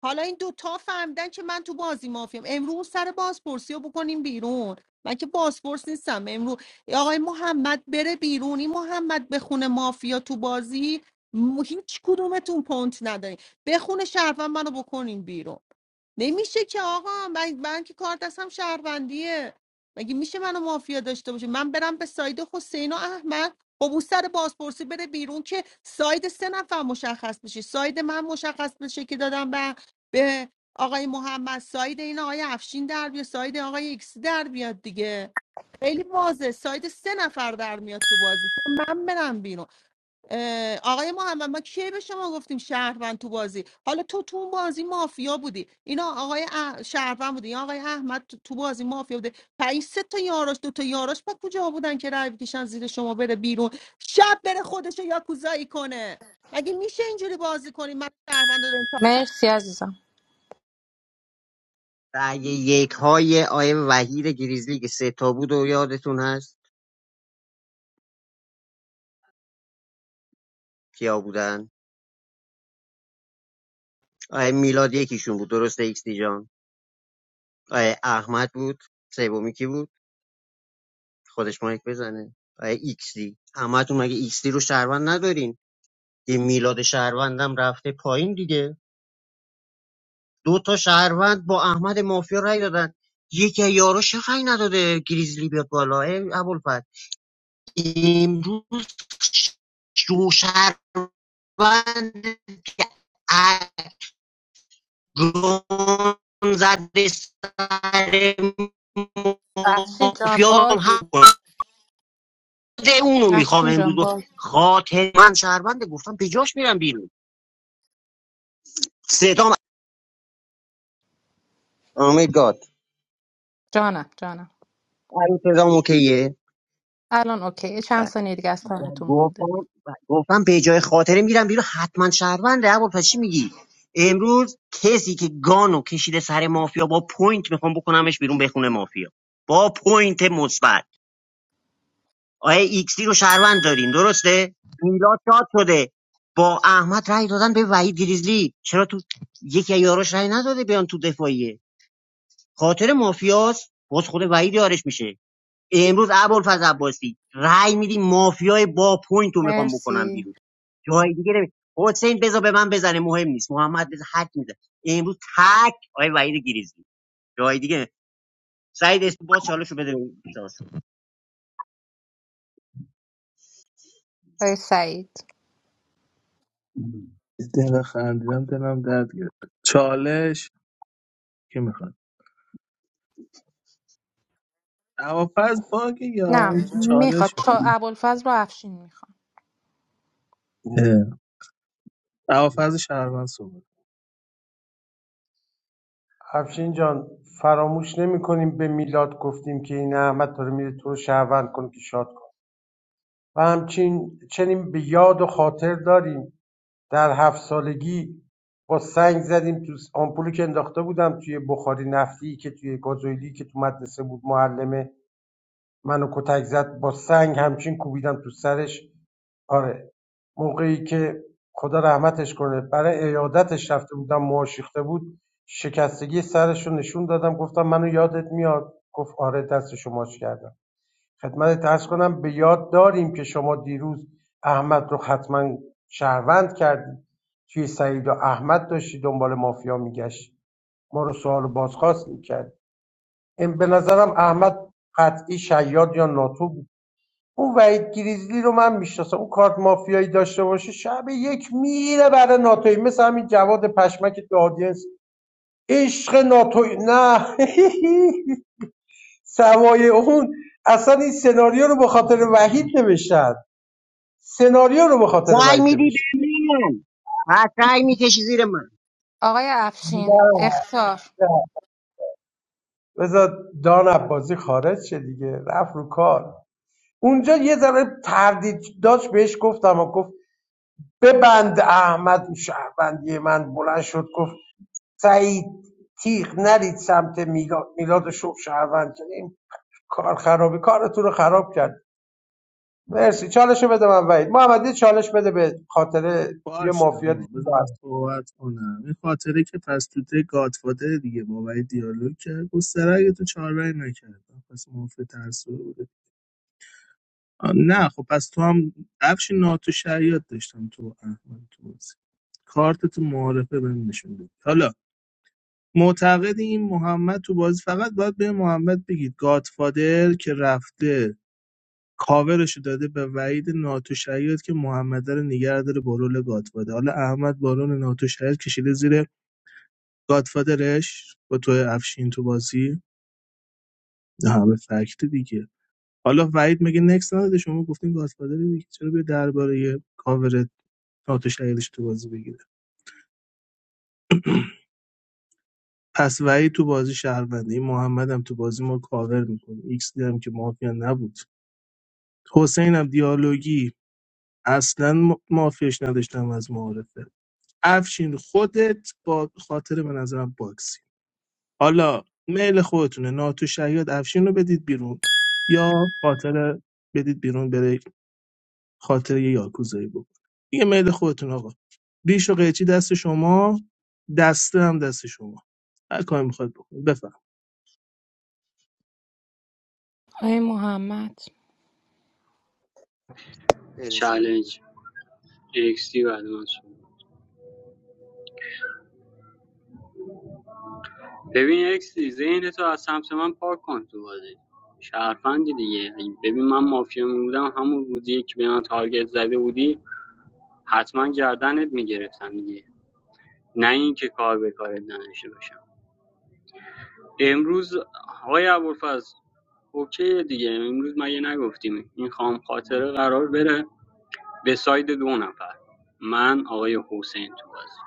[SPEAKER 5] حالا این دوتا فهمیدن که من تو بازی مافیام امروز سر بازپرسی رو بکنیم بیرون من که بازپرس نیستم امروز آقای محمد بره بیرون این محمد بخونه مافیا تو بازی م- هیچ کدومتون پونت ندارین بخونه شرفم منو بکنین بیرون نمیشه که آقا من, من که کار دستم شهروندیه مگه میشه منو مافیا داشته باشه من برم به ساید حسین و احمد خب اون سر بازپرسی بره بیرون که ساید سه نفر مشخص بشه ساید من مشخص بشه که دادم به به آقای محمد ساید این آقای افشین در بیاد ساید آقای ایکس در بیاد دیگه خیلی واضح ساید سه نفر در میاد تو بازی من برم بیرون اه، آقای محمد ما کی به شما گفتیم شهروند تو بازی حالا تو تو اون بازی مافیا بودی اینا آقای اح... شهروند بودی این آقای احمد تو تو بازی مافیا بوده و این سه تا یاراش دو تا یاراش با کجا بودن که رای بکشن زیر شما بره بیرون شب بره خودش یا کوزایی کنه مگه میشه اینجوری بازی کنی من شهروند رو دارم.
[SPEAKER 1] مرسی عزیزم
[SPEAKER 12] رأی یک های آقای وحید گریزلی که سه تا بود و یادتون هست کیا بودن آقای میلاد یکیشون بود درسته ایکس دی جان آقای احمد بود سومی کی بود خودش مایک بزنه آقای ایکس دی همتون مگه ایکس دی رو شهروند ندارین یه میلاد شهروندم رفته پایین دیگه دو تا شهروند با احمد مافیا رای دادن یکی یاراش رای نداده گریزلی بیاد بالا ای ابوالفضل امروز شو شهروند که گون زده سر
[SPEAKER 1] افشین جان
[SPEAKER 12] مافیام
[SPEAKER 1] باگی
[SPEAKER 12] هم خود اونو میخوام
[SPEAKER 1] افشین
[SPEAKER 12] امروز
[SPEAKER 1] جان
[SPEAKER 12] رو.
[SPEAKER 1] باگی
[SPEAKER 12] خاطر من شهرونده گفتم پیجاش میرم بیرون صدام امید گاد
[SPEAKER 1] جانم جانم
[SPEAKER 12] هر صدام اوکیه
[SPEAKER 1] الان اوکی چند
[SPEAKER 12] بله.
[SPEAKER 1] ثانیه دیگه از تایمتون
[SPEAKER 12] گفتم
[SPEAKER 1] مونده
[SPEAKER 12] گفتم به جای خاطره میرم بیرون حتما شهرونده اول پس چی میگی امروز کسی که گانو کشیده سر مافیا با پوینت میخوام بکنمش بیرون بخونه مافیا با پوینت مثبت آقای ایکسی رو شهروند دارین درسته میلاد شاد شده با احمد رای دادن به وحید گریزلی چرا تو یکی از یاراش رأی نداده بیان تو دفاعیه خاطر مافیاس باز خود وحید یارش میشه امروز ابوالفضل عباسی رای میدی مافیای با پوینت رو میخوام بکنم
[SPEAKER 1] مرسی
[SPEAKER 12] بیرون جای دیگه نمی حسین بذار به من بزنه مهم نیست محمد بذار حد میده امروز تک آقای وحید گریزلی جای دیگه نمی- سعید اسم باز چالش رو بده
[SPEAKER 1] آقای سعید
[SPEAKER 11] یه دقیقه خندیدم دلم درد گرفت چالش کی میخواد هوافز باگ یا
[SPEAKER 1] نه
[SPEAKER 11] اینکه
[SPEAKER 1] میخواد
[SPEAKER 11] چالش میخواد
[SPEAKER 1] چا ابوالفضل رو افشین میخواد
[SPEAKER 11] هوافز شهروند صحبت
[SPEAKER 13] افشین جان فراموش نمیکنیم به میلاد گفتیم که این احمد داره میره تو رو شهروند کن که شاد کن و همچین چنین به یاد و خاطر داریم در هفت سالگی با سنگ زدیم تو س- آمپولی که انداخته بودم توی بخاری نفتی که توی گازوئیلی که تو مدرسه بود معلمه منو کتک زد با سنگ همچین کوبیدم تو سرش آره، موقعی که خدا رحمتش کنه برای ایادتش رفته بودم مواشیخته بود شکستگی سرش رو نشون دادم گفتم منو یادت میاد گفت آره دست شما ماچ کردم خدمت ترس کنم به یاد داریم که شما دیروز احمد رو حتما شهروند کردی توی سعید و احمد داشتی دنبال مافیا میگشت ما رو سوال و بازخواست میکرد به نظرم احمد قطعی شیاد یا ناتو بود. اون وحید گریزلی رو من میشناسم اون کارت مافیایی داشته باشه شب یک میره برای ناتوی مثل همین جواد پشمک تو آدینس عشق ناتوی نه [laughs] سوای اون اصلا این سناریو رو به خاطر وحید نوشتن سناریو رو به خاطر
[SPEAKER 12] سعی
[SPEAKER 13] وحید
[SPEAKER 12] میدی به
[SPEAKER 13] نوشتن
[SPEAKER 12] من هر سعی میکشی زیر من
[SPEAKER 1] آقای افشین
[SPEAKER 13] نه
[SPEAKER 1] اختار
[SPEAKER 13] بذار دان عباسی خارج شه دیگه رفت رو کار اونجا یه ذره تردید داشت بهش گفتم و گفت ببند احمد اون شهروندی من بلند شد گفت سعید تیغ نرید سمت میلاد میلاد رو شب شهروند کنیم کار خرابی کارتون رو خراب کرد مرسی چالش بده من وید محمدی چالش بده به خاطر یه
[SPEAKER 11] باشه
[SPEAKER 13] مافیا
[SPEAKER 11] آقا
[SPEAKER 13] دیگه
[SPEAKER 11] بذار من
[SPEAKER 13] باید.
[SPEAKER 11] صحبت کنم این خاطره که پس تو ته گادفادر دیگه با بابای دیالوگ کرد گستره تو چهار رای نکردم پس منفی ترسو بوده آه، نه خب پس تو هم افش ناتو شریعت داشتم تو و احمد تو بازی کارت تو معارفه بهم نشون دادی. حالا معتقد این محمد تو بازی فقط باید به محمد بگید گادفادر که رفته کاورشو داده به وحید ناتو که محمد رو نگه داره با رول گاتفاده حالا احمد با رول ناتو شیاد کشیده زیر گاتفادرش با تو افشین تو بازی نه همه فکت دیگه حالا وحید میگه نکس نداده شما گفتین گاتفادر دیگه چرا به درباره کاور ناتو تو بازی بگیره پس وحید تو بازی شهرونده این محمد هم تو بازی ما کاور میکنه ایکس دی هم که مافیا نبود حسین هم دیالوگی اصلا ما- مافیاش نداشتم از معارفه افشین خودت با خاطر به نظرم باکسی حالا میل خودتونه ناتو شهیاد افشین رو بدید بیرون یا خاطر بدید بیرون بره خاطر یه یاکوزایی بکن دیگه میل خودتون آقا ریش و قیچی دست شما دسته هم دست شما هر کاری میخواد بکن بفهم
[SPEAKER 1] آقای محمد
[SPEAKER 12] بده چاله
[SPEAKER 15] چالش اکسی بعد من صحبت. ببین اکسی ذهن تو از سمت من پاک کن تو بازی شهرفندی دیگه ببین من مافیا بودم همون بودی که به من تارگت زده بودی حتما گردنت میگرفتم دیگه نه اینکه کار به کارت نداشته باشم امروز آقای ابوالفضل اوکی دیگه امروز مگه نگفتیم این خام خاطره قرار بره به ساید دو نفر من آقای حسین تو بازی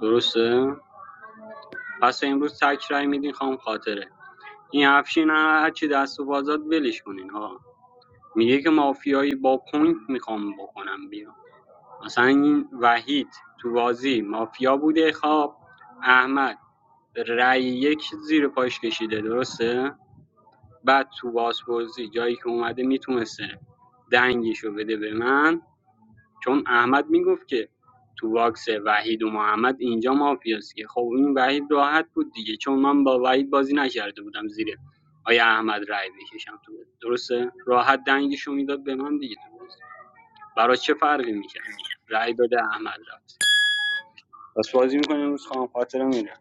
[SPEAKER 15] درسته پس امروز تک رای میدین خام خاطره این افشین هر چی دست و بازات ولش کنین ها میگه که مافیایی با پوینت میخوام بکنم بیرون مثلا این وحید تو بازی مافیا بوده خواب احمد رای یک زیر پاش کشیده درسته بعد تو بازپرسی جایی که اومده میتونسته دنگشو بده به من چون احمد میگفت که تو باکس وحید و محمد اینجا مافیاست که خب این وحید راحت بود دیگه چون من با وحید بازی نکرده بودم زیر آیا احمد رای بکشم تو بازی. درسته راحت دنگشو میداد به من دیگه تو بازی برای چه فرقی میکرد رای داده احمد رفت پس بازی میکنه امروز خواهم خاطرم میره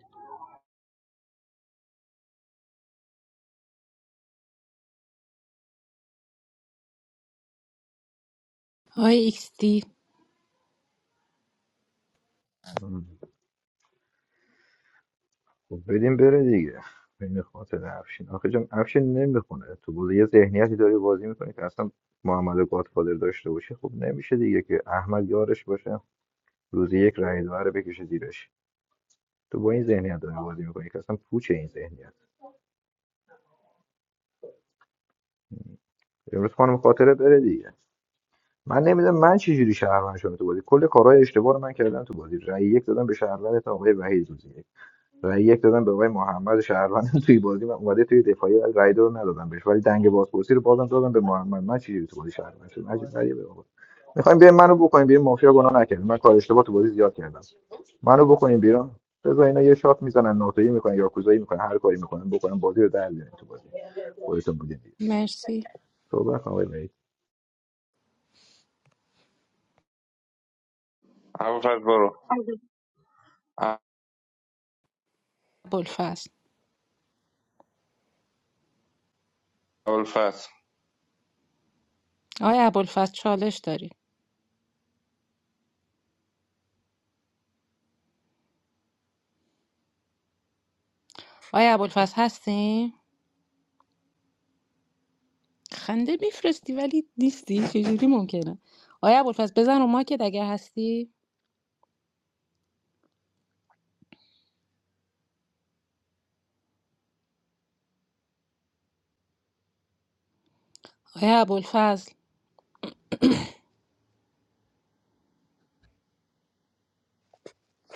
[SPEAKER 1] آقای ایکس دی
[SPEAKER 18] مم. خب بدیم بره دیگه این خاطر افشین آخه جان افشین نمیخونه تو بود یه ذهنیتی داری بازی میکنی که اصلا محمد گادفادر داشته باشه خب نمیشه دیگه که احمد یارش باشه روزی یک رای دور بکشه زیرش تو با این ذهنیت داری بازی میکنی که اصلا پوچه این ذهنیت امروز خانم خاطره بره دیگه من نمیدونم من چه جوری شهروند شدم تو بازی کل کارهای اشتباه رو من کردم تو بازی رای یک دادم به شهروند آقای وحید روزی رای یک دادم به آقای محمد شهروند [laughs] توی بازی من اومده توی دفاعی ولی رأی دادم ندادم بهش ولی دنگ بازپرسی رو بازم دادم به محمد من چی جوری تو بازی شهروند شدم عجیب غریبه بابا میخوایم بیایم منو بکنیم بیرون مافیا گناه نکردیم من کار اشتباه تو بازی زیاد کردم منو بکنیم بیرون بذار اینا یه شات میزنن ناتوی میکنن یا کوزایی میکنن هر کاری میکنن بکنن بازی رو در بیارن تو بازی خودتون بودین دیگه
[SPEAKER 1] مرسی
[SPEAKER 18] صحبت کن آقای وحید
[SPEAKER 14] ابوالفضل برو
[SPEAKER 1] ابوالفضل
[SPEAKER 14] ابوالفضل
[SPEAKER 1] آقای ابوالفضل چالش داری آقای ابوالفضل هستی خنده میفرستی ولی نیستی چجوری ممکنه آقای ابوالفضل بزن رو ماکت اگر هستی آقای ابوالفضل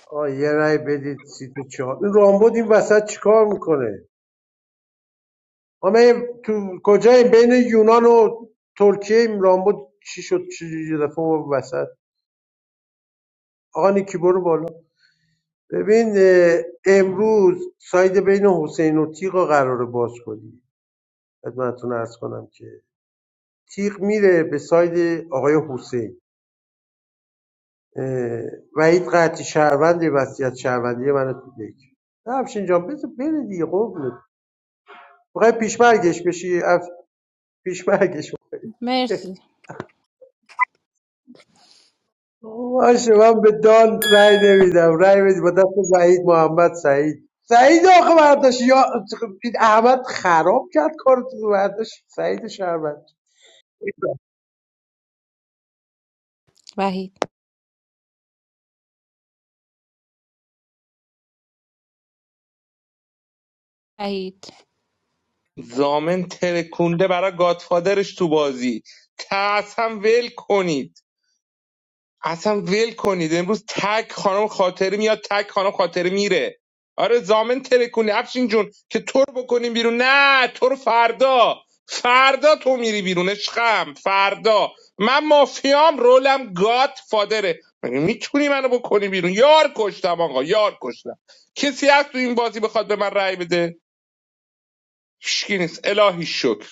[SPEAKER 13] آه یه رای بدید سیت چهار این رامبد این وسط چیکار میکنه ما من تو کجاییم بین یونان و ترکیه این رامبد چی شد چی دفعه اومد وسط آقا نیکی برو بالا ببین اه، امروز ساید بین حسین و تیغ قراره باز کنی خدمتتون ارز کنم که تیغ میره به ساید آقای حسین اه، وحید قطعی شهروند وصیت شهروندی من تو دک نه افشین جان بذار بره دیگه قربونت میخوای پیشمرگش بشی اف... پیشمرگش [laughs]
[SPEAKER 1] مرسی
[SPEAKER 13] باشه من به دان رأی نمیدم رأی بدی با دست وحید محمد سعید سعید آخه برداشت یا این احمد خراب کرد کار تو برداشت سعید شهروند
[SPEAKER 1] وحید وحید
[SPEAKER 14] زامن ترکونده برای گادفادرش تو بازی ترس هم ول کنید اصلا ول کنید امروز تک خانم خاطری میاد تک خانم خاطری میره آره زامن ترکونی افشین جون که تو رو بکنیم بیرون نه تو رو فردا فردا تو میری بیرون عشقم فردا من مافیام رولم گات فادره مگه میتونی منو بکنی بیرون یار کشتم آقا یار کشتم کسی هست تو این بازی بخواد به من رأی بده هیچکی نیست الهی شکر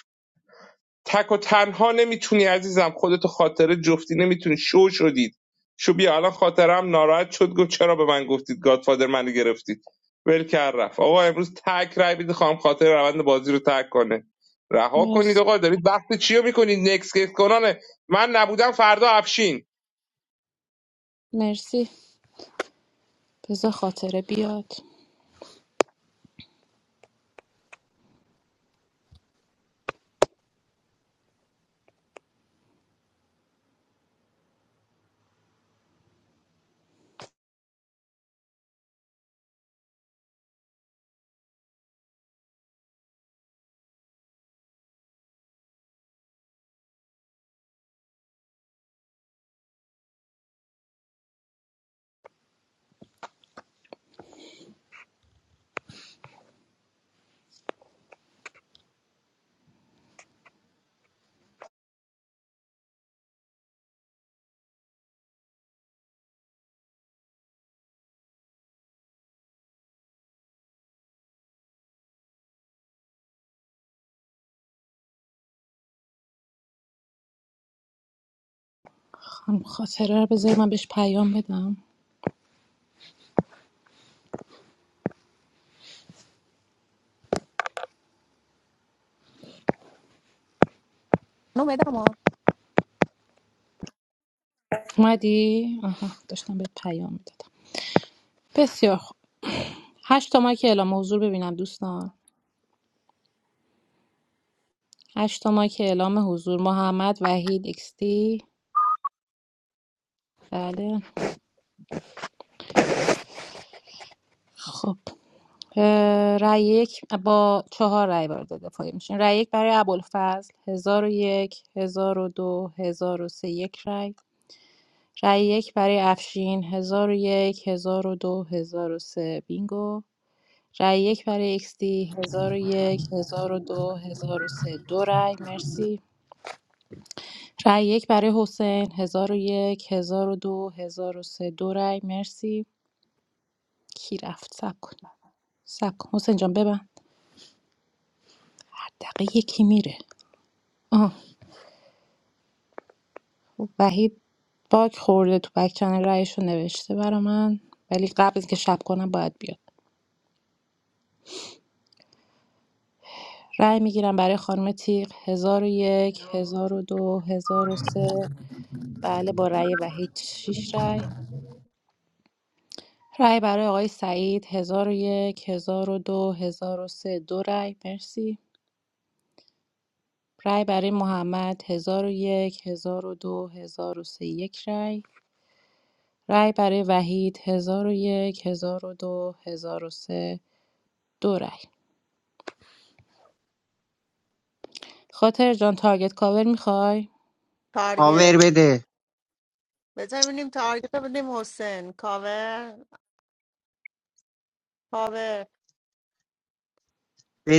[SPEAKER 14] تک و تنها نمیتونی عزیزم خودتو خاطره جفتی نمیتونی شو شدید شو بیا الان خاطرم ناراحت شد گفت چرا به من گفتید گادفادر منو گرفتید ول کرد رفت آقا امروز تک رای بدید خواهم خاطر روند بازی رو تک کنه رها کنید
[SPEAKER 1] مرسی
[SPEAKER 14] آقا دارید بحث چی رو میکنید نکس کیس کنانه من نبودم فردا افشین
[SPEAKER 1] مرسی بذار خاطره بیاد خانم خاطره رو بذار من بهش پیام بدم
[SPEAKER 5] نو بدم ها.
[SPEAKER 1] اومدی؟ آها داشتم به پیام میدادم بسیار خوب هشت تا مایک اعلام حضور ببینم دوستان هشت تا مایک اعلام حضور محمد وحید اکستی بله خب اه، رأی یک با چهار رأی وارد دفاعی میشین رأی یک برای ابوالفضل هزار و یک هزار و دو هزار و سه یک رأی رأی یک برای افشین هزار و یک هزار و دو هزار و سه بینگو رای یک برای اکستی هزار و یک هزار و دو هزار و سه دو رای مرسی رای یک برای حسین هزار و یک هزار و دو هزار و سه دو رای مرسی کی رفت سب کن سب کن حسین جان ببن هر دقیقه یکی میره آه خب، وحید باگ خورده تو بک چنل رایشو نوشته برا من ولی قبل از که شب کنم باید بیاد رای میگیرم برای خانم تیغ هزار و یک هزار و دو هزار و سه بله با رأی وحید شیش رای رای برای آقای سعید هزار و یک هزار و دو هزار و سه دو رای مرسی رای برای محمد هزار هزار یک هزار و دو هزار و سه یک رای. رای برای وحید هزار و یک هزار و دو هزار و سه دو رای. خاطر جان تارگت کاور میخوای
[SPEAKER 5] تارگت
[SPEAKER 12] پاور بده
[SPEAKER 5] بذار ببینیم تارگت رو بدیم حسین کاور کاور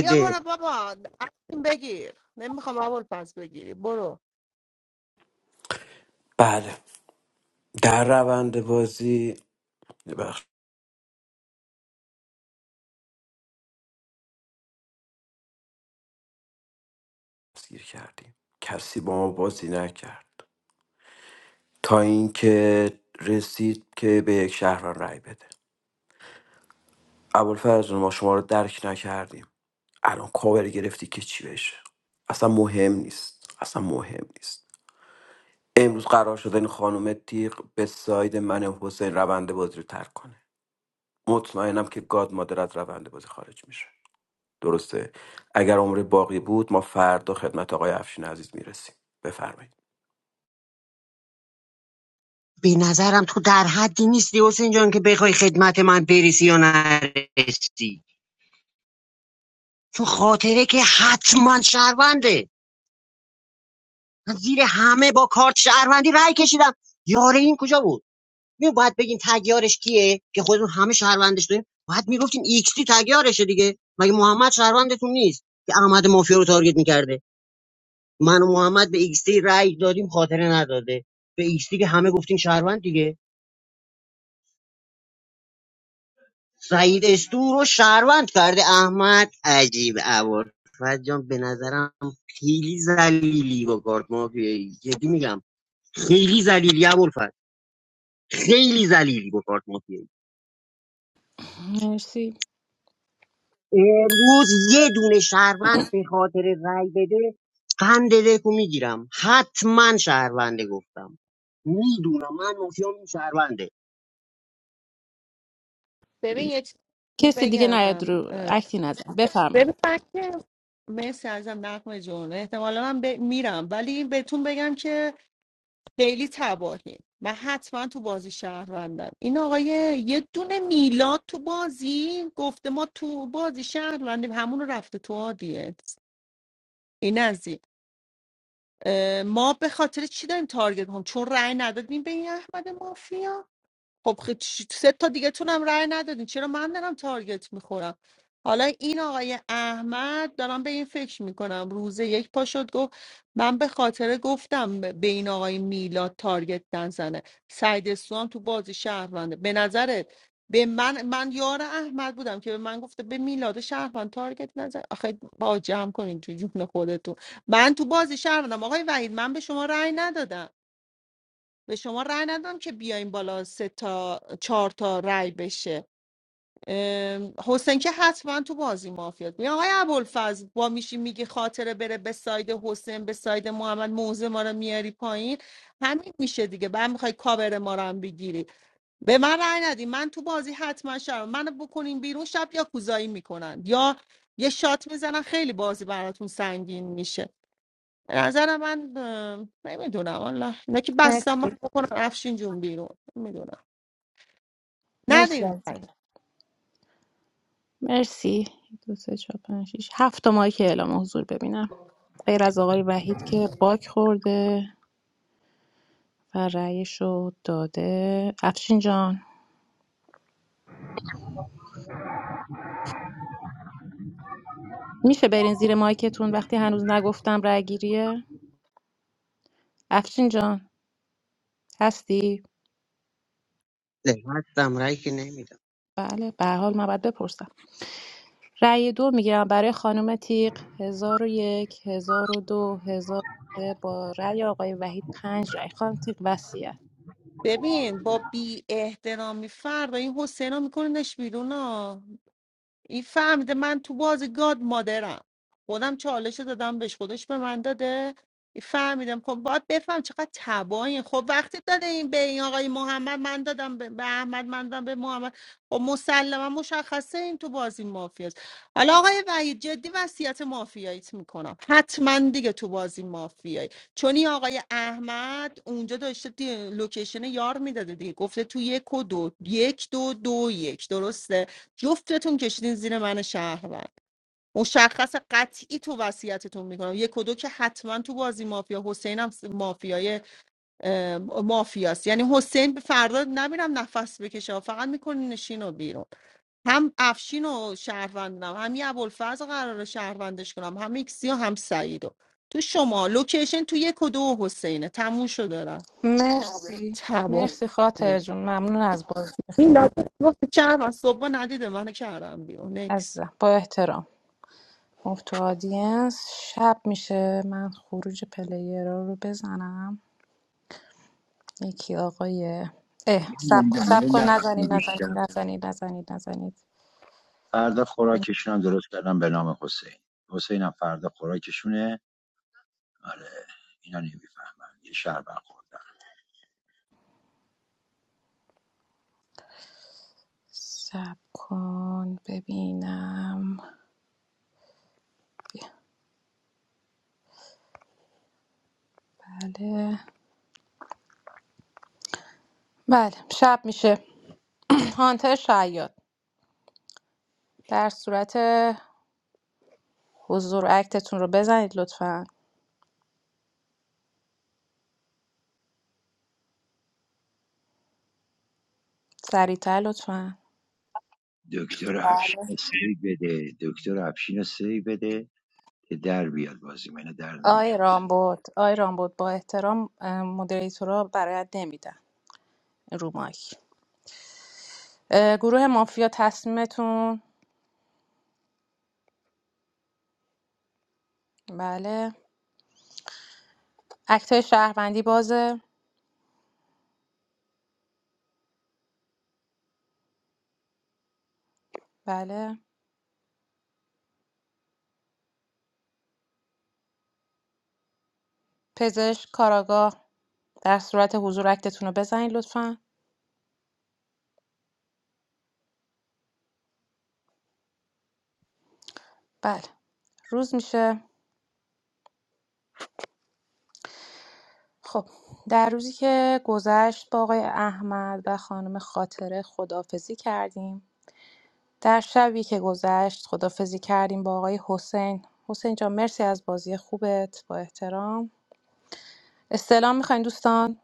[SPEAKER 5] بیا برو بابا تصمیم بگیر نمیخوام اول پس بگیری برو
[SPEAKER 6] بله در روند بازی بخش گیر کردیم کسی با ما بازی نکرد تا اینکه رسید که به یک شهروند رأی بده ابوالفضل ما شما رو درک نکردیم الان کاور گرفتی که چی بشه اصلا مهم نیست اصلا مهم نیست امروز قرار شده این خانم تیغ به ساید من حسین روند بازی رو ترک کنه مطمئنم که گاد مادر از روند بازی خارج میشه درسته اگر عمر باقی بود ما فردا خدمت آقای افشین عزیز میرسیم بفرمایید
[SPEAKER 12] به نظرم تو در حدی نیستی حسین جان که بخوای خدمت من برسی یا نرسی تو خاطره که حتما شهرونده من زیر همه با کارت شهروندی رای کشیدم یاره این کجا بود می باید بگیم تگیارش کیه که خودمون همه شهروندش داریم باید میگفتیم ایکس تی تگیارشه دیگه مگه محمد شهروندتون نیست که احمد مافیا رو تارگت میکرده من و محمد به ایکسی رأی دادیم خاطره نداده به ایکسی که همه گفتیم شهروند دیگه سعید استو رو شهروند کرده احمد عجیب عوار جان به نظرم خیلی زلیلی با کارت مافیایی جدی میگم خیلی زلیلی ابوالفضل خیلی زلیلی با کارت مافیایی
[SPEAKER 1] مرسی
[SPEAKER 12] امروز یه دونه شهروند به خاطر رأی بده قند دکو میگیرم حتما شهرونده گفتم میدونم من مافیام این شهرونده
[SPEAKER 5] ببین یه چیز
[SPEAKER 1] کسی دیگه
[SPEAKER 5] بگم
[SPEAKER 1] نیاد رو
[SPEAKER 5] اه،
[SPEAKER 1] اکتی نزن بفرمایید
[SPEAKER 5] ببین من که مرسی ازم نقم جون احتمالا من ب... میرم ولی بهتون بگم که خیلی تباهی من حتما تو بازی شهروندم این آقای یه دونه میلاد تو بازی گفته ما تو بازی شهروندیم همون رو رفته تو آدیت این از این اه، ما به خاطر چی داریم تارگت هم چون رأی ندادیم به این احمد مافیا خب خ- چ- سه تا دیگه تونم رأی ندادین چرا من دارم تارگت میخورم حالا این آقای احمد دارم به این فکر میکنم روز یک پا شد گفت من به خاطر گفتم به به این آقای میلاد تارگت نزنه سعید سوام تو بازی شهرونده به نظرت به من من یار احمد بودم که به من گفته به میلاد شهروند تارگت نزن آخه با جمع کنین تو جون خودتون من تو بازی شهروندم آقای وحید من به شما رأی ندادم به شما رأی ندادم که بیایم بالا سه تا چهار تا رأی بشه ام، حسین که حتما تو بازی مافیات میگه آقای ابوالفضل با میشی میگه خاطره بره به ساید حسین به ساید محمد موزه ما رو میاری پایین همین میشه دیگه بعد میخوای کاور ما رو هم بگیری به من رأی ندی من تو بازی حتما شب منو بکنین بیرون شب یا کوزایی میکنن یا یه شات میزنن خیلی بازی براتون سنگین میشه به نظر من نمیدونم والا اینا که بستم من
[SPEAKER 1] مرسی
[SPEAKER 5] بکنم افشین جون بیرون نمیدونم
[SPEAKER 1] مرسی
[SPEAKER 5] ندیم
[SPEAKER 1] عزیزم. مرسی دو سه چهار پنج شیش هفت تا مایک اعلام حضور ببینم غیر از آقای وحید که باک خورده و رأیش رو داده افشین جان میشه برین زیر مایکتون وقتی هنوز نگفتم رأی گیریه افشین جان هستی
[SPEAKER 12] هستم رأی که نمیدم
[SPEAKER 1] بله به هر حال من باید بپرسم رأی دو میگیرم برای خانم تیق هزار و یک هزار و دو هزار و سه با رأی آقای وحید پنج رأی خانم تیق وصیت
[SPEAKER 5] ببین با بی احترامی فرد این حسینا میکننش بیرون ها این فهمیده من تو بازی گاد مادرم خودم چالش رو دادم بهش خودش به من داده این فهمیدم خب باید بفهم چقدر تباین خب وقتی داده این به این آقای محمد من دادم به به احمد من دادم به محمد خب مسلما مشخصه این تو بازی مافیاست حالا آقای وحید جدی وصیت مافیاییت میکنم حتما دیگه تو بازی مافیایی چون این آقای احمد اونجا داشته دی- لوکیشن یار میداده دیگه گفته تو یک و دو یک دو دو یک درسته جفتتون کشیدین زیر من شهروند مشخص قطعی تو وصیتتون میکنم یک و دو که حتما تو بازی مافیا حسین هم مافیای اه، مافیاست یعنی حسین به فردا نمیرم نفس بکشه فقط میکنین نشین و بیرون هم افشین و شهروندم هم یه ابوالفرز قرار شهروندش کنم هم ایکسی و هم سعیدو تو شما لوکیشن تو یک و دو حسینه تموم شد دارم
[SPEAKER 1] مرسی
[SPEAKER 5] تمام
[SPEAKER 1] مرسی خاطر جون ممنون از بازی
[SPEAKER 5] این
[SPEAKER 1] خوب
[SPEAKER 5] لحظه گفت چهار صبح ندیده من کردم بیرون نکس
[SPEAKER 1] عزیزم با احترام مفت تو آدینس شب میشه من خروج پلیرا رو بزنم یکی آقای اه
[SPEAKER 8] من
[SPEAKER 1] سب کن
[SPEAKER 8] موندم
[SPEAKER 1] سب
[SPEAKER 8] یعنی
[SPEAKER 1] کن نزنید
[SPEAKER 8] نفهمیدی
[SPEAKER 1] نزنید
[SPEAKER 8] شب
[SPEAKER 1] نزنید نزنید نزنید
[SPEAKER 8] فردا خوراکشون هم درست کردم به نام حسین حسین هم فردا خوراکشونه آره اینا نمیفهمم یه شهر برخوردن
[SPEAKER 1] سب کن ببینم بله بله شب میشه [clears throat] هانتر شاید در صورت حضور اکتتون رو بزنید لطفا سریعتر لطفا
[SPEAKER 8] دکتر افشین رو سیو بده دکتر افشین رو سیو بده که در بیاد بازی منه در
[SPEAKER 1] آی
[SPEAKER 8] نمیاد
[SPEAKER 1] رامبود آی رامبود با احترام اه، مدریتورا برایت نمیدن رو مایک اه، گروه مافیا تصمیمتون بله اکتای شهروندی بازه بله پزشک کاراگاه در صورت حضور اکتتون رو بزنید لطفا بله روز میشه خب در روزی که گذشت با آقای احمد و خانم خاطره خدافزی کردیم در شبی که گذشت خدافزی کردیم با آقای حسین حسین جان مرسی از بازی خوبت با احترام استلام میخواین دوستان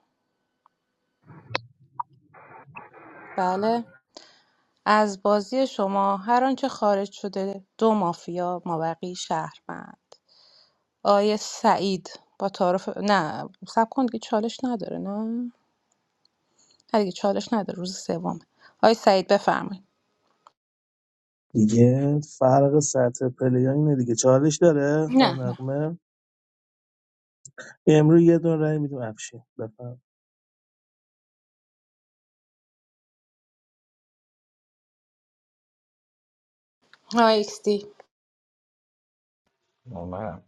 [SPEAKER 1] بله از بازی شما هر آنچه خارج شده دو مافیا مابقی شهروند آقای سعید با تعارف نه سب کن دیگه چالش نداره نه نه دیگه چالش نداره روز سومه آقای سعید بفرمایید
[SPEAKER 11] دیگه فرق سطح پلیا اینه دیگه چالش داره خانم
[SPEAKER 1] نه نه
[SPEAKER 11] نقمه امروز یه دون رای میدیم افشین بفهم
[SPEAKER 1] آقای ایکس دی
[SPEAKER 18] منم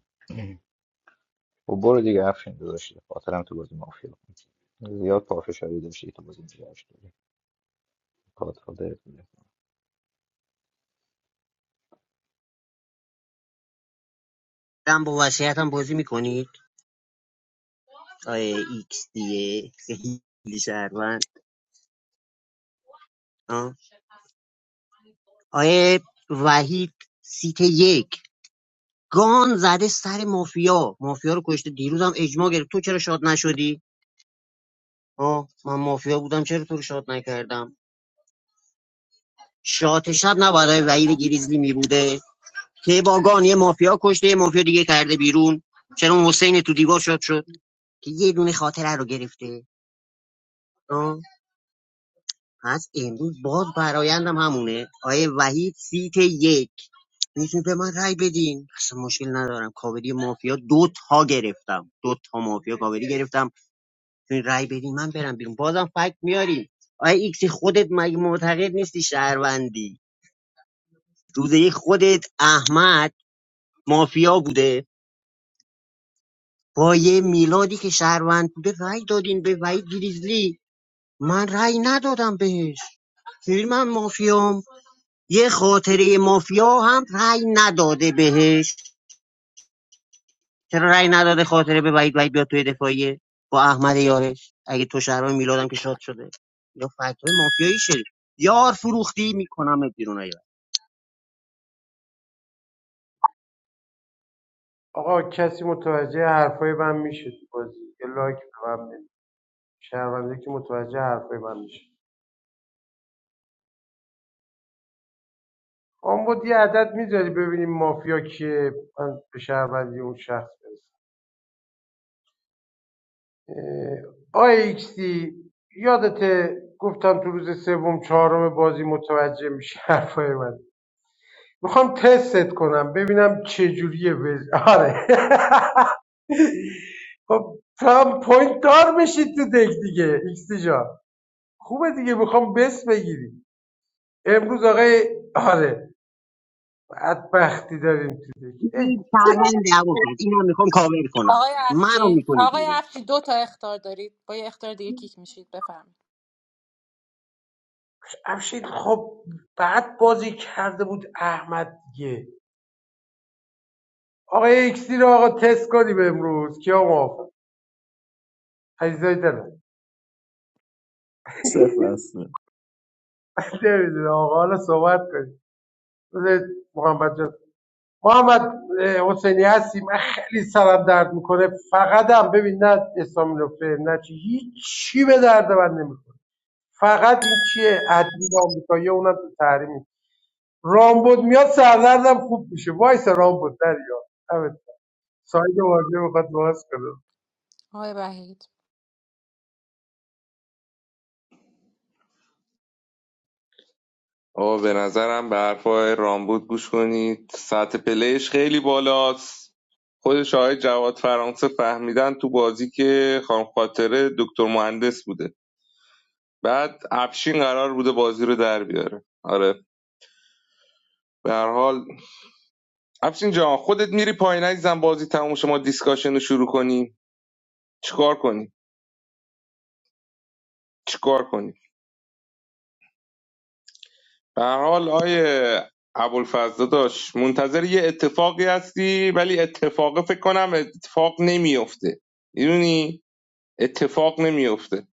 [SPEAKER 18] و برو دیگه افشین داداش خاطرم تو بازی مافیا بود. زیاد پافشاری داشتی تو بازی دیگه
[SPEAKER 12] هم با وسیعت هم بازی میکنید آیه ایکس دیه خیلی شهروند آه. آیه وحید سیت یک گان زده سر مافیا مافیا رو کشته دیروز دیروزم اجماع گرفت تو چرا شاد نشدی آه من مافیا بودم چرا تو رو شاد نکردم شات شب نباید آیه وحید گریزلی میبوده که با گان یه مافیا کشته یه مافیا دیگه کرده بیرون چرا اون حسین تو دیوار شاد شد که یه دونه خاطره رو گرفته پس امروز باز برایندم همونه آیه وحید سیت یک میتونی به من رای بدین اصلا مشکل ندارم کاوری مافیا دو تا گرفتم دو تا مافیا کاوری گرفتم میتونی رای بدین من برم بیرون بازم فکت میاریم آیه ایکس خودت مگه معتقد نیستی شهروندی روزه یک خودت احمد مافیا بوده با یه میلادی که شهروند بوده رأی دادین به وحید گریزلی من رای ندادم بهش میبینی من مافیام یه خاطره مافیا هم رأی نداده بهش چرا رأی نداده خاطره به وحید وحید بیاد توی دفاعیه با احمد یارش اگه تو شهرهای میلادم که شاد شده یا فتوای مافیایی شریف یار فروختی میکنم بیرون ایار
[SPEAKER 13] آقا کسی متوجه حرفای من میشه تو بازی یه لایک به من بده. شنونده که متوجه حرفای من میشه آن بود یه عدد میذاری ببینیم مافیا که من به شهروندی اون شخص برسم اه، آی ایکس دی یادته گفتم تو روز سوم چهارم بازی متوجه میشه حرفای من میخوام تستت کنم ببینم چجوریه وز... آره [laughs] خب تو هم پوینت دار بشید تو دک دیگه ایکس دی جان خوبه دیگه میخوام بس بگیری امروز آقای آره بدبختی داریم تو دک ای
[SPEAKER 12] این شهروند عبود اینم میخوام کاور کنم
[SPEAKER 1] آقای
[SPEAKER 12] منو
[SPEAKER 1] افشین
[SPEAKER 12] میکنی
[SPEAKER 1] آقای
[SPEAKER 12] بیرون
[SPEAKER 1] افشین دو تا اختار دارید با یه اختار دیگه کیک میشید
[SPEAKER 13] افشین خب بعد بازی کرده بود احمد دیگه آقا یه رو آقا تست کنیم امروز کیا موافق عزیزای دلم
[SPEAKER 11] صفر هسته
[SPEAKER 13] نمیدونه آقا حالا صحبت کنیم بذارید محمد جان محمد اه، حسینی هستی من خیلی سرم درد میکنه فقط هم ببین نه اسلامی نفره نه چی هیچی به درد من نمیکنه فقط این چیه ادبی آمریکایی اونم تو تحریم رامبد میاد سردردم خوب میشه وایس رامبد دریا دمت. سایت واژه میخواد باز کنه
[SPEAKER 1] آقای وحید
[SPEAKER 14] آقا به نظرم به حرفای رامبود گوش کنید سطح پلیش خیلی بالاست خودش آقای جواد فرانسه فهمیدن تو بازی که خانم خاطره دکتر مهندس بوده بعد افشین قرار بوده بازی رو در بیاره آره به هر حال افشین جان خودت میری پایین عزیزم بازی تموم شما دیسکاشن رو شروع کنیم چیکار کنیم چیکار کنیم به هر حال آیه ابوالفضل داشت منتظر یه اتفاقی هستی ولی اتفاقه فکر کنم اتفاق نمیفته میدونی اتفاق نمیفته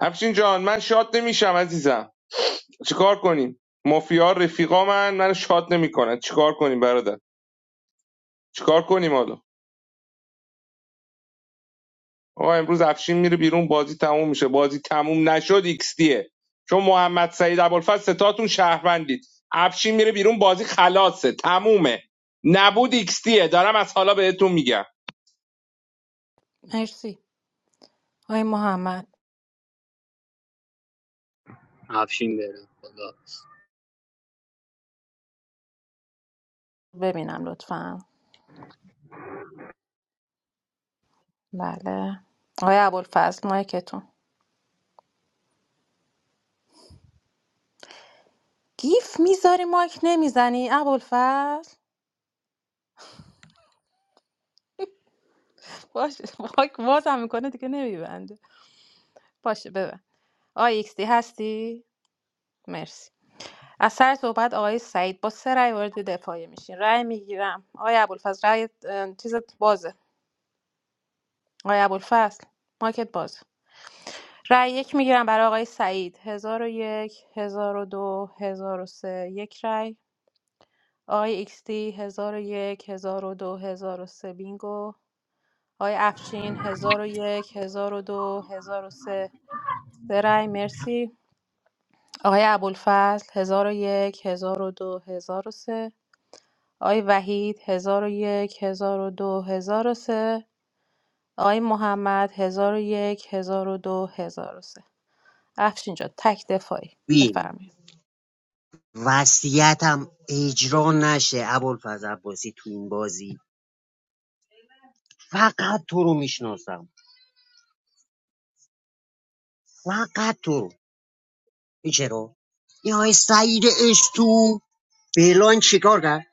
[SPEAKER 14] افشین جان من شاد نمیشم عزیزم چیکار کنیم مافیا رفیقا من من شاد نمیکنن چیکار کنیم برادر چیکار کنیم حالا آقا امروز افشین میره بیرون بازی تموم میشه بازی تموم نشد ایکس دیه چون محمد سعید ابوالفضل ستاتون شهروندید افشین میره بیرون بازی خلاصه تمومه نبود ایکس دیه دارم از حالا بهتون میگم
[SPEAKER 1] مرسی آقای محمد
[SPEAKER 15] افشین بره خدا
[SPEAKER 1] ببینم لطفا بله آقای ابوالفضل مایکتون گیف میذاری مایک نمیزنی ابوالفضل باشه مایک بازم میکنه دیگه نمیبنده باشه ببند آقای ایکس دی هستی مرسی از سر صحبت آقای سعید با سه رأی وارد دفاعی میشین رأی میگیرم آقای ابوالفضل رأی اه، چیزت بازه آقای ابوالفضل مایکت بازه رأی یک میگیرم برای آقای سعید هزار و یک هزار و دو هزار و سه یک رأی آقای ایکستی هزار و یک هزار و دو هزار و سه بینگو آقای افشین هزار و یک هزار و دو هزار و سه سه رأی مرسی آقای ابوالفضل هزار و یک هزار و دو هزار و سه آقای وحید هزار و یک هزار و دو هزار و سه آقای محمد هزار و یک هزار و دو هزار و سه افشین جان تک دفاعی
[SPEAKER 12] بین
[SPEAKER 1] بفرمایید
[SPEAKER 12] وصیتم اجرا نشه ابوالفضل عباسی تو این بازی فقط تو رو میشناسم فقط تو رو این چرا این های سعید اشتو فعلا چیکار کرد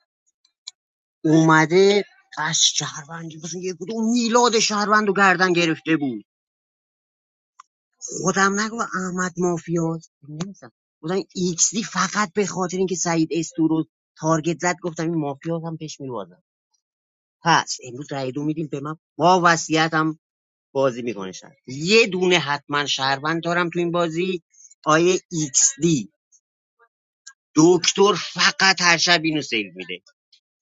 [SPEAKER 12] اومده از شهروندی مثلا یه کدوم میلاد شهروند رو گردن گرفته بود خودم نگو احمد مافیاز نمی‌فهم. بودن ایکس دی فقط به خاطر اینکه سعید استو رو تارگت زد گفتم این مافیاز هم پیش میوازم پس امروز رای دو میدیم به من با وصیت هم بازی میکنه شهر یه دونه حتما شهروند دارم تو این بازی آیه ایکس دی دکتر فقط هر شب اینو سیل میده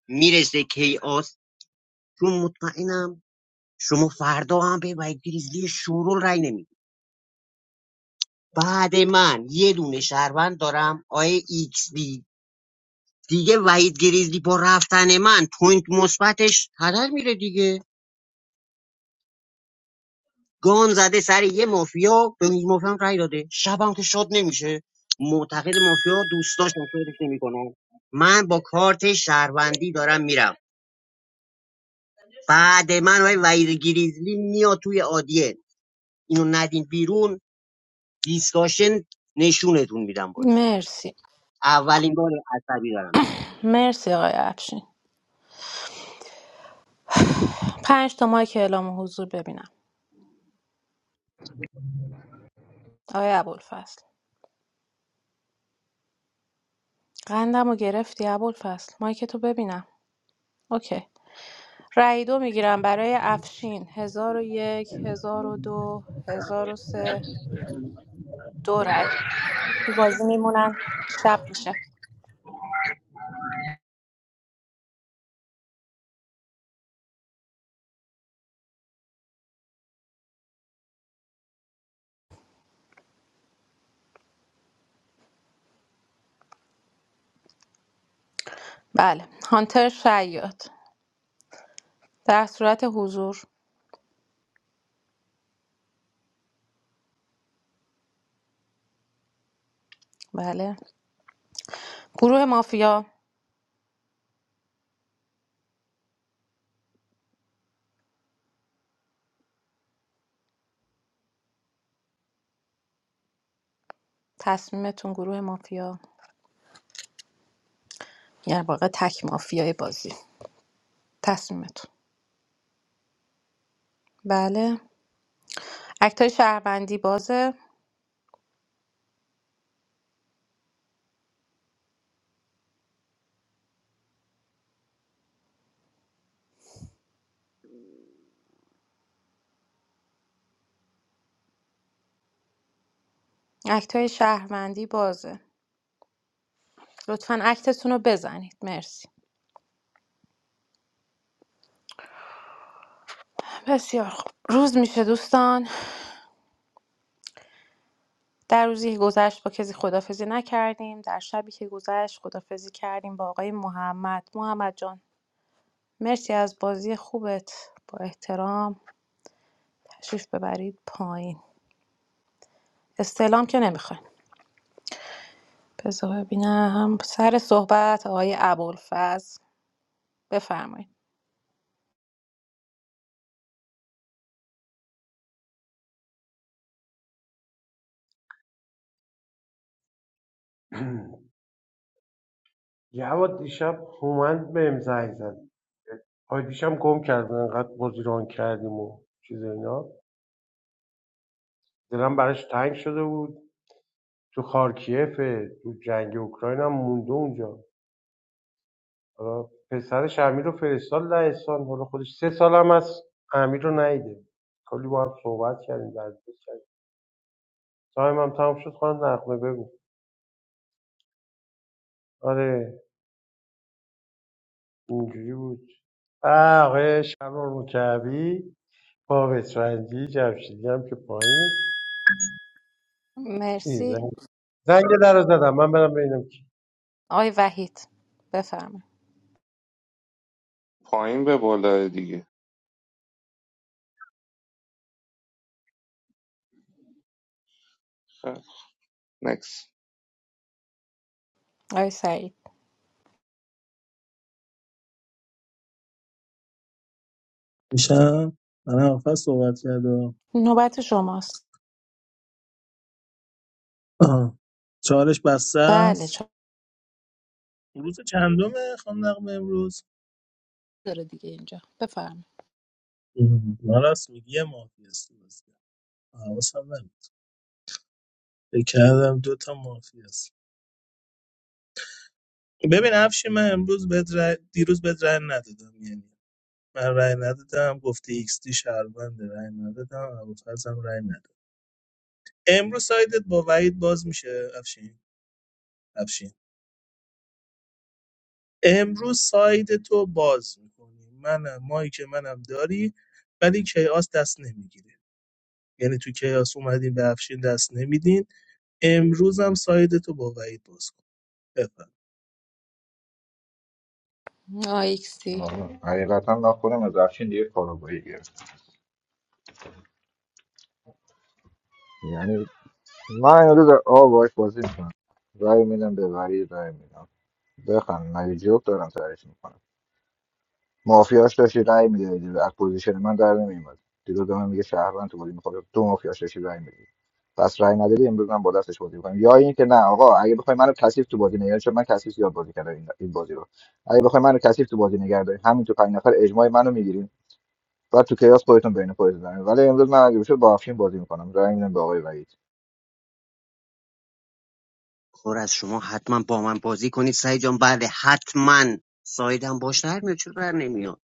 [SPEAKER 12] میرسه کیاس تو مطمئنم شما فردا هم به وحید گریزلی شورول رای نمیدید بعد من یه دونه شهروند دارم آیه ایکس دی دیگه وحید گریزلی با رفتن من پوینت مثبتش هدر میره دیگه گان زده سر یه مافیا به یه مافیا هم رای داده شبم که شاد نمیشه معتقد مافیا دوستاش مفیدش نمیکنه من با کارت شهروندی دارم میرم بعد من آیه وحید گریزلی میاد توی آدیه اینو ندین بیرون دیسکاشن نشونتون میدم باز
[SPEAKER 1] مرسی
[SPEAKER 12] اولین بار عصبی دارم
[SPEAKER 1] مرسی آقای افشین پنج تا مایک اعلام حضور ببینم آقای ابوالفضل قندم رو گرفتی ابوالفضل مایک تو ببینم اوکی رأی دو میگیرم برای افشین هزار و یک هزار و دو هزار و سه دو رأی تو بازی میمونن شب میشه بله هانتر شیاد در صورت حضور بله گروه مافیا تصمیمتون گروه مافیا یعنی واقع تک مافیای بازی تصمیمتون بله اکتای شهروندی بازه اکتای شهروندی بازه لطفا اکتتون رو بزنید مرسی بسیار خوب روز میشه دوستان در روزی که گذشت با کسی خدافزی نکردیم در شبی که گذشت خدافزی کردیم با آقای محمد محمد جان مرسی از بازی خوبت با احترام تشریف ببرید پایین استعلام که نمیخواین بذار ببینم سر صحبت آقای ابوالفضل بفرمایید
[SPEAKER 13] جواد دیشب هومند بهم زنگ زد آی دیشب گم کرد انقدر بازی ران کردیم و چیز اینا دلم براش تنگ شده بود تو خارکیفه تو جنگ اوکراین هم مونده اونجا حالا پسرش امیر رو فرستاد لهستان حالا خودش سه سالم از امیر رو ندیده کلی با هم صحبت کردیم درد کردیم تایم هم تمام شد خانم نقمه بگو آره اینجوری بود آه، آقای شهرام مکعبی با بترندی جمشیدی هم که پایینه چی،
[SPEAKER 1] مرسی
[SPEAKER 13] زنگ زنگ در رو زدم من برم ببینم کی
[SPEAKER 1] آقای وحید بفرمایید
[SPEAKER 14] پایین به بالا دیگه خب، نکس
[SPEAKER 1] آقای سعید
[SPEAKER 11] میشم من آخر صحبت کرده
[SPEAKER 1] نوبت شماست
[SPEAKER 11] آها. چالش بسته
[SPEAKER 1] بله
[SPEAKER 11] است
[SPEAKER 1] چون
[SPEAKER 11] روز چندمه خانم نقمه امروز
[SPEAKER 1] داره دیگه اینجا بفرم
[SPEAKER 11] ام، من راست میگی یه مافی است حواسم نمید فکر کردم دو مافی است ببین افشی من امروز بهت رای- دیروز بهت رای ندادم یعنی من رای ندادم گفتی ایکس دی شهرونده رای ندادم ابوالفضلم رای ندادم امروز سایدت با وحید باز میشه افشین افشین امروز ساید تو باز میکنی منم مایی که منم داری ولی کیاس دست نمیگیره یعنی تو کیاس اومدین به افشین دست نمیدین امروز هم سایدتو با وحید باز کن بفرم.
[SPEAKER 1] آیکسی
[SPEAKER 18] آره. حقیقتا من خودم از افشین دیگه کارابایی گرفت یعنی من امروز آقا باش بازی میکنم رای میدم به وری رای میدم بخند مگه جوک دارم سرش میکنم مافیاش داشتی رای میدادی از پوزیشن من در نمیومد دیروز به من میگه شهروند تو بازی میخواد تو مافیاش داشتی رای میدادی پس رای ندادی امروز من با دستش بازی میکنم یا اینکه نه آقا اگه بخوای منو کثیف تو بازی نگردی چون من کثیف زیاد بازی کردم این این بازی رو اگه بخوای منو کثیف تو بازی نگردی همین تو پنج نفر اجماع منو میگیرین بعد تو کیاس خودتون بین خودتون دارین ولی امروز من اگه بشه با افشین بازی میکنم رای میدم به آقای وحید
[SPEAKER 12] خور از شما حتما با من بازی کنید سعید جان بله حتما سایدم باش در میاد چرا در نمیاد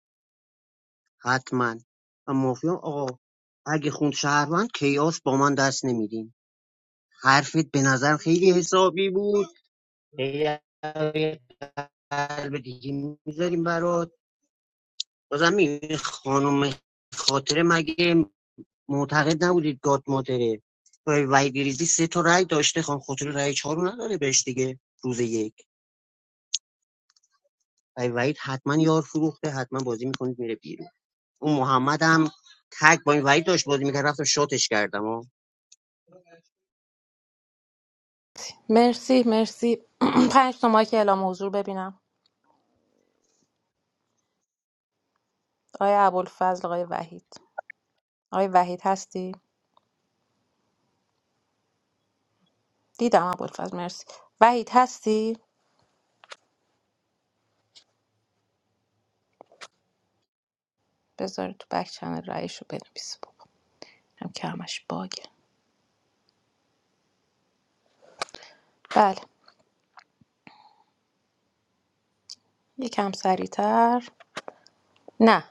[SPEAKER 12] حتما و مافیا آقا اگه خوند شهروند کیاس با من دست نمیدین حرفت به نظر خیلی حسابی بود یه قلب دیگه میذاریم برات بازم این خانم خاطره مگه معتقد نبودید گات مادره وای وای گریزی سه تا رای داشته خان خاطر رای چهار رو نداره بهش دیگه روز یک و وحید حتما یار فروخته حتما بازی میکنید میره بیرون اون محمد هم تک با این وحید داشت بازی میکرد رفتم شاتش کردم ها
[SPEAKER 1] مرسی مرسی [clears throat] پنج تا که اعلام حضور ببینم آقای ابوالفضل آقای وحید آقای وحید هستی دیدم ابوالفضل مرسی وحید هستی بذار تو بک چنل رأیش رو بنویس بابا هم که همش باگه بله یکم سریعتر نه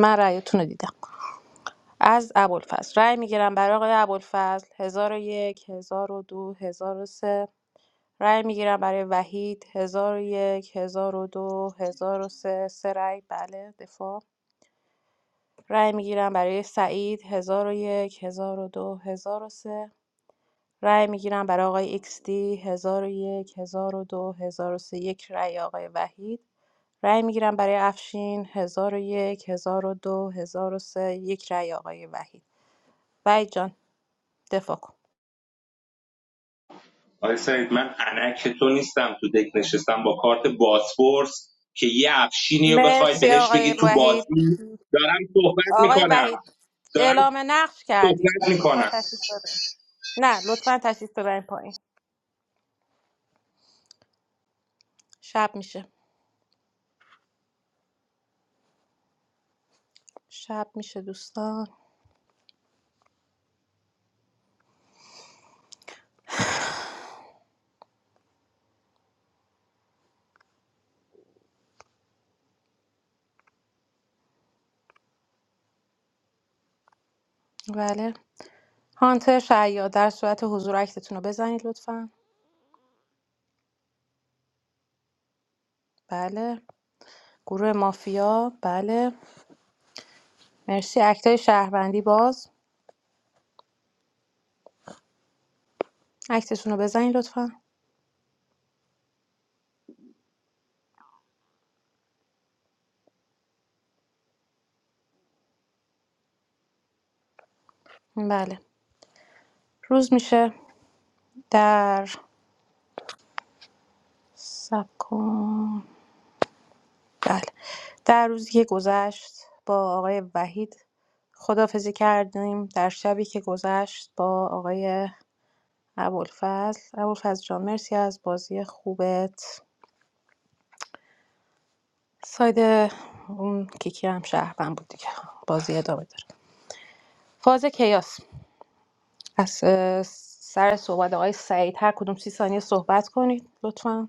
[SPEAKER 1] من رأیتون رو دیدم از ابوالفضل رأی میگیرم برای آقای ابوالفضل 1001 1002 سه رأی میگیرم برای وحید هزار هزار یک هزار و دو هزار و سه سه رأی بله دفاع رأی میگیرم برای سعید هزار هزار یک هزار و دو هزار و سه. رأی میگیرم برای آقای ایکس دی هزار و یک، هزار و دو، هزار و سه یک رأی آقای وحید رأی میگیرم برای افشین هزار و یک، هزار و دو، هزار و سه یک رأی آقای وحید وحید جان دفاع کن
[SPEAKER 14] آقای سعید من انک تو نیستم تو دک نشستم با کارت باسپورس که یه افشینی رو بخوای
[SPEAKER 1] مرسی
[SPEAKER 14] بهش
[SPEAKER 1] آقای
[SPEAKER 14] بگی تو
[SPEAKER 1] وحید
[SPEAKER 14] بازی دارم صحبت
[SPEAKER 1] آقای
[SPEAKER 14] میکنم
[SPEAKER 1] وحید
[SPEAKER 14] دارم
[SPEAKER 1] اعلام نقش کردی
[SPEAKER 14] صحبت
[SPEAKER 1] لطفا
[SPEAKER 14] میکنم
[SPEAKER 1] تشریف ببرین نه لطفا تشریف ببرین پایین شب میشه شب میشه دوستان بله هانتر شعیاد در صورت حضور اکتتون رو بزنید لطفا بله گروه مافیا بله مرسی اکتای شهروندی باز اکتتون رو بزنید لطفا بله روز میشه در سب کن. بله در روزی که گذشت با آقای وحید خدافزی کردیم در شبی که گذشت با آقای ابوالفضل ابوالفضل جان مرسی از بازی خوبت ساید اون کیکی هم شهروند بود دیگه بازی ادامه داره فاز کیاس از اه، سر صحبت آقای سعید هر کدوم سی ثانیه صحبت کنید لطفا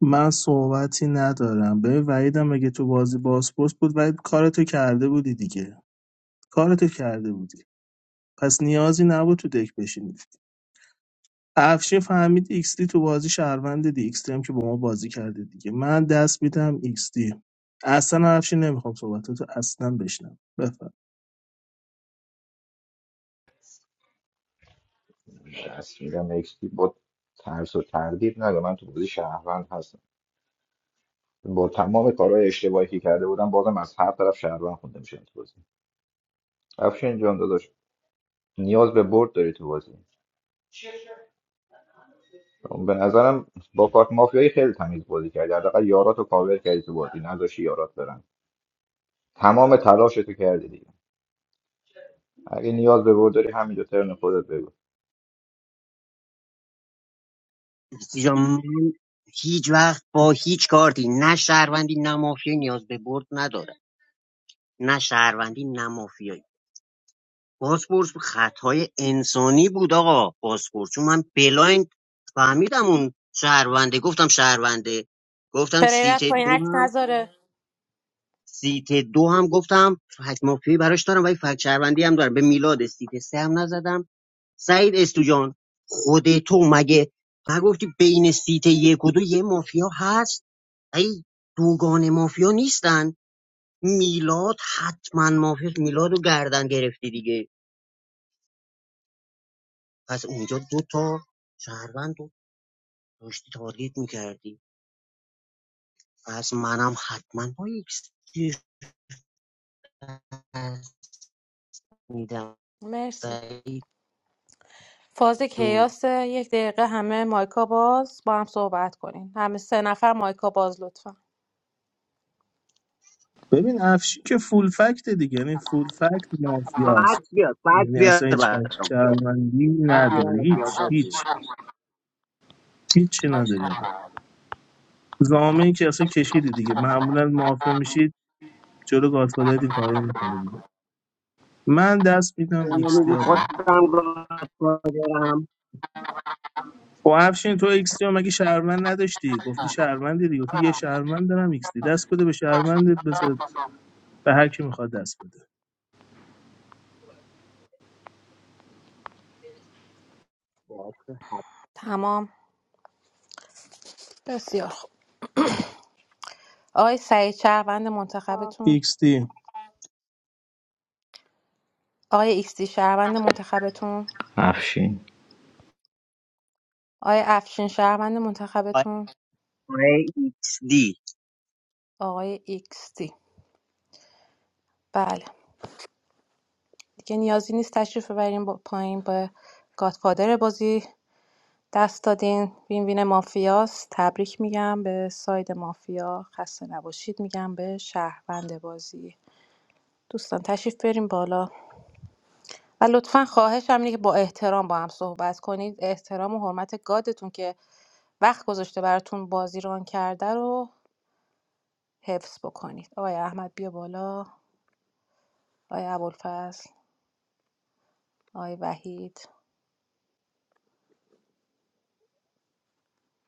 [SPEAKER 11] من صحبتی ندارم به وحیدم اگه تو بازی بازپرس بود وحید کارتو کرده بودی دیگه کارتو کرده بودی پس نیازی نبود تو دک بشینید افشین فهمید ایکستی تو بازی شهروند دی ایکستی هم که با ما بازی کرده دیگه من دست میدم ایکستی اصلا افشین نمیخوام صحبتاتو اصلا بشنم بفرمایید.
[SPEAKER 18] دست میدم اکستی با ترس و تردید نگه من تو بازی شهروند هستم با تمام کارهای اشتباهی که کرده بودم بازم از هر طرف شهروند خونده میشه تو بازی افشین جان داداش نیاز به برد داری تو بازی به نظرم با کارت مافیایی خیلی تمیز بازی کردی حداقل یاراتو کاور کردی تو بازی نذاشی یارات برن تمام تلاشتو کردی دیگه اگه نیاز به برد داری همینجا ترن خودت بگو
[SPEAKER 12] اینجا من هیچ وقت با هیچ کارتی نه شهروندی نه مافیایی نیاز به برد نداره نه شهروندی نه مافیایی بازپرس خطای انسانی بود آقا بازپرس چون من بلایند فهمیدم اون شهرونده گفتم شهرونده گفتم سیت
[SPEAKER 1] پلیرت پایین
[SPEAKER 12] دو
[SPEAKER 1] عکس
[SPEAKER 12] هم
[SPEAKER 1] نذاره
[SPEAKER 12] سیت دو هم گفتم فکت مافیایی براش دارم ولی فکت شهروندی هم دارم به میلاد سیت سه هم نزدم سعید استوجان خود تو مگه نگفتی بین سیت یک و دو یه مافیا هست ای دوگان مافیا نیستن میلاد حتما مافیا میلاد رو گردن گرفتی دیگه پس اونجا دو تا شهروند رو داشتی تارگیت میکردی پس منم حتما با یک سیت میدم
[SPEAKER 1] مرسی
[SPEAKER 12] سعید
[SPEAKER 1] فاز
[SPEAKER 12] جون
[SPEAKER 1] کیاس یک دقیقه همه مایکا باز با هم صحبت کنین همه سه نفر مایکا باز لطفا
[SPEAKER 11] ببین افشین که فول فکت دیگه یعنی فول فکت
[SPEAKER 12] فقط
[SPEAKER 11] مافیاست
[SPEAKER 12] بیار فقط
[SPEAKER 11] یعنی
[SPEAKER 12] بیار
[SPEAKER 11] اصلا هیچ فکت
[SPEAKER 12] برام
[SPEAKER 11] شهروندی نداری
[SPEAKER 12] بیار
[SPEAKER 11] هیچ
[SPEAKER 12] یاداتون
[SPEAKER 11] هیچ هیچی نداری آقا زامه که اصلا کشیدی دیگه معمولا مافیا میشید جلو گاتفادر این کارو میکنه دیگه من دست میدم ایکس دی آقا خب افشین تو ایکس دی رو مگه شهروند نداشتی گفتی شهروندی دیگه گفتی یه شهروند دارم ایکس دی دست بده به شهروند بذار به هر کی میخواد دست بده
[SPEAKER 1] تمام بسیار خوب آقای سعید شهروند منتخبتون
[SPEAKER 11] ایکس دی
[SPEAKER 1] آقای ایکسی شهروند منتخبتون آقای افشین شهروند منتخبتون
[SPEAKER 12] برای ایکس دی
[SPEAKER 1] آقای ایکسی بله دیگه نیازی نیست تشریف ببرین با پایین به گادفادر بازی دست دادین وین وین مافیاست تبریک میگم به ساید مافیا خسته نباشید میگم به شهروند بازی دوستان تشریف بریم بالا و لطفا خواهشم اینه که با احترام با هم صحبت کنید احترام و حرمت گادتون که وقت گذاشته براتون بازی ران کرده رو حفظ بکنید آقای احمد بیا بالا آقای ابوالفضل آقای وحید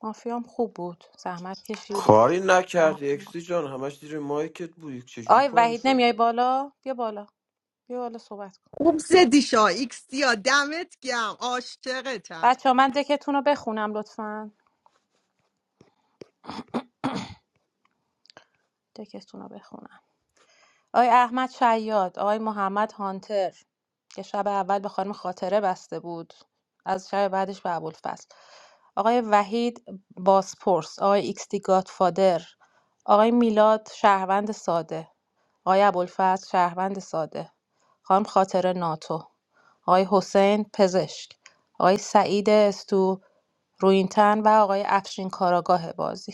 [SPEAKER 1] مافیام خوب بود زحمت کشیدی
[SPEAKER 6] کاری نکردی اکسی جان همش زیر مایکت بودی چجوری
[SPEAKER 1] آقای
[SPEAKER 6] پاره
[SPEAKER 1] وحید
[SPEAKER 6] شد
[SPEAKER 1] نمیای بالا بیا بالا بیا بالا صحبت کن
[SPEAKER 5] خوب زدی شا ایکس دیا دمت گم عاشقتم
[SPEAKER 1] بچه من دکتون رو بخونم لطفا دکتون رو بخونم آقای احمد شیاد آقای محمد هانتر که شب اول به خانم خاطره بسته بود از شب بعدش به ابوالفضل آقای وحید باسپورس آقای ایکستی گادفادر آقای میلاد شهروند ساده آقای ابوالفضل شهروند ساده خانم خاطره ناتو آقای حسین پزشک آقای سعید استو روینتن و آقای افشین کاراگاه بازی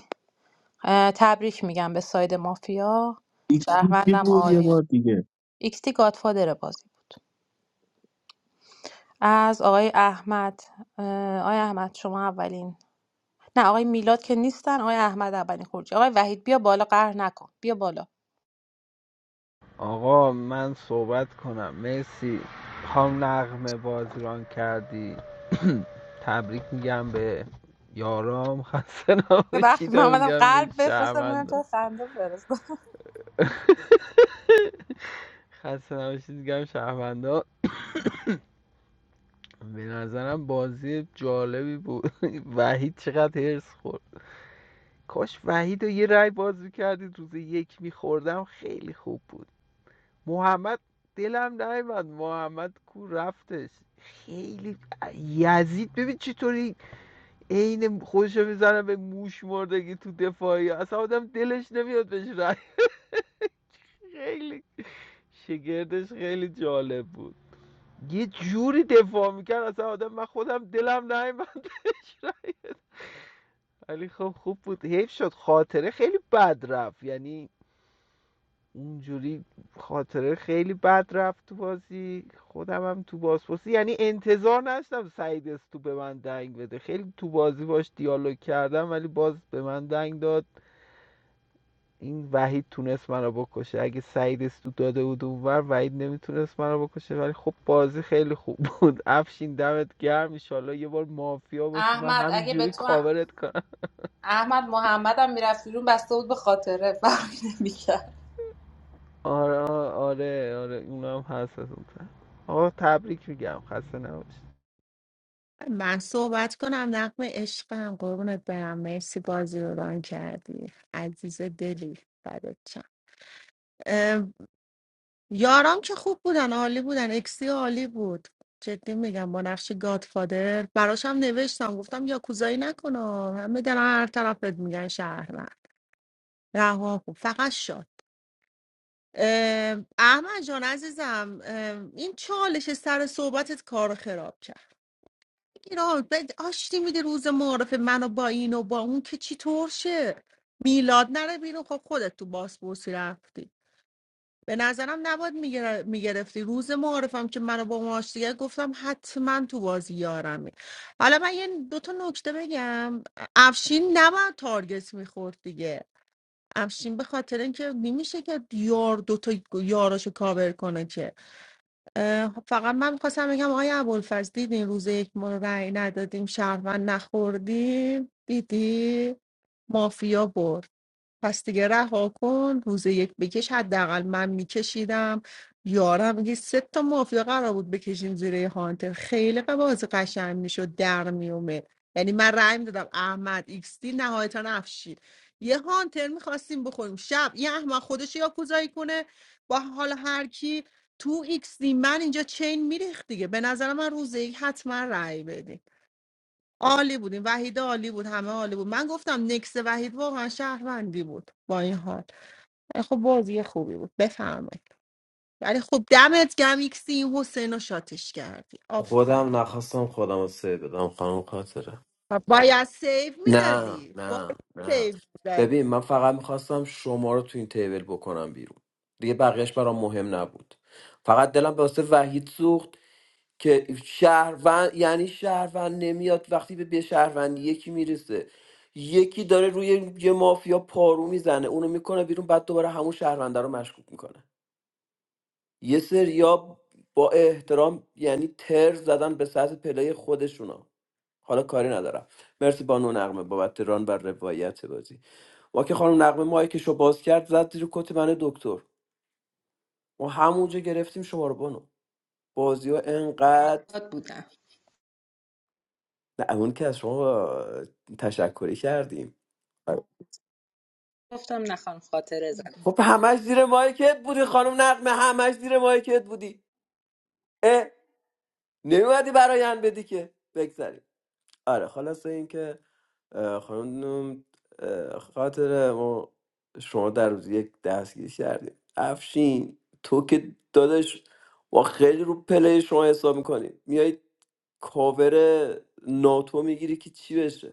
[SPEAKER 1] اه، تبریک میگم به ساید مافیا
[SPEAKER 11] ایکس دی کی
[SPEAKER 1] شهروندم
[SPEAKER 11] بود یه
[SPEAKER 1] عالی
[SPEAKER 11] بار دیگه
[SPEAKER 1] ایکتی گادفادر بازی بود از آقای احمد آقای احمد شما اولین نه آقای میلاد که نیستن آقای احمد اولین خروجی آقای وحید بیا بالا قهر نکن بیا بالا
[SPEAKER 10] آقا من صحبت کنم مرسی خام نقمه بازران کردی [clears throat] تبریک میگم به یارام خسته
[SPEAKER 1] ببخشید
[SPEAKER 10] نباشید
[SPEAKER 1] من اومدم
[SPEAKER 10] میگم به
[SPEAKER 1] قلب بفرستم ببینم
[SPEAKER 10] شهروندا
[SPEAKER 1] چرا خنده فرستم
[SPEAKER 10] [laughs] خسته نباشید میگم شهروندا به نظرم بازی جالبی بود [laughs] وحید چقدر هرس خورد کاش وحید رو یه رای باز میکردید روز یک میخوردم خیلی خوب بود محمد دلم نیومد محمد کو رفتش خیلی یزید ببین چطوری عین خودش میزنه به موش مردگی تو دفاعی اصلا آدم دلش نمیاد بهش رای خیلی شگردش خیلی جالب بود یه جوری دفاع میکرد اصلا آدم من خودم دلم نیومد بهش رای. ولی خب خوب بود حیف شد خاطره خیلی بد رفت یعنی اونجوری خاطره خیلی بد رفت تو بازی خودم هم تو بازپرسی یعنی انتظار نداشتم سعید استو به من دنگ بده خیلی تو بازی باش دیالوگ کردم ولی باز به من دنگ داد این وحید تونست منو بکشه اگه سعید استو داده بود اونور وحید نمیتونست منو بکشه ولی خب بازی خیلی خوب بود [laughs] افشین دمت گرم ایشالله یه بار مافیا باشی من
[SPEAKER 1] احمد اگه به
[SPEAKER 10] همینجوری
[SPEAKER 1] تو هم-
[SPEAKER 10] کاورت کنم
[SPEAKER 1] احمد محمدم میرفت بیرون بسته بود به خاطره فرقی نمیکرد
[SPEAKER 10] آره آره آره آره. اونم هست از اون آقا تبریک میگم خسته نباشی
[SPEAKER 5] من صحبت کنم نقم عشقم قربونت برم مرسی بازی رو ران کردی عزیز دلی بدت چم اه، یارام که خوب بودن عالی بودن اکسی عالی بود جدی میگم با نقش گادفادر براشم نوشتم گفتم یا کوزایی نکنه همه دارن هر طرفت میگن شهر رها خوب فقط شاد اه، احمد جان عزیزم اه، این چالش سر صحبتت کار خراب کرد اینا بد آشتی میده روز معارف منو با این و با اون که چی طور شه میلاد نره بیرون خب خودت تو باسپورسی رفتی به نظرم نباید میگر- میگرفتی روز معارفم که منو با اون آشتی کرد، گفتم حتما تو بازی یارمه حالا من یه دو تا نکته بگم افشین نباید تارگت میخورد دیگه افشین به خاطر اینکه نمیشه که یار دوتا یاراشو کاور کنه که اه، فقط من میخواستم بگم آقای ابوالفضل دیدین روز یک ما رأی ندادیم شهروند نخوردیم دیدی مافیا برد پس دیگه رها کن روز یک بکش حداقل من میکشیدم یارم میگه سه تا مافیا قرار بود بکشیم زیر یه هانتر خیلی بازی قشنگ میشد در میومه یعنی من رأی میدادم احمد ایکس دی نهایتا افشید یه هانتر میخواستیم بخوریم شب یه احمد خودش یا کوزایی کنه با حال هر کی تو ایکس دی من اینجا چین میریخت دیگه به نظر من روز یک حتما رأی بدین عالی بودیم وحید عالی بود همه عالی بود من گفتم نکس وحید واقعا شهروندی بود با این حال ولی خب بازی خوبی بود بفرمایید ولی خب دمت گم ایکسی این حسین رو شاتش کردی
[SPEAKER 6] خودم
[SPEAKER 5] آفرین
[SPEAKER 6] نخواستم خودم رو سه بدم خانم خاطره
[SPEAKER 5] و باید سیف
[SPEAKER 6] نه
[SPEAKER 5] میدادی باید
[SPEAKER 6] نه نه
[SPEAKER 5] سیف میدادی
[SPEAKER 6] ببین من فقط میخواستم شما رو تو این تیبل بکنم بیرون دیگه بقیهش برام مهم نبود فقط دلم واسه وحید سوخت که شهروند یعنی شهروند نمیاد وقتی به به شهروند یکی میرسه یکی داره روی یه مافیا پارو میزنه اونو میکنه بیرون بعد دوباره همون شهرونده رو مشکوک میکنه یه سریا با احترام یعنی تر زدن به سطح پلی خودشونا حالا کاری ندارم مرسی بانو نقمه بابت ران و روایت بازی ما که خانم نقمه مایکشو باز کرد زد زیر کت من دکتر ما همونجا گرفتیم شما رو بانو بازی ها انقدر
[SPEAKER 1] یاد بودم
[SPEAKER 6] نه اون که از شما تشکری کردیم
[SPEAKER 1] گفتم نخوام خاطره زن
[SPEAKER 6] خب همش زیر مایکت بودی خانم نقمه همش زیر مایکت بودی اه نمیومدی برایان بدی که بگذاریم آره خلاصه این که اه، خانم اه، خاطر ما شما در روز یک دستگیر کردیم افشین تو که دادش و خیلی رو پله شما حساب میکنی میای کاور ناتو میگیری که چی بشه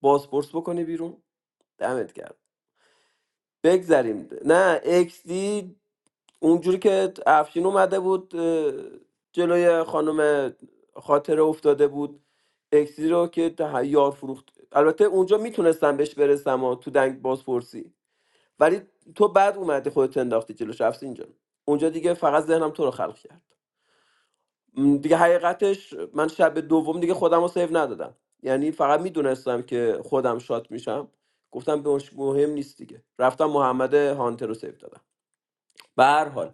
[SPEAKER 6] باسپورس بکنی بیرون دمت کرد بگذریم نه اکس اونجوری که افشین اومده بود اه، جلوی خانم خاطره افتاده بود اکسی رو که ده- یار فروخت البته اونجا میتونستم بهش برسم و تو دنگ بازپرسی ولی تو بعد اومدی خودت انداختی جلوش افشین جان اونجا دیگه فقط ذهنم تو رو خلق کرد م، دیگه حقیقتش من شب دوم دیگه خودم رو سیو ندادم یعنی فقط میدونستم که خودم شات میشم گفتم به مهم نیست دیگه رفتم محمد هانتر رو سیو دادم به هر حال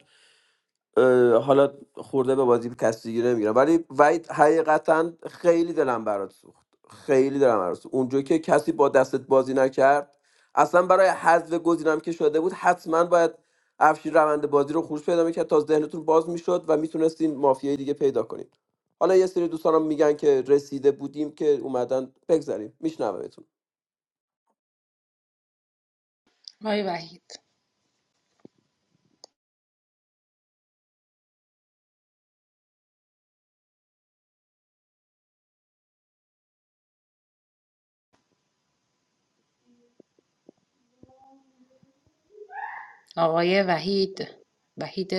[SPEAKER 6] اه، حالا خورده به بازی کسی نمیگیرم ولی وید حقیقتا خیلی دلم برات سوخت خیلی دلم برات سوخت اونجا که کسی با دستت بازی نکرد اصلا برای حذف گزینم که شده بود حتما باید افشین روند بازی رو خروج پیدا میکرد تا ذهنتون باز میشد و میتونستین مافیای دیگه پیدا کنید حالا یه سری دوستانم میگن که رسیده بودیم که اومدن بگذاریم میشنومتون
[SPEAKER 1] آقای وحید آقای وحید وحید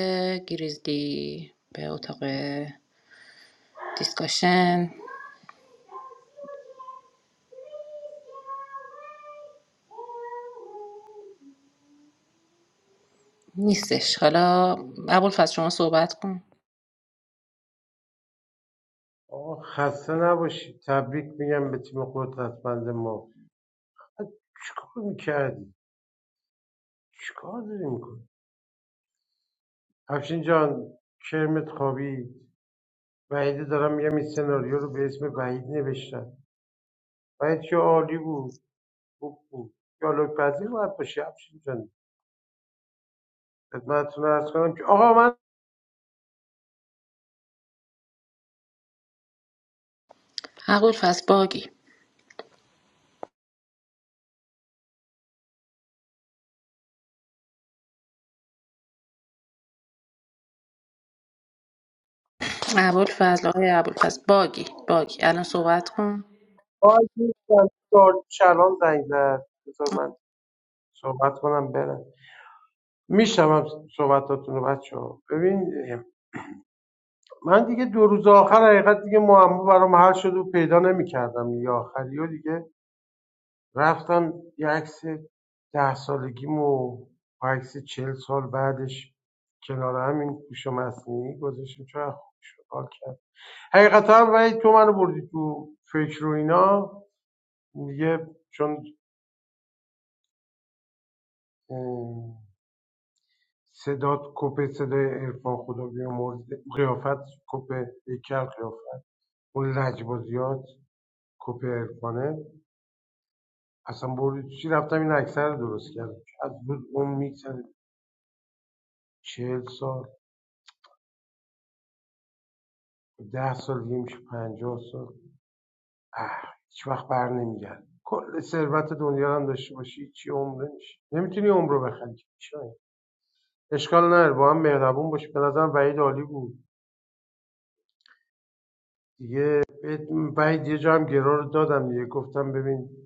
[SPEAKER 1] گریزلی به اتاق دیسکاشن نیستش حالا ابوالفضل شما صحبت کن
[SPEAKER 13] آقا خسته نباشی تبریک میگم به تیم قدرتمند ما چیکار میکردی چیکار داری میکنی افشین جان کرمت خوابید وحیده دارم میگم این سناریو رو به اسم وحید نوشتن وحید که عالی بود خوب بود دیالوگ پذیر باید باشی افشین جان خدمتتون عرض کنم که آقا من
[SPEAKER 1] ابوالفضل باگی ابوالفضل آقای ابوالفضل باگی باگی الان صحبت کن
[SPEAKER 13] آقای دوستم، چهار- چلان زنگ زد بذار من صحبت کنم برم میشنوم صحبتاتون رو بچه ها ببین من دیگه دو روز آخر حقیقت دیگه معما برام حل شد و پیدا نمیکردم دیگه آخری و دیگه رفتم یه عکس ده سالگیم و با عکس چل سال بعدش کنار همین گوش مصنوعی گذاشتم چون از خوبش حال کرد حقیقتا هم ولی تو منو بردی تو فکر و اینا دیگه چون صدات کپ صدای عرفان خدا بیامرز قیافت کپ هیکل قیافت اون لجبازیات کوپرکانه اصلا برد چی رفتم این اکثر رو درست کردم از بود اون میگذره چهل سال ده سال دیگه میشه پنجاه سال اه هیچ وقت بر نمیگرد کل ثروت دنیا هم داشته باشی چی عمره میشه نمیتونی عمر رو بخری اشکال نداره با هم مهربون باشی به نظرم وعید عالی بود دیگه بهت- وحید یه جا هم گرار دادم دیگه گفتم ببین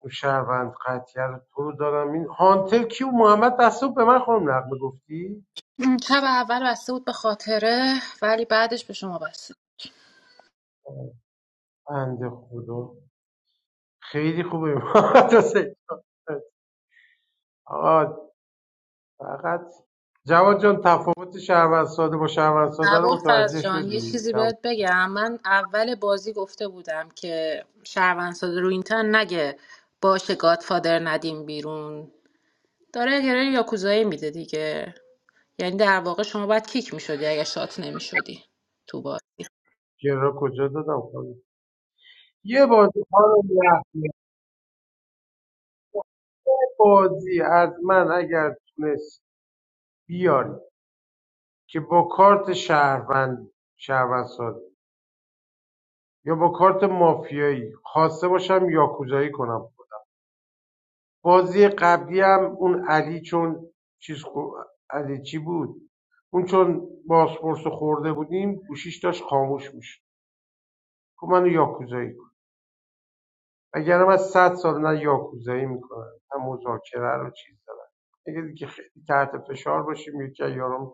[SPEAKER 13] اون شهروند قطعه رو تو رو دارم این هانتل کیو محمد دست رو به من خانم نقمه گفتی
[SPEAKER 1] ام، شب اول بسته بود به خاطره ولی بعدش به شما بسته
[SPEAKER 13] بنده خدا خیلی خوبه [laughs] محمد حسین آقا فقط جواد جان تفاوت شهروند ساده با شهروند ساده رو
[SPEAKER 1] ابوالفضل
[SPEAKER 13] متوجه
[SPEAKER 1] جان یه
[SPEAKER 13] شدی
[SPEAKER 1] چیزی
[SPEAKER 13] جواد
[SPEAKER 1] بهت بگم من اول بازی گفته بودم که شهروندساز رو اینترن نگه باشه گادفادر ندیم بیرون داره گره یاکوزایی میده دیگه یعنی در واقع شما باید کیک میشدی اگه شات نمیشدی تو بازی
[SPEAKER 13] گرا کجا دادم خانم یه بازی خانم نقمه یه بازی از من اگر تونست بیاری که با کارت شهروند شهروند ساده یا با کارت مافیایی خواسته باشم یاکوزایی کنم بازی قبلی هم اون علی چون چیز خو- علی چی بود اون چون بازپرس خورده بودیم گوشیش داشت خاموش میشه که منو یاکوزایی کن اگر من صد سال نه یاکوزایی میکنم نه مذاکره رو چیز دارم اگه دیگه خیلی تحت فشار باشیم یکی از یارم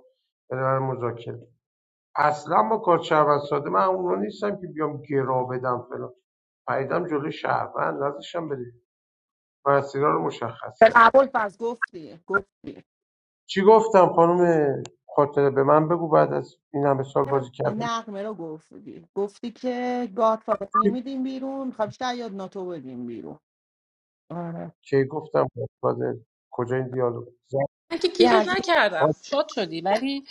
[SPEAKER 13] بره من مذاکره اصلا با کار شهروند ساده من اونا نیستم که بیام گرا بدم فلان پیدم جلو شهروند نزدشم بده مسیرها رو مشخص کردم
[SPEAKER 5] اول پس گفتی گفتی
[SPEAKER 13] چی گفتم خانم خاطره به من بگو بعد از این همه سال بازی کردم
[SPEAKER 5] نقمه رو گفتی گفتی که گاد نمیدیم بیرون خب شاید ناتو بدیم بیرون آره
[SPEAKER 13] کی گفتم گادفادر کجا این دیالوگ زن-
[SPEAKER 1] من که کیکت
[SPEAKER 13] آه،
[SPEAKER 1] نکردم شاد شدی ولی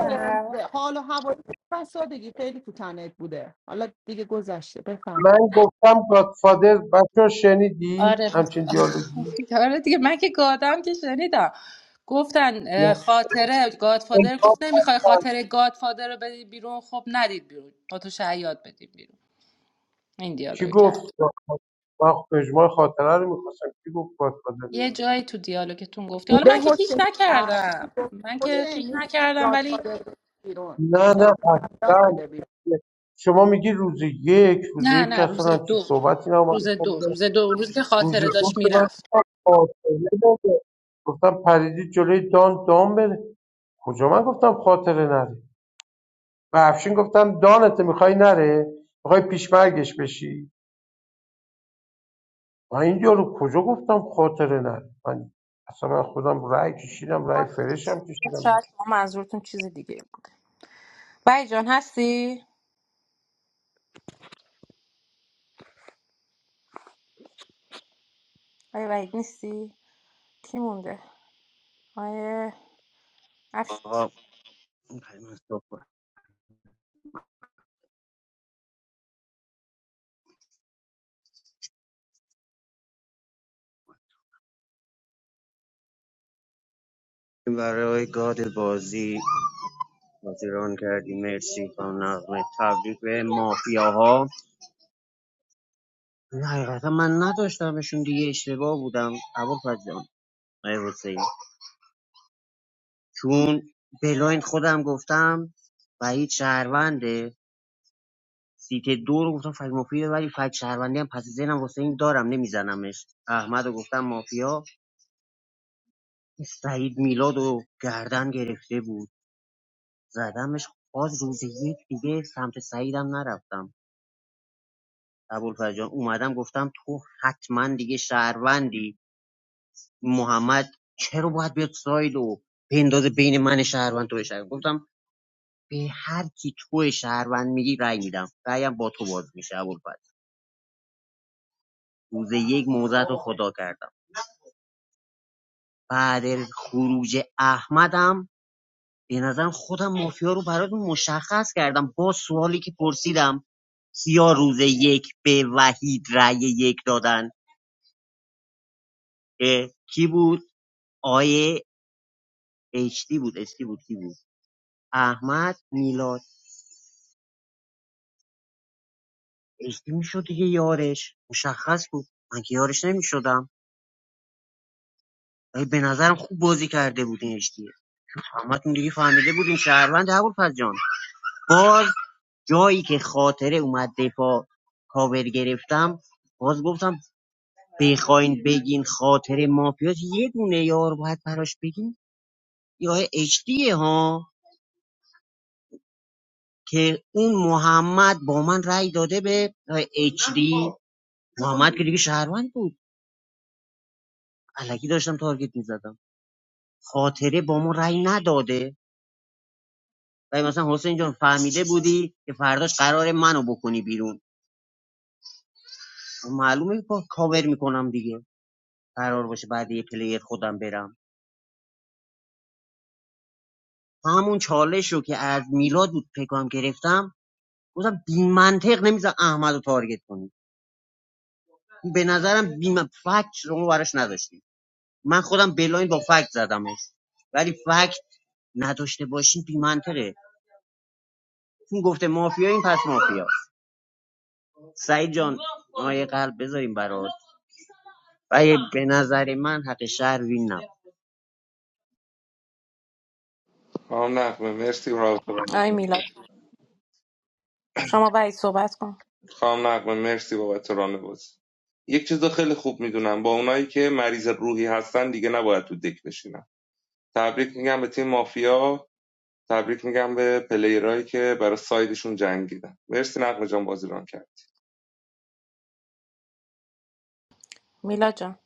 [SPEAKER 1] اه،
[SPEAKER 5] حال و هوای فسادگی خیلی تو تنت بوده حالا دیگه گذشته بفهم
[SPEAKER 13] من گفتم گادفادر بچه شنیدی
[SPEAKER 1] آره
[SPEAKER 13] همچین دیالوگی
[SPEAKER 1] آره دیگه من که گادم که شنیدم گفتن اه،
[SPEAKER 13] یا
[SPEAKER 1] خاطره گادفادر گفت نمیخوای خاطره گادفادر رو بدی بیرون خب ندید بیرون با تو شعیات بدید بیرون این
[SPEAKER 13] کی
[SPEAKER 1] دیالوگ
[SPEAKER 13] گفت
[SPEAKER 1] کرد
[SPEAKER 13] Godfather؟ من اجماع خاطره رو میخواستم کی گفت گادفادر
[SPEAKER 1] یه جایی تو دیالوگتون گفتی حالا
[SPEAKER 5] به
[SPEAKER 1] من که کیک
[SPEAKER 5] حسین
[SPEAKER 1] نکردم
[SPEAKER 5] کردی گفت
[SPEAKER 1] من که کیک
[SPEAKER 5] حسین
[SPEAKER 1] نکردم ولی
[SPEAKER 5] دادگاه بیرون
[SPEAKER 13] نه نه
[SPEAKER 5] ناسزدار
[SPEAKER 13] اصلا
[SPEAKER 5] شده بیرون
[SPEAKER 13] شما میگی روز یک روز
[SPEAKER 1] نه
[SPEAKER 13] یک که
[SPEAKER 1] نه
[SPEAKER 13] اصلا
[SPEAKER 1] روز
[SPEAKER 13] همچین
[SPEAKER 1] دو
[SPEAKER 13] صحبتی
[SPEAKER 1] روز دو
[SPEAKER 13] نمید
[SPEAKER 1] روز دو روز که
[SPEAKER 13] روز
[SPEAKER 1] خاطره
[SPEAKER 13] کن
[SPEAKER 1] داشت
[SPEAKER 13] که من
[SPEAKER 1] میرفت
[SPEAKER 13] خاطره داده گفتم پریدی جلوی دان دان بره کجا من گفتم خاطره نره به افشین گفتم دانته میخوای نره میخوای پیشمرگش بشی من این یارو کجا گفتم خاطره نره من اصلا من خودم رأی کشیدم رأی فرشم کشیدم
[SPEAKER 1] شاید شما منظورتون چیز دیگه بود؟ بایی جان هستی؟ آقای وحید نیستی؟ کی مونده؟ آقای افش
[SPEAKER 12] آقا می‌خوایم از تو کنیم. برای گاد بازی بازی ران کردی مرسی با نغمه تبریک به مافیاها نه، حقیقتا من نداشتمشون دیگه اشتباه بودم عبور جان آقای حسین چون بلاین خودم گفتم بعید شهرونده سیت دو رو گفتم فک مافیا ولی فک شهروندی هم پس ذهنم واسه دارم نمیزنمش احمد رو گفتم مافیا سعید میلاد و گردن گرفته بود زدمش باز روز یک دیگه سمت سعیدم نرفتم ابوالفضل جان اومدم گفتم تو حتما دیگه شهروندی محمد چرا باید بیاد ساید و بندازه بین من شهروند تو شهروند گفتم به هر کی تو شهروند میگی رأی میدم رأیم با تو باز میشه ابوالفضل روز یک موزت رو خدا کردم بعد خروج احمدم به نظرم خودم مافیا رو براتون مشخص کردم با سوالی که پرسیدم کیا روز یک به وحید رأی یک دادن کی بود آیه اشتی بود اشتی بود کی بود احمد میلاد اشتی میشد دیگه یارش مشخص بود من که یارش نمیشدم به نظرم خوب بازی کرده بود این اشتی همتون دیگه فهمیده بودین شهروند هبول جان باز جایی که خاطره اومد دفاع کاور گرفتم باز گفتم بخواین بگین خاطر مافیاس یه دونه یار باید براش بگین یا اچ دیه ها که اون محمد با من رأی داده به اچ دی، محمد که دیگه شهروند بود علکی داشتم تارگت میزدم خاطره با ما رأی نداده و مثلا حسین جان فهمیده بودی که فرداش قرار منو بکنی بیرون معلومه که کاور میکنم دیگه قرار باشه بعد یه پلیر خودم برم همون چالش رو که از میلاد بود فکر کنم گرفتم گفتم بی منطق نمیذار احمد رو تارگت کنی به نظرم بی من... فکت شما براش نداشتی من خودم بلاین با فکت زدمش ولی فکت نداشته باشین بی منطقه چون گفته مافیا این پس مافیا سعید جان ما یه قلب بذاریم برات و به نظر من حق شهر وین نبود
[SPEAKER 14] خانم نقمه مرسی راست
[SPEAKER 1] آقای میلاد شما وحید صحبت کن
[SPEAKER 14] خانم نقمه مرسی بابت ران بازی یک چیز رو خیلی خوب میدونم با اونایی که مریض روحی هستن دیگه نباید تو دک بشینم تبریک میگم به تیم مافیا تبریک میگم به پلیرایی که برای سایدشون جنگیدن مرسی نقمه جان بازی ران کرد.
[SPEAKER 1] میلاد جان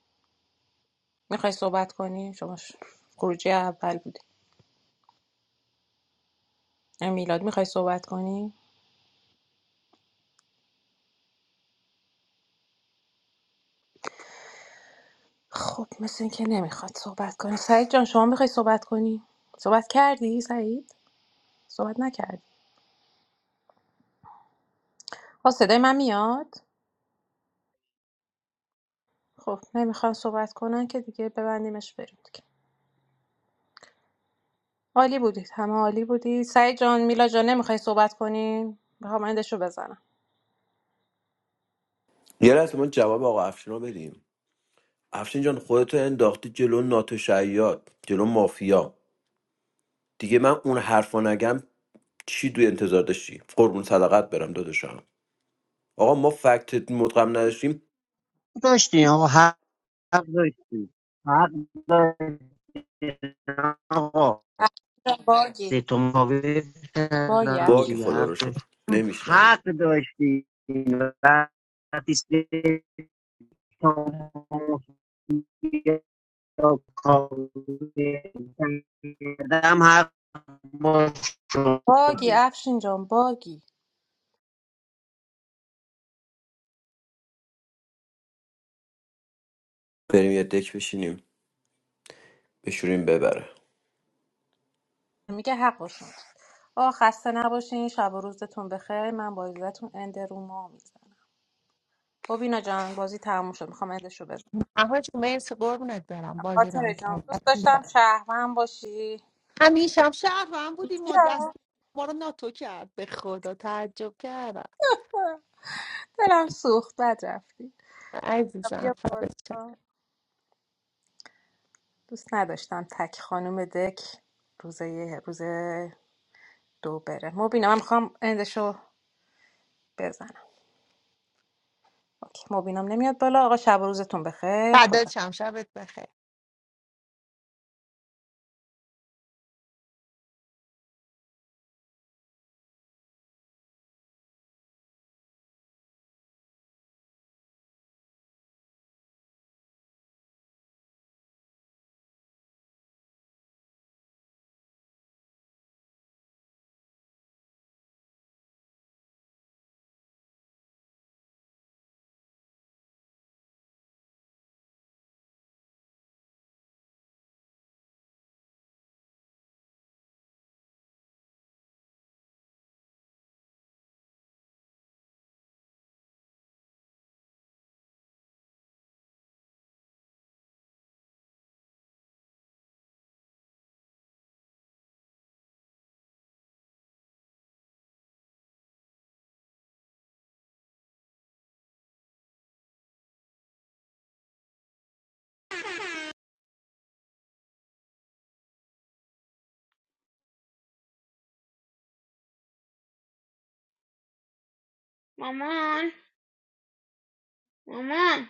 [SPEAKER 1] میخوای صحبت کنی؟ شما ش- خروجی اول بودی آقای میلاد میخوای صحبت کنی؟ خب مثل اینکه نمیخواد صحبت کنی سعید جان شما میخوای صحبت کنی؟ صحبت کردی سعید؟ صحبت نکردی آه صدای من میاد؟ خب نمیخوام صحبت کنن که دیگه ببندیمش بریم دیگه عالی بودید همه عالی بودید سعید جان میلاد جان نمیخوای صحبت کنی؟ بخوام اندشو بزنم
[SPEAKER 6] یه لحظه من جواب آقا افشین رو بدیم افشین جان خودتو انداختی جلو ناتو شیاد جلو مافیا دیگه من اون حرفا نگم چی دوی انتظار داشتی قربون صدقت برم داداشم آقا ما فکت مدغم نداشتیم
[SPEAKER 12] داشتین آقا حق داشتین حق داشتین آقا
[SPEAKER 1] باگی
[SPEAKER 12] سه تا مقابل
[SPEAKER 1] باگی
[SPEAKER 12] کردم
[SPEAKER 6] باگ
[SPEAKER 1] افشین
[SPEAKER 12] دیگه
[SPEAKER 6] خدا
[SPEAKER 12] حق
[SPEAKER 6] رو شکر
[SPEAKER 12] داشت
[SPEAKER 6] نمیشنویم
[SPEAKER 12] حق داشتی وقتی سه تا مافیا کاور کردم حق ما شد.
[SPEAKER 1] باگی افشین جان باگی
[SPEAKER 6] بریم یه دک بشینیم بشوریم ببره
[SPEAKER 1] میگه حق باشون آه خسته نباشین شب و روزتون بخیر من با اجازهتون اند روما میزنم ببینا جان بازی تموم شد میخوام اندشو بزنم
[SPEAKER 5] احوال جون، مرسی قربونت برم
[SPEAKER 1] خاطر
[SPEAKER 5] باگران
[SPEAKER 1] جان
[SPEAKER 5] کرد
[SPEAKER 1] دوست داشتم
[SPEAKER 5] عزیزم
[SPEAKER 1] شهرون باشی
[SPEAKER 5] همیشه هم شهر هم بودی ما دست
[SPEAKER 1] بیا
[SPEAKER 5] ما رو ناتو کرد به خدا تعجب کردم
[SPEAKER 1] دلم سوخت بد رفتی
[SPEAKER 5] عزیزم
[SPEAKER 1] بیا
[SPEAKER 5] فدات شم
[SPEAKER 1] بالا دوست نداشتم تک خانم دک روز یه- روز دو بره مبینا من میخوام اندشو بزنم اوکی مبینم نمیاد بالا آقا شب و روزتون بخیر خدا
[SPEAKER 5] فدات شم. شبت بخیر
[SPEAKER 2] مامان مامان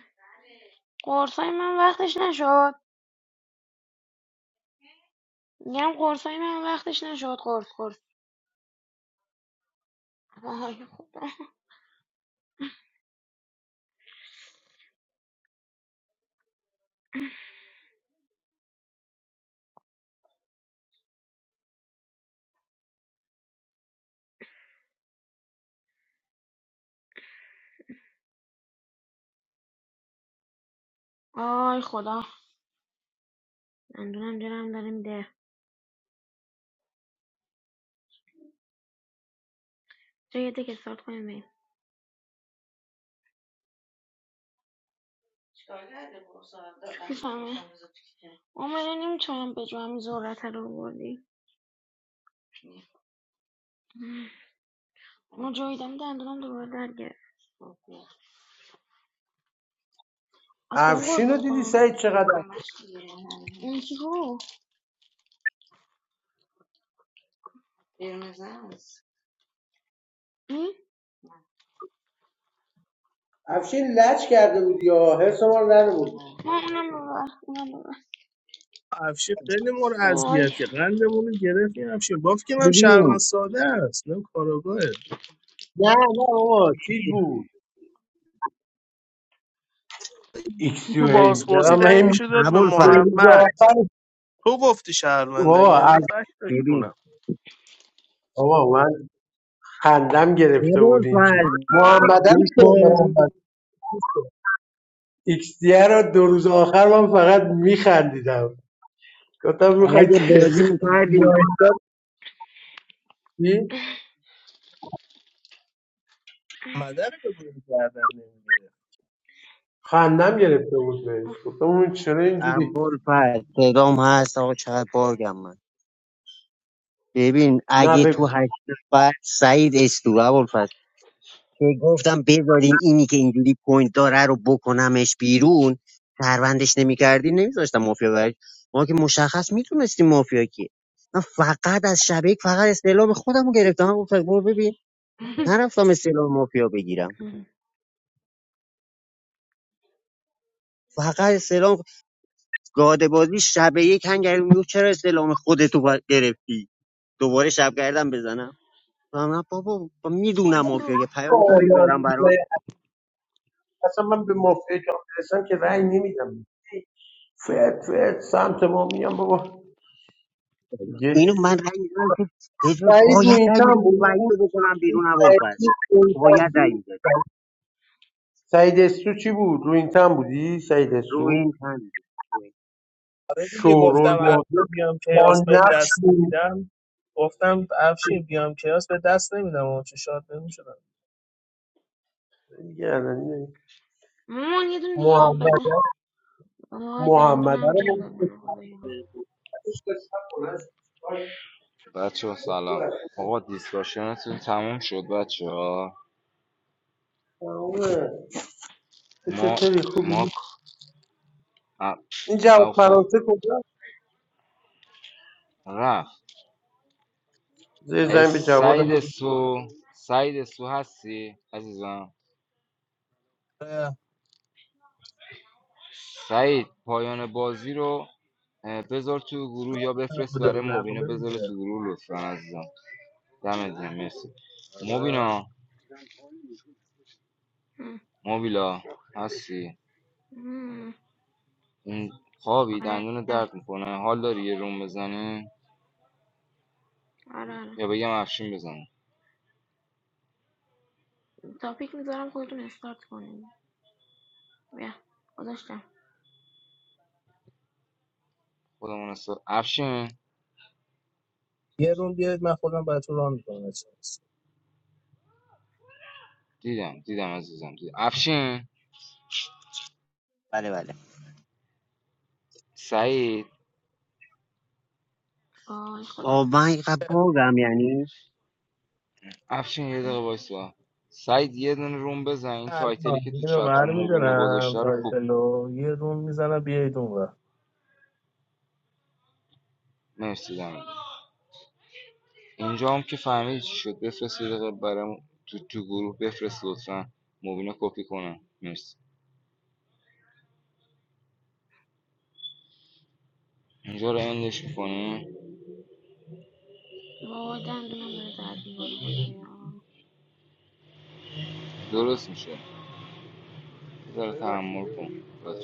[SPEAKER 2] قرصای من وقتش نشد میگم قرصای من وقتش نشد قرص قرص آی خدا آی خدا دندونم جنم داره میده جای یه دک استارت کنیم بریم چیکار کردیم برو ساعت دادم؟ چی فهمه؟ عاملا نمیتونم به جو همین ذرت رو بردی ما جاییدم دندونم دوباره در از کدوم
[SPEAKER 13] افشین
[SPEAKER 2] گرفته
[SPEAKER 13] رو دیدی
[SPEAKER 2] بکنم
[SPEAKER 13] سعید چقدر
[SPEAKER 2] هم همش دیگه اون یکی کو م؟
[SPEAKER 13] افشین بود
[SPEAKER 2] ما اونم ببر اونم ببر
[SPEAKER 11] افشین خیلی مور
[SPEAKER 2] آی
[SPEAKER 11] اذیت که قندمون رو گرفت این افشین باف که من شهروند
[SPEAKER 12] ببین
[SPEAKER 11] ساده است نه کاراگاهه
[SPEAKER 13] نه نه بابا چیز بود
[SPEAKER 11] این تو
[SPEAKER 13] ایکسیو هیم
[SPEAKER 11] بازپرسی
[SPEAKER 13] دارم هیم
[SPEAKER 11] دنگشو داد به
[SPEAKER 12] ابوالفضل
[SPEAKER 11] محمد تو گفتی شهروند اگه
[SPEAKER 13] بابا
[SPEAKER 11] یعنی
[SPEAKER 13] اف-
[SPEAKER 11] فکر
[SPEAKER 12] ببین
[SPEAKER 11] داشتونم
[SPEAKER 13] بابا خندم گرفته بود این چیز
[SPEAKER 12] ابوالفضل
[SPEAKER 13] محمدم
[SPEAKER 12] گوش
[SPEAKER 13] چه؟
[SPEAKER 12] کن
[SPEAKER 13] محمد ایکس دیه را دو روز آخر من فقط میخندیدم گفتم میخوای
[SPEAKER 12] اگه بازی
[SPEAKER 13] تخ
[SPEAKER 12] میکردیم
[SPEAKER 13] بیایدم چی؟
[SPEAKER 11] مدر به بودی کردن نمیگیره
[SPEAKER 13] خندم گرفته بود بهش گفتم اون چرا اینجوری
[SPEAKER 12] ابوالفضل صدام هست آقا چقدر بارگم من ببین
[SPEAKER 13] نه
[SPEAKER 12] اگه تو
[SPEAKER 13] بگو
[SPEAKER 12] هشت نفر سعید استو ابوالفضل که گفتم بذارین اینی که اینجوری پوینت داره رو بکنمش بیرون سروندش نمیکردی نمیذاشتم مافیا برش ما که مشخص میتونستیم مافیا کیه من فقط از شبکه فقط استعلام خودم رو گرفتم من گفتم برو ببین نرفتم استعلام مافیا بگیرم فقط استعلام گاده بازی شب یک هنگری میگفت چرا استعلام خودتو با- گرفتی دوباره شب گردم بزنم نه بابا با میدونم مافیا
[SPEAKER 2] بسو
[SPEAKER 12] که پیامشو بذارم برات
[SPEAKER 13] اصلا من به مافیا که برسم که رأی نمیدم فرد فرد سمت ما میام بابا
[SPEAKER 12] اینو
[SPEAKER 13] یه
[SPEAKER 12] من رأی میدم که بجا
[SPEAKER 13] سعید رو
[SPEAKER 12] باید
[SPEAKER 13] این
[SPEAKER 12] رأی
[SPEAKER 13] تن
[SPEAKER 12] میدم
[SPEAKER 13] بود
[SPEAKER 12] وحید
[SPEAKER 13] اون
[SPEAKER 12] رو بکنم بیرون
[SPEAKER 13] سعید
[SPEAKER 12] ابوالفضل
[SPEAKER 13] رو این تن
[SPEAKER 12] باید رأی
[SPEAKER 13] بود
[SPEAKER 12] میدادی
[SPEAKER 13] سعید استو چی بود؟ رو این تن بودی؟ سعید
[SPEAKER 12] روی
[SPEAKER 13] استو؟
[SPEAKER 12] این تن بود. روی این.
[SPEAKER 11] آره دیگه
[SPEAKER 13] شورول
[SPEAKER 11] گفتم افشین
[SPEAKER 13] مادر
[SPEAKER 11] بیام کیاس
[SPEAKER 13] با
[SPEAKER 11] به
[SPEAKER 13] نقش
[SPEAKER 11] دست
[SPEAKER 13] بود.
[SPEAKER 11] نمیدم گفتم افشین بیام کیاس به دست نمیدم اما چه شاد نمیشدم
[SPEAKER 13] یعنی
[SPEAKER 2] [laughs] مامان یه دون دیگه آب
[SPEAKER 13] محمد
[SPEAKER 2] بده آی
[SPEAKER 13] محمد
[SPEAKER 2] دندونم
[SPEAKER 13] رو
[SPEAKER 2] جلو منه خدایا
[SPEAKER 13] تمومه.
[SPEAKER 19] بچه ها سلام آقا دیسکاشنتون تموم شد بچه ها
[SPEAKER 13] تو
[SPEAKER 19] ما
[SPEAKER 13] چطوری
[SPEAKER 19] ما
[SPEAKER 13] خوبی
[SPEAKER 19] ا-
[SPEAKER 13] این جواب
[SPEAKER 19] اوف
[SPEAKER 13] فرانسه کجا
[SPEAKER 19] رفت
[SPEAKER 13] زیر
[SPEAKER 19] اه،
[SPEAKER 13] زمین به جواد
[SPEAKER 19] سعید سو سعید سو هستی عزیزم سعید پایان بازی رو اه، بذار تو گروه یا بفرست
[SPEAKER 11] بوده
[SPEAKER 19] برای مبینا
[SPEAKER 11] نقمه
[SPEAKER 19] بذاره تو
[SPEAKER 11] بوده
[SPEAKER 19] گروه لطفا عزیزم دمت گرم مرسی مبینا
[SPEAKER 2] م.
[SPEAKER 19] مبیلا هستی اون خوابی
[SPEAKER 2] آره
[SPEAKER 19] دندون درد میکنه حال داری یه روم بزنیم
[SPEAKER 2] آره آره
[SPEAKER 19] یا بگم افشین بزنیم
[SPEAKER 2] تاپیک میذارم خودتون استارت کنین بیا گذاشتم
[SPEAKER 19] خودمون است افشین
[SPEAKER 11] یه روم بیارید من خودم براتون ران میکنم
[SPEAKER 19] دیدم دیدم عزیزم دیدم افشین
[SPEAKER 12] بله بله
[SPEAKER 19] سعید
[SPEAKER 2] آی خدا
[SPEAKER 12] با من اینقدر باگم یعنی
[SPEAKER 19] افشین یه دقیقه وایسا سعید یه دونه روم بزن این
[SPEAKER 11] الان
[SPEAKER 19] تایتلی که تو
[SPEAKER 11] اینو
[SPEAKER 19] چت روم مبینا
[SPEAKER 11] برمیدارم
[SPEAKER 19] گذاشته رو کوب
[SPEAKER 11] تایتلو یه روم میزنم بیایید اون ور.
[SPEAKER 19] مرسی دمت گرم. اینجا هم که فهمیدی چی شد بفرست یه دقیقه برام تو, تو گروه بفرست لطفا مبینا کپی کنم مرسی اینجا رو اندش میکنی
[SPEAKER 2] وای دندونم داره درد میکنه خدایا
[SPEAKER 19] درست میشه یه ذره تحمل کن